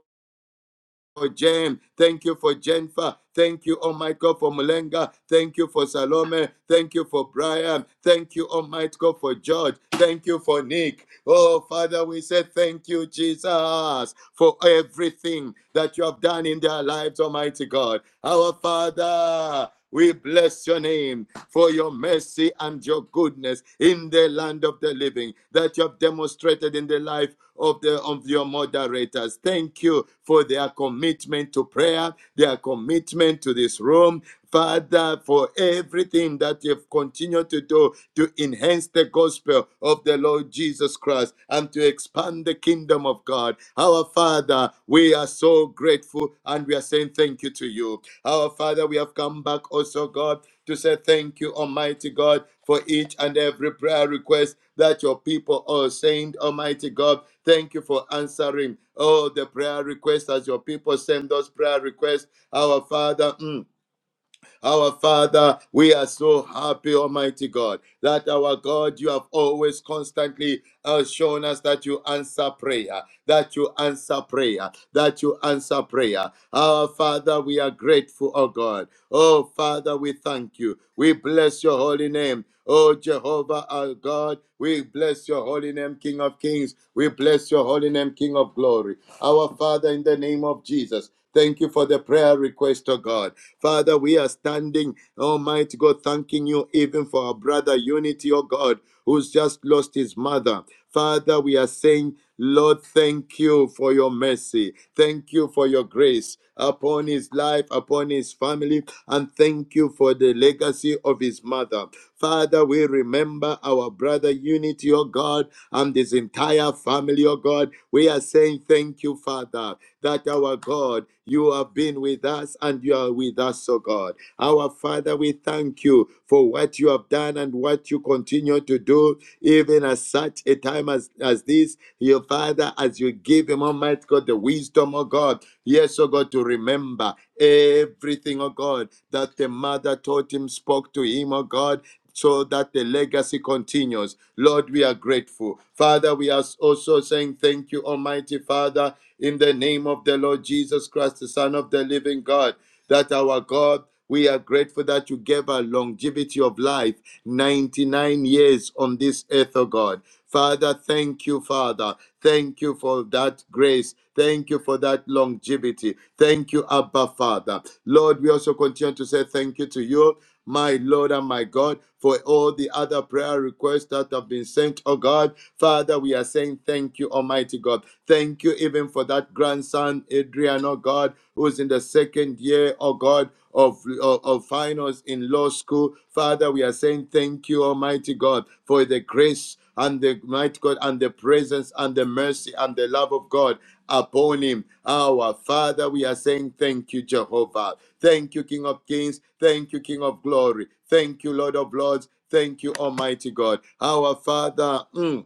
S4: for Jen. Thank you for Jennifer. Thank you, Almighty God, for Mulenga. Thank you for Salome. Thank you for Brian. Thank you, Almighty God, for George. Thank you for Nick. Oh, Father, we say thank you, Jesus, for everything that you have done in their lives, Almighty God. Our Father. We bless your name for your mercy and your goodness in the land of the living that you have demonstrated in the life of the of your moderators. Thank you for their commitment to prayer, their commitment to this room. Father, for everything that you've continued to do to enhance the gospel of the Lord Jesus Christ and to expand the kingdom of God. Our Father, we are so grateful and we are saying thank you to you. Our Father, we have come back also, God, to say thank you, Almighty God, for each and every prayer request that your people are saying, Almighty God. Thank you for answering all the prayer requests as your people send those prayer requests. Our Father, mm, our Father, we are so happy, Almighty God, that our God, you have always constantly uh, shown us that you answer prayer, that you answer prayer, that you answer prayer. Our Father, we are grateful, oh God. Oh Father, we thank you. We bless your holy name. Oh Jehovah, our God, we bless your holy name, King of Kings. We bless your holy name, King of Glory. Our Father, in the name of Jesus, thank you for the prayer request, oh God. Father, we are standing, Almighty God, thanking you even for our brother Unity, oh God, who's just lost his mother. Father, we are saying, Lord, thank you for your mercy. Thank you for your grace upon his life, upon his family, and thank you for the legacy of his mother. Father, we remember our brother Unity, oh God, and his entire family, oh God. We are saying thank you, Father that our God, you have been with us and you are with us, O God. Our Father, we thank you for what you have done and what you continue to do, even at such a time as, as this. Your Father, as you give him, Almighty God, the wisdom, O God, yes, O God, to remember everything, O God, that the mother taught him, spoke to him, O God, so that the legacy continues. Lord, we are grateful. Father, we are also saying thank you, Almighty Father, in the name of the Lord Jesus Christ, the Son of the living God, that our God. We are grateful that you gave us longevity of life, 99 years on this earth, oh God. Father, thank you, Father. Thank you for that grace. Thank you for that longevity. Thank you, Abba Father. Lord, we also continue to say thank you to you my Lord and my God, for all the other prayer requests that have been sent, oh God. Father, we are saying thank you, Almighty God. Thank you even for that grandson, Adrian, oh God, who's in the second year, oh God, of, of, of finals in law school. Father, we are saying thank you, Almighty God, for the grace and the might God and the presence and the mercy and the love of God upon him. Our Father, we are saying thank you, Jehovah. Thank you, King of Kings. Thank you, King of Glory. Thank you, Lord of Lords. Thank you, Almighty God. Our Father. mm,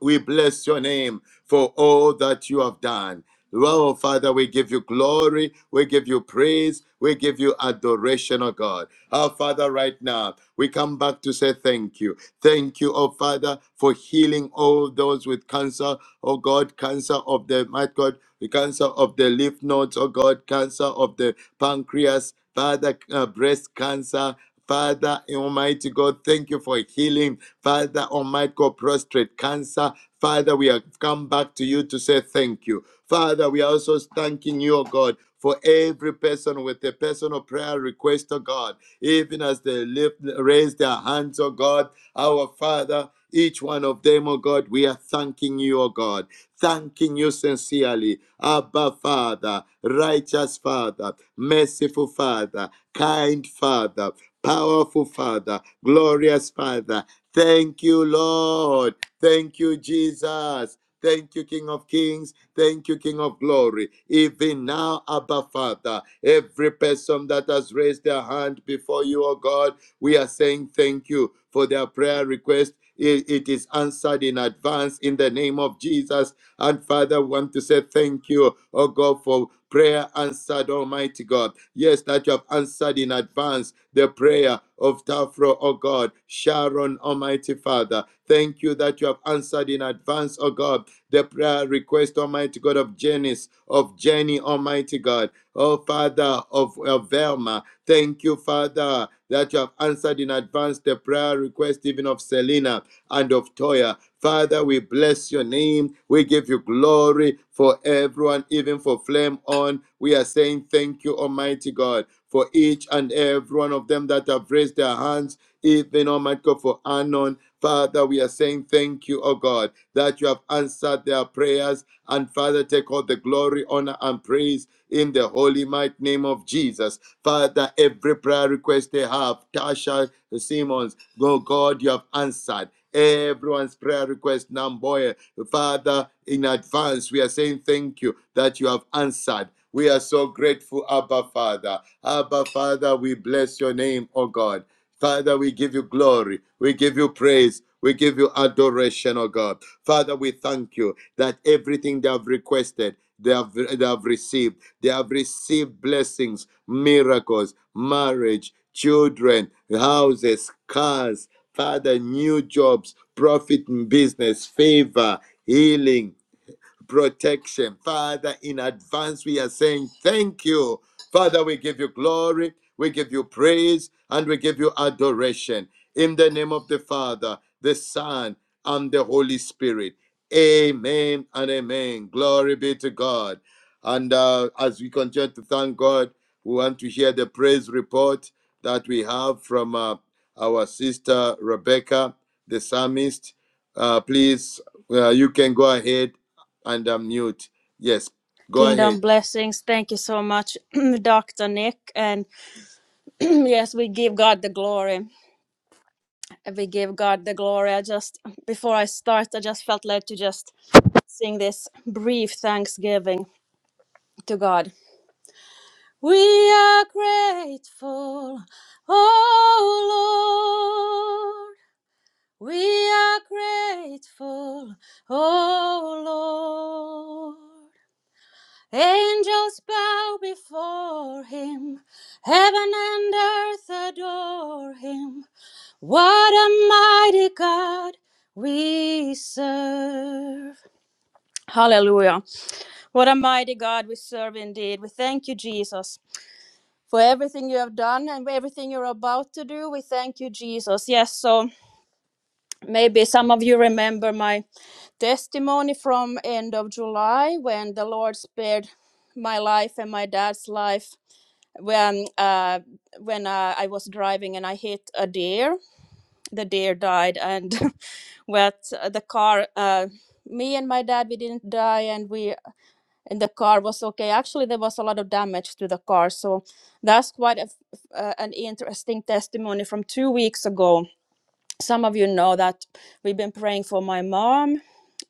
S4: we bless your name for all that you have done. oh Father, we give you glory, we give you praise, we give you adoration, oh God. Our Father, right now, we come back to say thank you. Thank you, oh Father, for healing all those with cancer, oh God, cancer of the, my God, the cancer of the lymph nodes, oh God, cancer of the pancreas, Father, uh, breast cancer. Father, Almighty God, thank you for healing Father, Almighty God, prostrate cancer. Father, we have come back to you to say thank you. Father, we are also thanking you, oh God, for every person with a personal prayer request, oh God, even as they lift, raise their hands, oh God, our Father, each one of them, oh God, we are thanking you, oh God, thanking you sincerely. Abba, Father, righteous Father, merciful Father, kind Father, powerful Father, glorious Father, Thank you, Lord. Thank you, Jesus. Thank you, King of Kings. Thank you, King of Glory. Even now, Abba Father, every person that has raised their hand before you, O God, we are saying thank you for their prayer request. It, it is answered in advance in the name of Jesus. And Father, we want to say thank you, oh God, for prayer answered, Almighty God. Yes, that you have answered in advance the prayer of Tafro, oh God, Sharon, Almighty Father. Thank you that you have answered in advance, oh God, the prayer request, Almighty God, of Janice, of Jenny, Almighty God, oh Father, of, of Velma. Thank you, Father, that you have answered in advance the prayer request even of Selena and of Toya. Father, we bless your name. We give you glory for everyone, even for Flame On. We are saying thank you, Almighty God, for each and every one of them that have raised their hands, even Almighty God, for Anon. Father, we are saying thank you, oh God, that you have answered their prayers. And Father, take all the glory, honor, and praise in the holy might name of Jesus. Father, every prayer request they have, Tasha Simmons, oh God, you have answered everyone's prayer request, Namboya. Father, in advance, we are saying thank you that you have answered. We are so grateful, Abba Father. Abba Father, we bless your name, oh God. Father, we give you glory. We give you praise. We give you adoration, oh God. Father, we thank you that everything they have requested, they have, they have received. They have received blessings, miracles, marriage, children, houses, cars, Father, new jobs, profit in business, favor, healing, protection. Father, in advance, we are saying thank you. Father, we give you glory, we give you praise, and we give you adoration. In the name of the Father, the Son, and the Holy Spirit. Amen and amen. Glory be to God. And uh, as we continue to thank God, we want to hear the praise report that we have from uh, our sister Rebecca, the psalmist. Uh, please, uh, you can go ahead and unmute. Yes, go ahead.
S9: Kingdom blessings. Thank you so much, <clears throat> Dr. Nick. And <clears throat> yes, we give God the glory. We give God the glory. I just, before I start, I just felt led to just sing this brief thanksgiving to God. We are grateful, oh Lord. We are grateful, oh Lord. Angels bow before him, heaven and earth adore him. What a mighty God we serve. Hallelujah. What a mighty God we serve indeed. We thank you, Jesus, for everything you have done and everything you're about to do. We thank you, Jesus. Yes, so maybe some of you remember my testimony from end of July when the Lord spared my life and my dad's life when uh, when uh, I was driving and I hit a deer. The deer died, and <laughs> but the car. Uh, me and my dad we didn't die and we and the car was okay actually there was a lot of damage to the car so that's quite a, f- uh, an interesting testimony from two weeks ago some of you know that we've been praying for my mom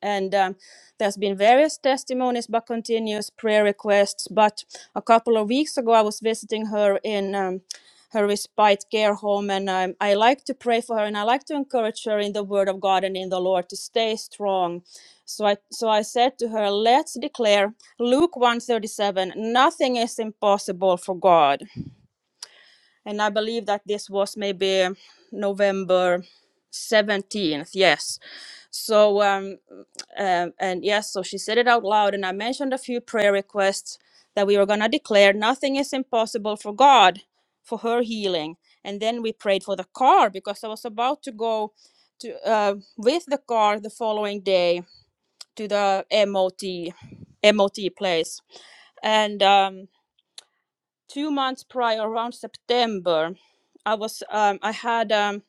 S9: and um, there's been various testimonies but continuous prayer requests but a couple of weeks ago i was visiting her in um, her respite care home and um, i like to pray for her and i like to encourage her in the word of god and in the lord to stay strong so i so i said to her let's declare luke 137 nothing is impossible for god and I believe that this was maybe November 17th, yes. So, um, um, and yes, so she said it out loud, and I mentioned a few prayer requests that we were going to declare nothing is impossible for God for her healing. And then we prayed for the car because I was about to go to uh, with the car the following day to the MOT MOT place. And um, two months prior around september i was um, i had um,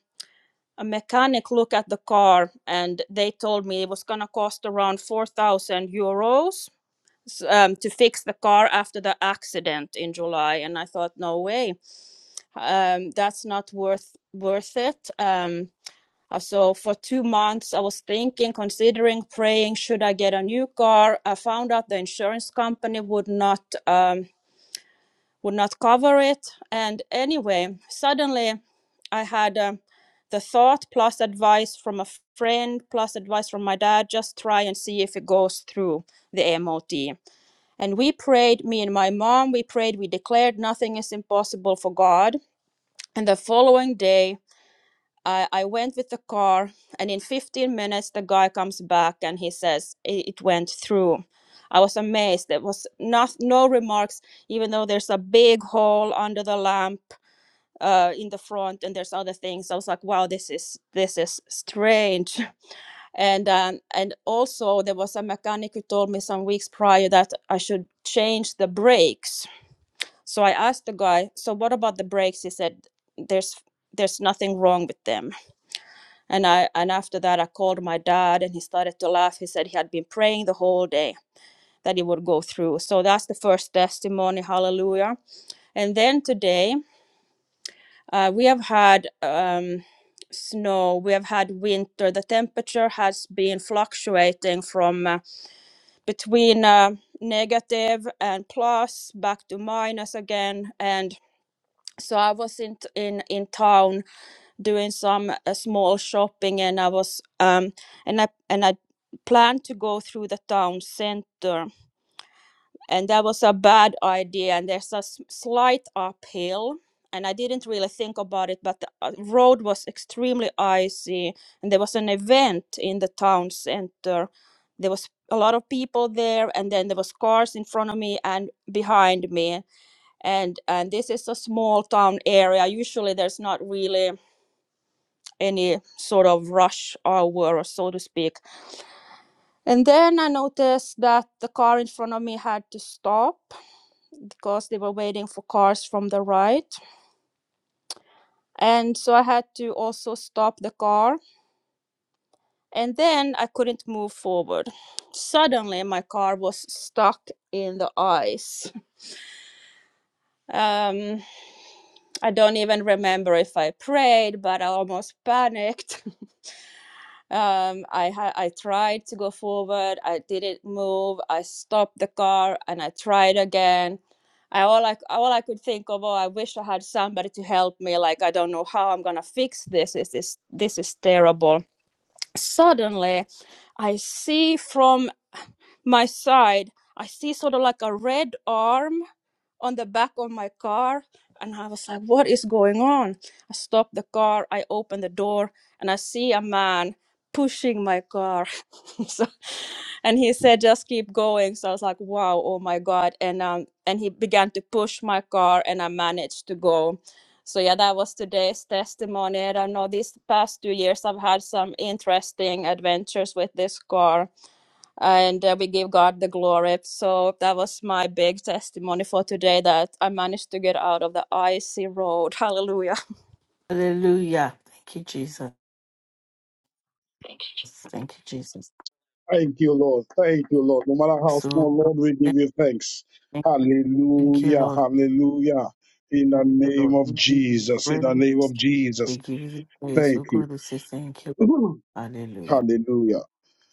S9: a mechanic look at the car and they told me it was going to cost around 4000 euros um, to fix the car after the accident in july and i thought no way um, that's not worth worth it um, uh, so for two months i was thinking considering praying should i get a new car i found out the insurance company would not um, would not cover it. And anyway, suddenly I had um the thought plus advice from a friend plus advice from my dad just try and see if it goes through the MOT. And we prayed, me and my mom, we prayed, we declared nothing is impossible for God. And the following day, I, I went with the car, and in 15 minutes, the guy comes back and he says it, it went through. I was amazed. There was not, no remarks, even though there's a big hole under the lamp uh, in the front, and there's other things. I was like, wow, this is this is strange. <laughs> And um, and also there was a mechanic who told me some weeks prior that I should change the brakes. So I asked the guy, so what about the brakes? He said, there's there's nothing wrong with them and I and after that I called my dad and he started to laugh. He said he had been praying the whole day that it would go through. So that's the first testimony, hallelujah. And then today uh, we have had um, snow, we have had winter. The temperature has been fluctuating from uh, between uh, negative and plus back to minus again and so I was in in in town doing some uh, small shopping and I was um and I and I planned to go through the town center and that was a bad idea and there's a s- slight uphill and I didn't really think about it but the uh, road was extremely icy and there was an event in the town center there was a lot of people there and then there was cars in front of me and behind me and and this is a small town area usually there's not really any sort of rush hour, so to speak. And then I noticed that the car in front of me had to stop because they were waiting for cars from the right. And so I had to also stop the car. And then I couldn't move forward. Suddenly, my car was stuck in the ice. Um, I don't even remember if I prayed, but I almost panicked. <laughs> um i had i tried to go forward i didn't move i stopped the car and i tried again i all i all i could think of oh i wish i had somebody to help me like i don't know how i'm gonna fix this is this this is terrible suddenly i see from my side i see sort of like a red arm on the back of my car and i was like what is going on i stopped the car i opened the door and i see a man pushing my car <laughs> so, and he said just keep going so i was like wow oh my god and um and he began to push my car and i managed to go so yeah that was today's testimony and i know these past two years i've had some interesting adventures with this car and uh, we give God the glory. So that was my big testimony for today that I managed to get out of the icy road. <laughs> Hallelujah.
S2: Hallelujah. Thank you, Jesus. Thank you, Jesus.
S5: Thank you, Lord. Thank you, Lord. No matter how
S2: So,
S5: small,
S2: Lord,
S5: Lord, we give you thanks.
S2: thank you. Thank you,
S5: Hallelujah.
S2: Lord.
S5: Hallelujah. In the
S2: Thank you,
S5: name
S2: Lord. We
S5: of
S2: give you
S5: Jesus. In the name
S2: praise.
S5: of
S2: We
S5: Jesus.
S2: give you praise. Oh
S5: Thank you.
S2: God, we say thank you.
S5: <clears throat>
S2: Hallelujah.
S5: Hallelujah.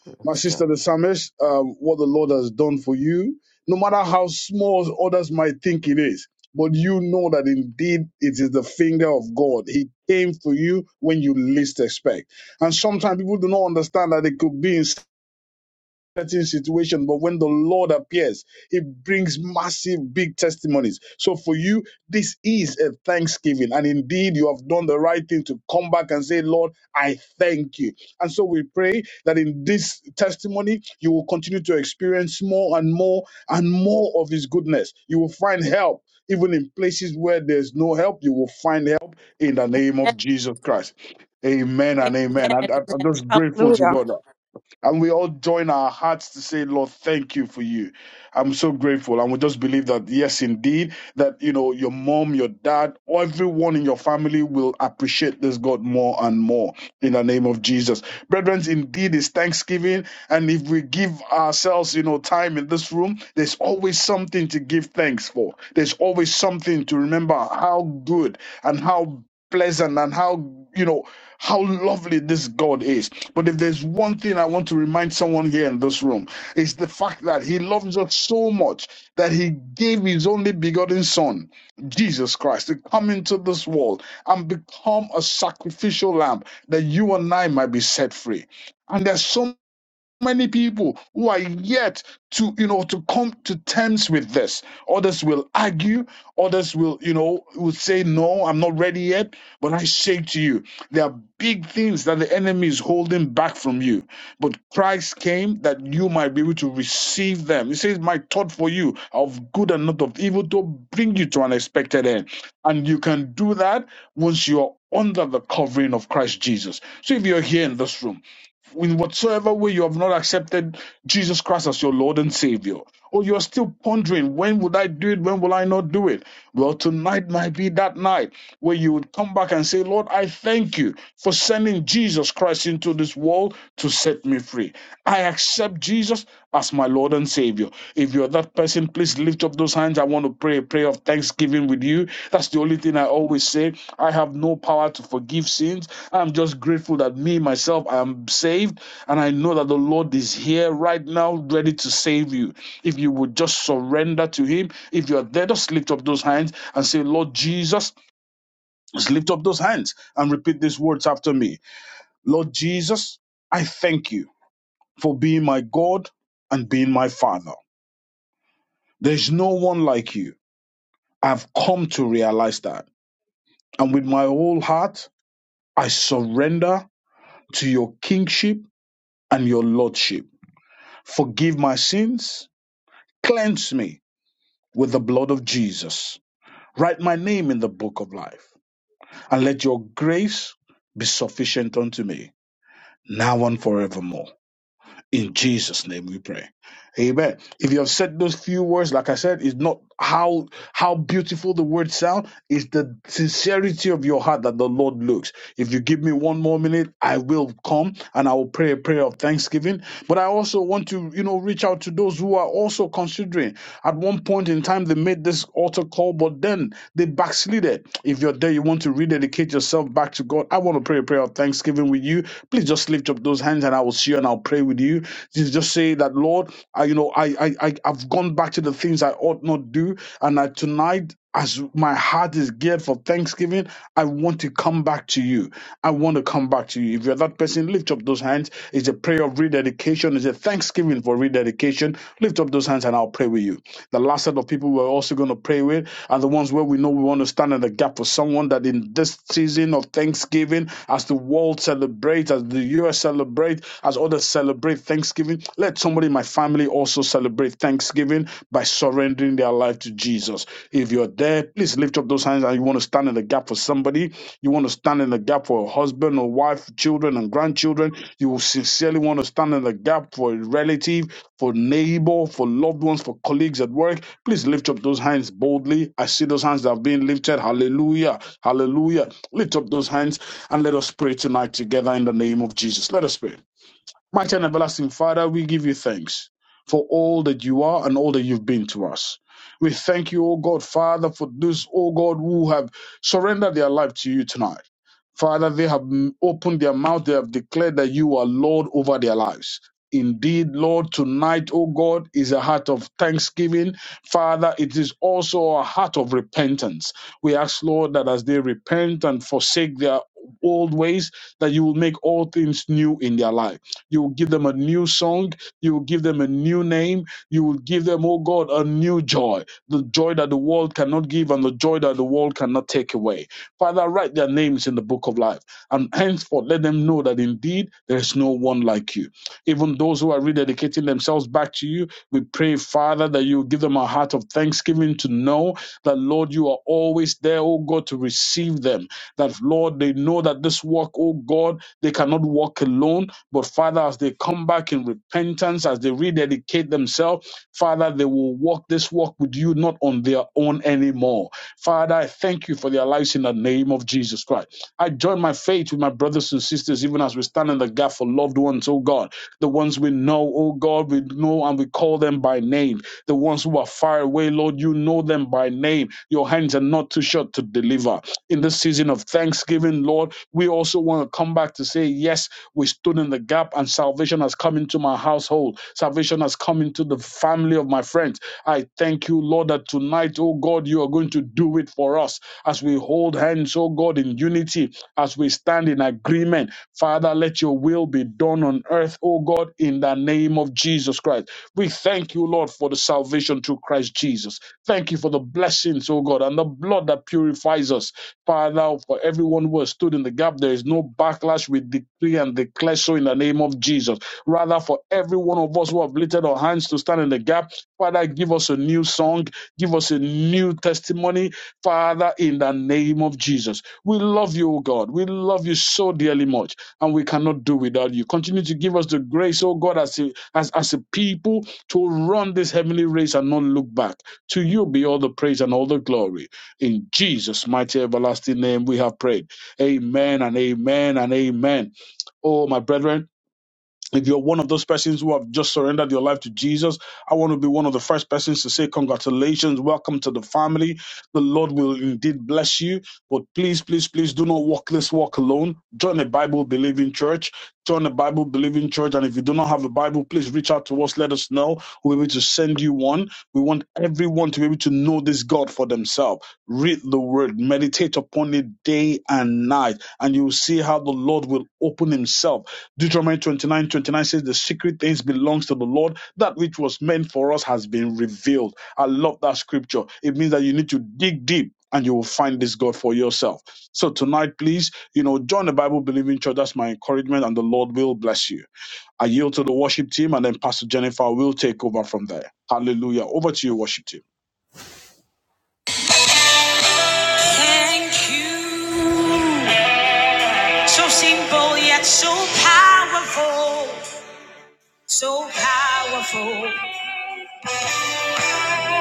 S2: Glory
S5: My
S2: to God.
S5: sister, the psalmist, um, what the Lord has done for you, no matter how small others might think it is, but you know that indeed it is the finger of God. He came for you when you least expect. And sometimes people do not understand that it could be in certain situation, but when the Lord appears, He brings massive, big testimonies. So for you, this is a thanksgiving. And indeed, you have done the right thing to come back and say, Lord, I thank you. And so we pray that in this testimony, you will continue to experience more and more and more of His goodness. You will find help. Even in places where there's no help, you will find help in the name of Jesus Christ. Amen and amen. And I'm I'm just grateful to God. And we all join our hearts to say, Lord, thank you for you. I'm so grateful. And we just believe that, yes, indeed, that, you know, your mom, your dad, everyone in your family will appreciate this God more and more in the name of Jesus. Brethren, indeed, it's Thanksgiving. And if we give ourselves, you know, time in this room, there's always something to give thanks for. There's always something to remember how good and how pleasant and how, you know, how lovely this God is. But if there's one thing I want to remind someone here in this room, it's the fact that He loves us so much that He gave His only begotten Son, Jesus Christ, to come into this world and become a sacrificial lamb that you and I might be set free. And there's so many people who are yet to you know to come to terms with this others will argue others will you know will say no i'm not ready yet but i say to you there are big things that the enemy is holding back from you but christ came that you might be able to receive them he says my thought for you are of good and not of evil to bring you to an expected end and you can do that once you are under the covering of christ jesus so if you're here in this room in whatsoever way you have not accepted Jesus Christ as your Lord and Savior, or you're still pondering, when would I do it? When will I not do it? Well, tonight might be that night where you would come back and say, Lord, I thank you for sending Jesus Christ into this world to set me free. I accept Jesus as my Lord and Savior. If you're that person, please lift up those hands. I want to pray a prayer of thanksgiving with you. That's the only thing I always say. I have no power to forgive sins. I'm just grateful that me, myself, I am saved. And I know that the Lord is here right now, ready to save you. If you would just surrender to Him, if you're there, just lift up those hands and say, Lord Jesus, just lift up those hands and repeat these words after me. Lord Jesus, I thank you for being my God and being my Father. There's no one like you. I've come to realize that. And with my whole heart, I surrender to your kingship and your lordship. Forgive my sins, cleanse me with the blood of Jesus. Write my name in the book of life, and let your grace be sufficient unto me, now and forevermore. In Jesus' name we pray. Amen. If you have said those few words, like I said, it's not how how beautiful the words sound. It's the sincerity of your heart that the Lord looks. If you give me one more minute, I will come and I will pray a prayer of thanksgiving. But I also want to, you know, reach out to those who are also considering. At one point in time, they made this altar call, but then they backslided. If you're there, you want to rededicate yourself back to God. I want to pray a prayer of thanksgiving with you. Please just lift up those hands and I will see you and I'll pray with you Just say that, Lord, I, you know, I, I, I, I've gone back to the things I ought not do, and I, tonight, as my heart is geared for Thanksgiving, I want to come back to you. I want to come back to you. If you're that person, lift up those hands. It's a prayer of rededication. It's a thanksgiving for rededication. Lift up those hands, and I'll pray with you. The last set of people we're also going to pray with are the ones where we know we want to stand in the gap for someone that in this season of Thanksgiving, as the world celebrates, as the US celebrates, as others celebrate celebrate Thanksgiving, let somebody in my family also celebrate Thanksgiving by surrendering their life to Jesus. If you're there, please lift up those hands and you want to stand in the gap for somebody. You want to stand in the gap for a husband or wife, children and grandchildren. You will sincerely want to stand in the gap for a relative, for neighbor, for loved ones, for colleagues at work. Please lift up those hands boldly. I see those hands that have been lifted. Hallelujah. Hallelujah. Lift up those hands and let us pray tonight together in the name of Jesus. Let us pray. Mighty and everlasting Father, we give you thanks for all that you are and all that you've been to us. We thank you, O God, Father, for those, O God, who have surrendered their life to you tonight. Father, they have m- opened their mouth, they have declared that you are Lord over their lives. Indeed, Lord, tonight, O God, is a heart of thanksgiving. Father, it is also a heart of repentance. We ask, Lord, that as they repent and forsake their old ways, that you will make all things new in their life. You will give them a new song. You will give them a new name. You will give them, oh God, a new joy. The joy that the world cannot give and the joy that the world cannot take away. Father, write their names in the book of life. And henceforth, let them know that indeed there is no one like you. Even those who are rededicating themselves back to you, we pray, Father, that you give them a heart of thanksgiving to know that, Lord, you are always there, oh God, to receive them. That, Lord, they know that this work, oh God, they cannot walk alone. But Father, as they come back in repentance, as they rededicate themselves, Father, they will walk this walk with you, not on their own anymore. Father, I thank you for their lives in the name of Jesus Christ. I join my faith with my brothers and sisters, even as we stand in the gap for loved ones, oh God, the ones we know, oh God, we know and we call them by name. The ones who are far away, Lord, you know them by name. Your hands are not too short to deliver. In this season of thanksgiving, Lord, we also want to come back to say, yes, we stood in the gap and salvation has come into my household. Salvation has come into the family of my friends. I thank you, Lord, that tonight, oh God, you are going to do it for us as we hold hands, oh God, in unity, as we stand in agreement. Father, let your will be done on earth, oh God, in the name of Jesus Christ. We thank you, Lord, for the salvation through Christ Jesus. Thank you for the blessings, oh God, and the blood that purifies us. Father, now for everyone who has stood in the gap, there is no backlash. We decree and declare so in the name of Jesus. Rather, for every one of us who have lifted our hands to stand in the gap, Father, give us a new song, give us a new testimony, Father, in the name of Jesus. We love you, O God. We love you so dearly much, and we cannot do without you. Continue to give us the grace, O God, as a, as, as a people to run this heavenly race and not look back. To you be all the praise and all the glory. In Jesus' mighty everlasting name we have prayed. Amen and amen and amen. Oh, my brethren. If you're one of those persons who have just surrendered your life to Jesus, I want to be one of the first persons to say, Congratulations, welcome to the family. The Lord will indeed bless you. But please, please, please do not walk this walk alone. Join a Bible believing church. Join a Bible believing church. And if you do not have a Bible, please reach out to us. Let us know. We'll be able to send you one. We want everyone to be able to know this God for themselves. Read the word, meditate upon it day and night, and you'll see how the Lord will open Himself Deuteronomy 29:29 says, The secret things belongs to the Lord. That which was meant for us has been revealed. I love that scripture. It means that you need to dig deep and you will find this God for yourself. So tonight, please, you know, join the Bible believing church. That's my encouragement, and the Lord will bless you. I yield to the worship team, and then Pastor Jennifer will take over from there. Hallelujah. Over to you, worship team.
S1: Thank you. So simple yet so powerful, so powerful.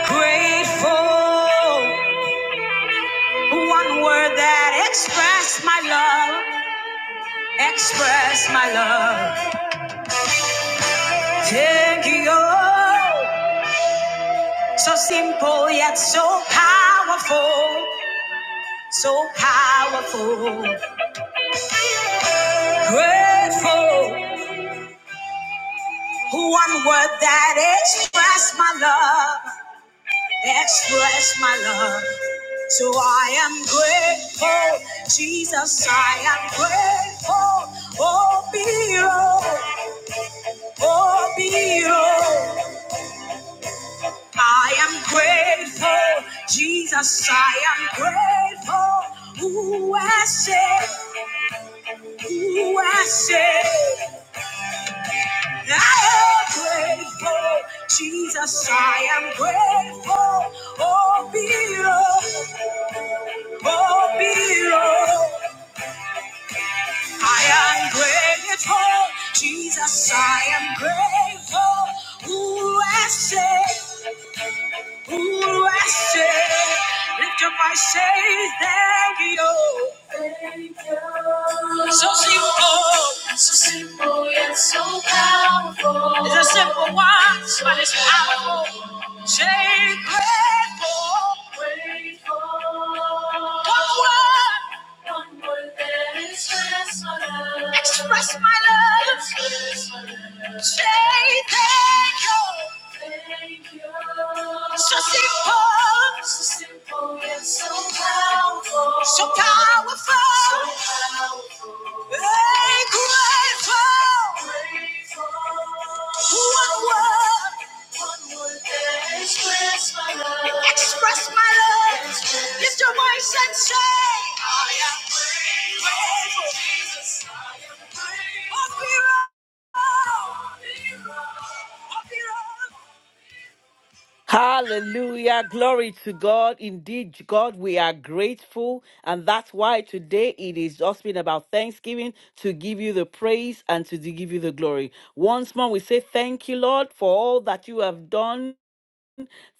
S1: Grateful. One word that express my love, express my love. Thank you. So simple yet so powerful, so powerful. Grateful, one word that express my love, express my love. So I am grateful, Jesus, I am grateful. Oh, Biro, oh, Biro. I am grateful, Jesus, I am grateful. Who I say. Ooh, I say, I am grateful. Jesus, I am grateful. Oh, be Lord, oh, be Lord. I am grateful. Jesus, I am grateful. Ooh, I say, Ooh, I say, lift up my say, thank you. Thank you. So simple, so simple yet so powerful. It's a simple one, but it's powerful. Say grateful, grateful. One word, one word that expresses. my love. Express. So simple, so simple yet so powerful, so powerful, so grateful, Express, lift your voice and say.
S2: Hallelujah. Glory to God. Indeed, God, we are grateful. And that's why today it is just been about Thanksgiving to give you the praise and to give you the glory. Once more, we say thank you, Lord, for all that you have done.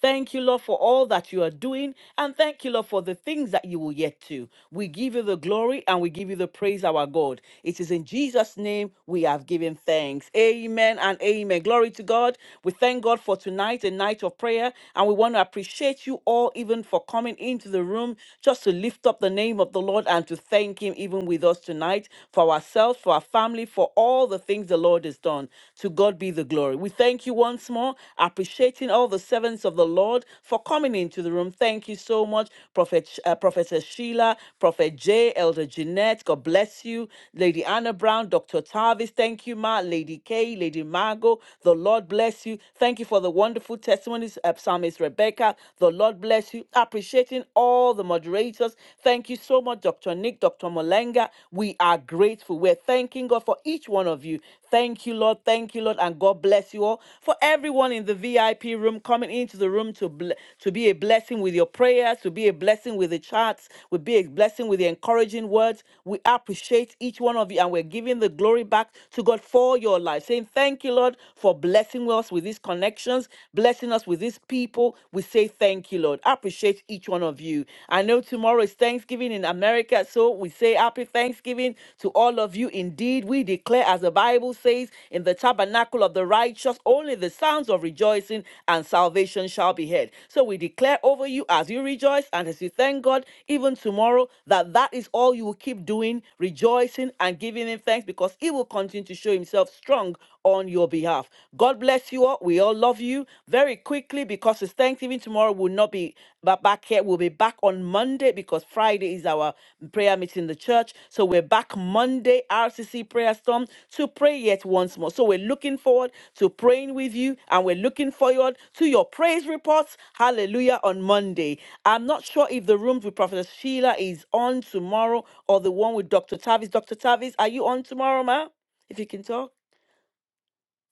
S2: Thank you, Lord, for all that you are doing. And thank you, Lord, for the things that you will yet do. We give you the glory and we give you the praise, our God. It is in Jesus' name we have given thanks. Amen and amen. Glory to God. We thank God for tonight, a night of prayer. And we want to appreciate you all, even for coming into the room just to lift up the name of the Lord and to thank Him, even with us tonight, for ourselves, for our family, for all the things the Lord has done. To God be the glory. We thank you once more, appreciating all the servants of the Lord for coming into the room. Thank you so much, Prophet uh, Professor Sheila, Prophet Jay, Elder Jeanette. God bless you, Lady Anna Brown, Dr. Tavis. Thank you, Ma, Lady Kay, Lady Margot. The Lord bless you. Thank you for the wonderful testimonies, uh, Psalmist Rebecca. The Lord bless you. Appreciating all the moderators. Thank you so much, Dr. Nick, Dr. Molenga. We are grateful. We're thanking God for each one of you. Thank you, Lord. Thank you, Lord. And God bless you all. For everyone in the VIP room coming into the room to, ble- to be a blessing with your prayers, to be a blessing with the charts, to be a blessing with the encouraging words. We appreciate each one of you and we're giving the glory back to God for your life, saying, Thank you, Lord, for blessing us with these connections, blessing us with these people. We say, Thank you, Lord. Appreciate each one one of you. I know tomorrow is Thanksgiving in America, so we say happy Thanksgiving to all of you. Indeed, we declare, as the Bible says, in the tabernacle of the righteous, only the sounds of rejoicing and salvation shall be heard. So we declare over you as you rejoice and as you thank God, even tomorrow, that that is all you will keep doing, rejoicing and giving Him thanks because He will continue to show Himself strong on your behalf. God bless you all. We all love you. Very quickly, because it's Thanksgiving tomorrow, will not be but back here, we'll be back on Monday because Friday is our prayer meeting in the church. So we're back Monday, RCC Prayer Storm, to pray yet once more. So we're looking forward to praying with you and we're looking forward to your praise reports. Hallelujah on Monday. I'm not sure if the room with Prophet Sheila is on tomorrow or the one with Dr. Tavis. Dr. Tavis, are you on tomorrow, ma? If you can talk.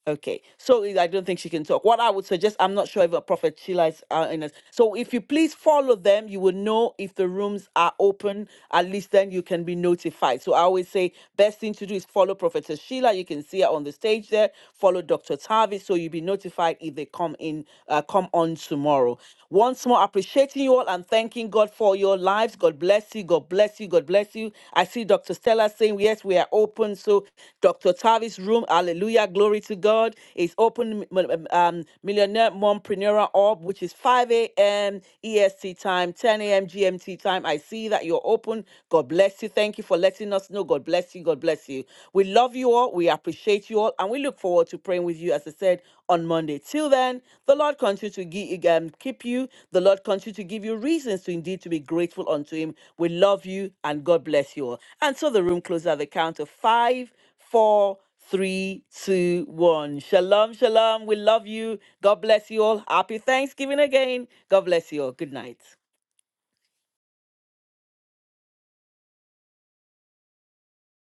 S2: Okay, so I don't think she can talk. What I would suggest, I'm not sure if a prophet Sheila is uh, in us. So if you please follow them, you will know if the rooms are open. At least then you can be notified. So I always say best thing to do is follow Prophetess Sheila. You can see her on the stage there. Follow Dr. Tavis, so you'll be notified if they come in, uh, come on tomorrow. Once more, appreciating you all and thanking God for for your lives. God bless you. God bless you. God bless you. I see Dr. Stella saying, Yes, we are open. So, Dr. Tavis' room, hallelujah, glory to God, is open. Um, Millionaire Mompreneur Orb, which is 5 a.m. EST time, 10 a.m. GMT time. I see that you're open. God bless you. Thank you for letting us know. God bless you. God bless you. We love you all. We appreciate you all you all, and we look forward to praying with you, as I said, on Monday. Till then, the Lord continue to give, um, keep you. The Lord continue to give you reasons to indeed to be grateful unto Him. We love you, and God bless you all. And so the room closes at the count of five, four, three, two, one. Shalom, shalom. We love you. God bless you all. Happy Thanksgiving again. God bless you all. Good night.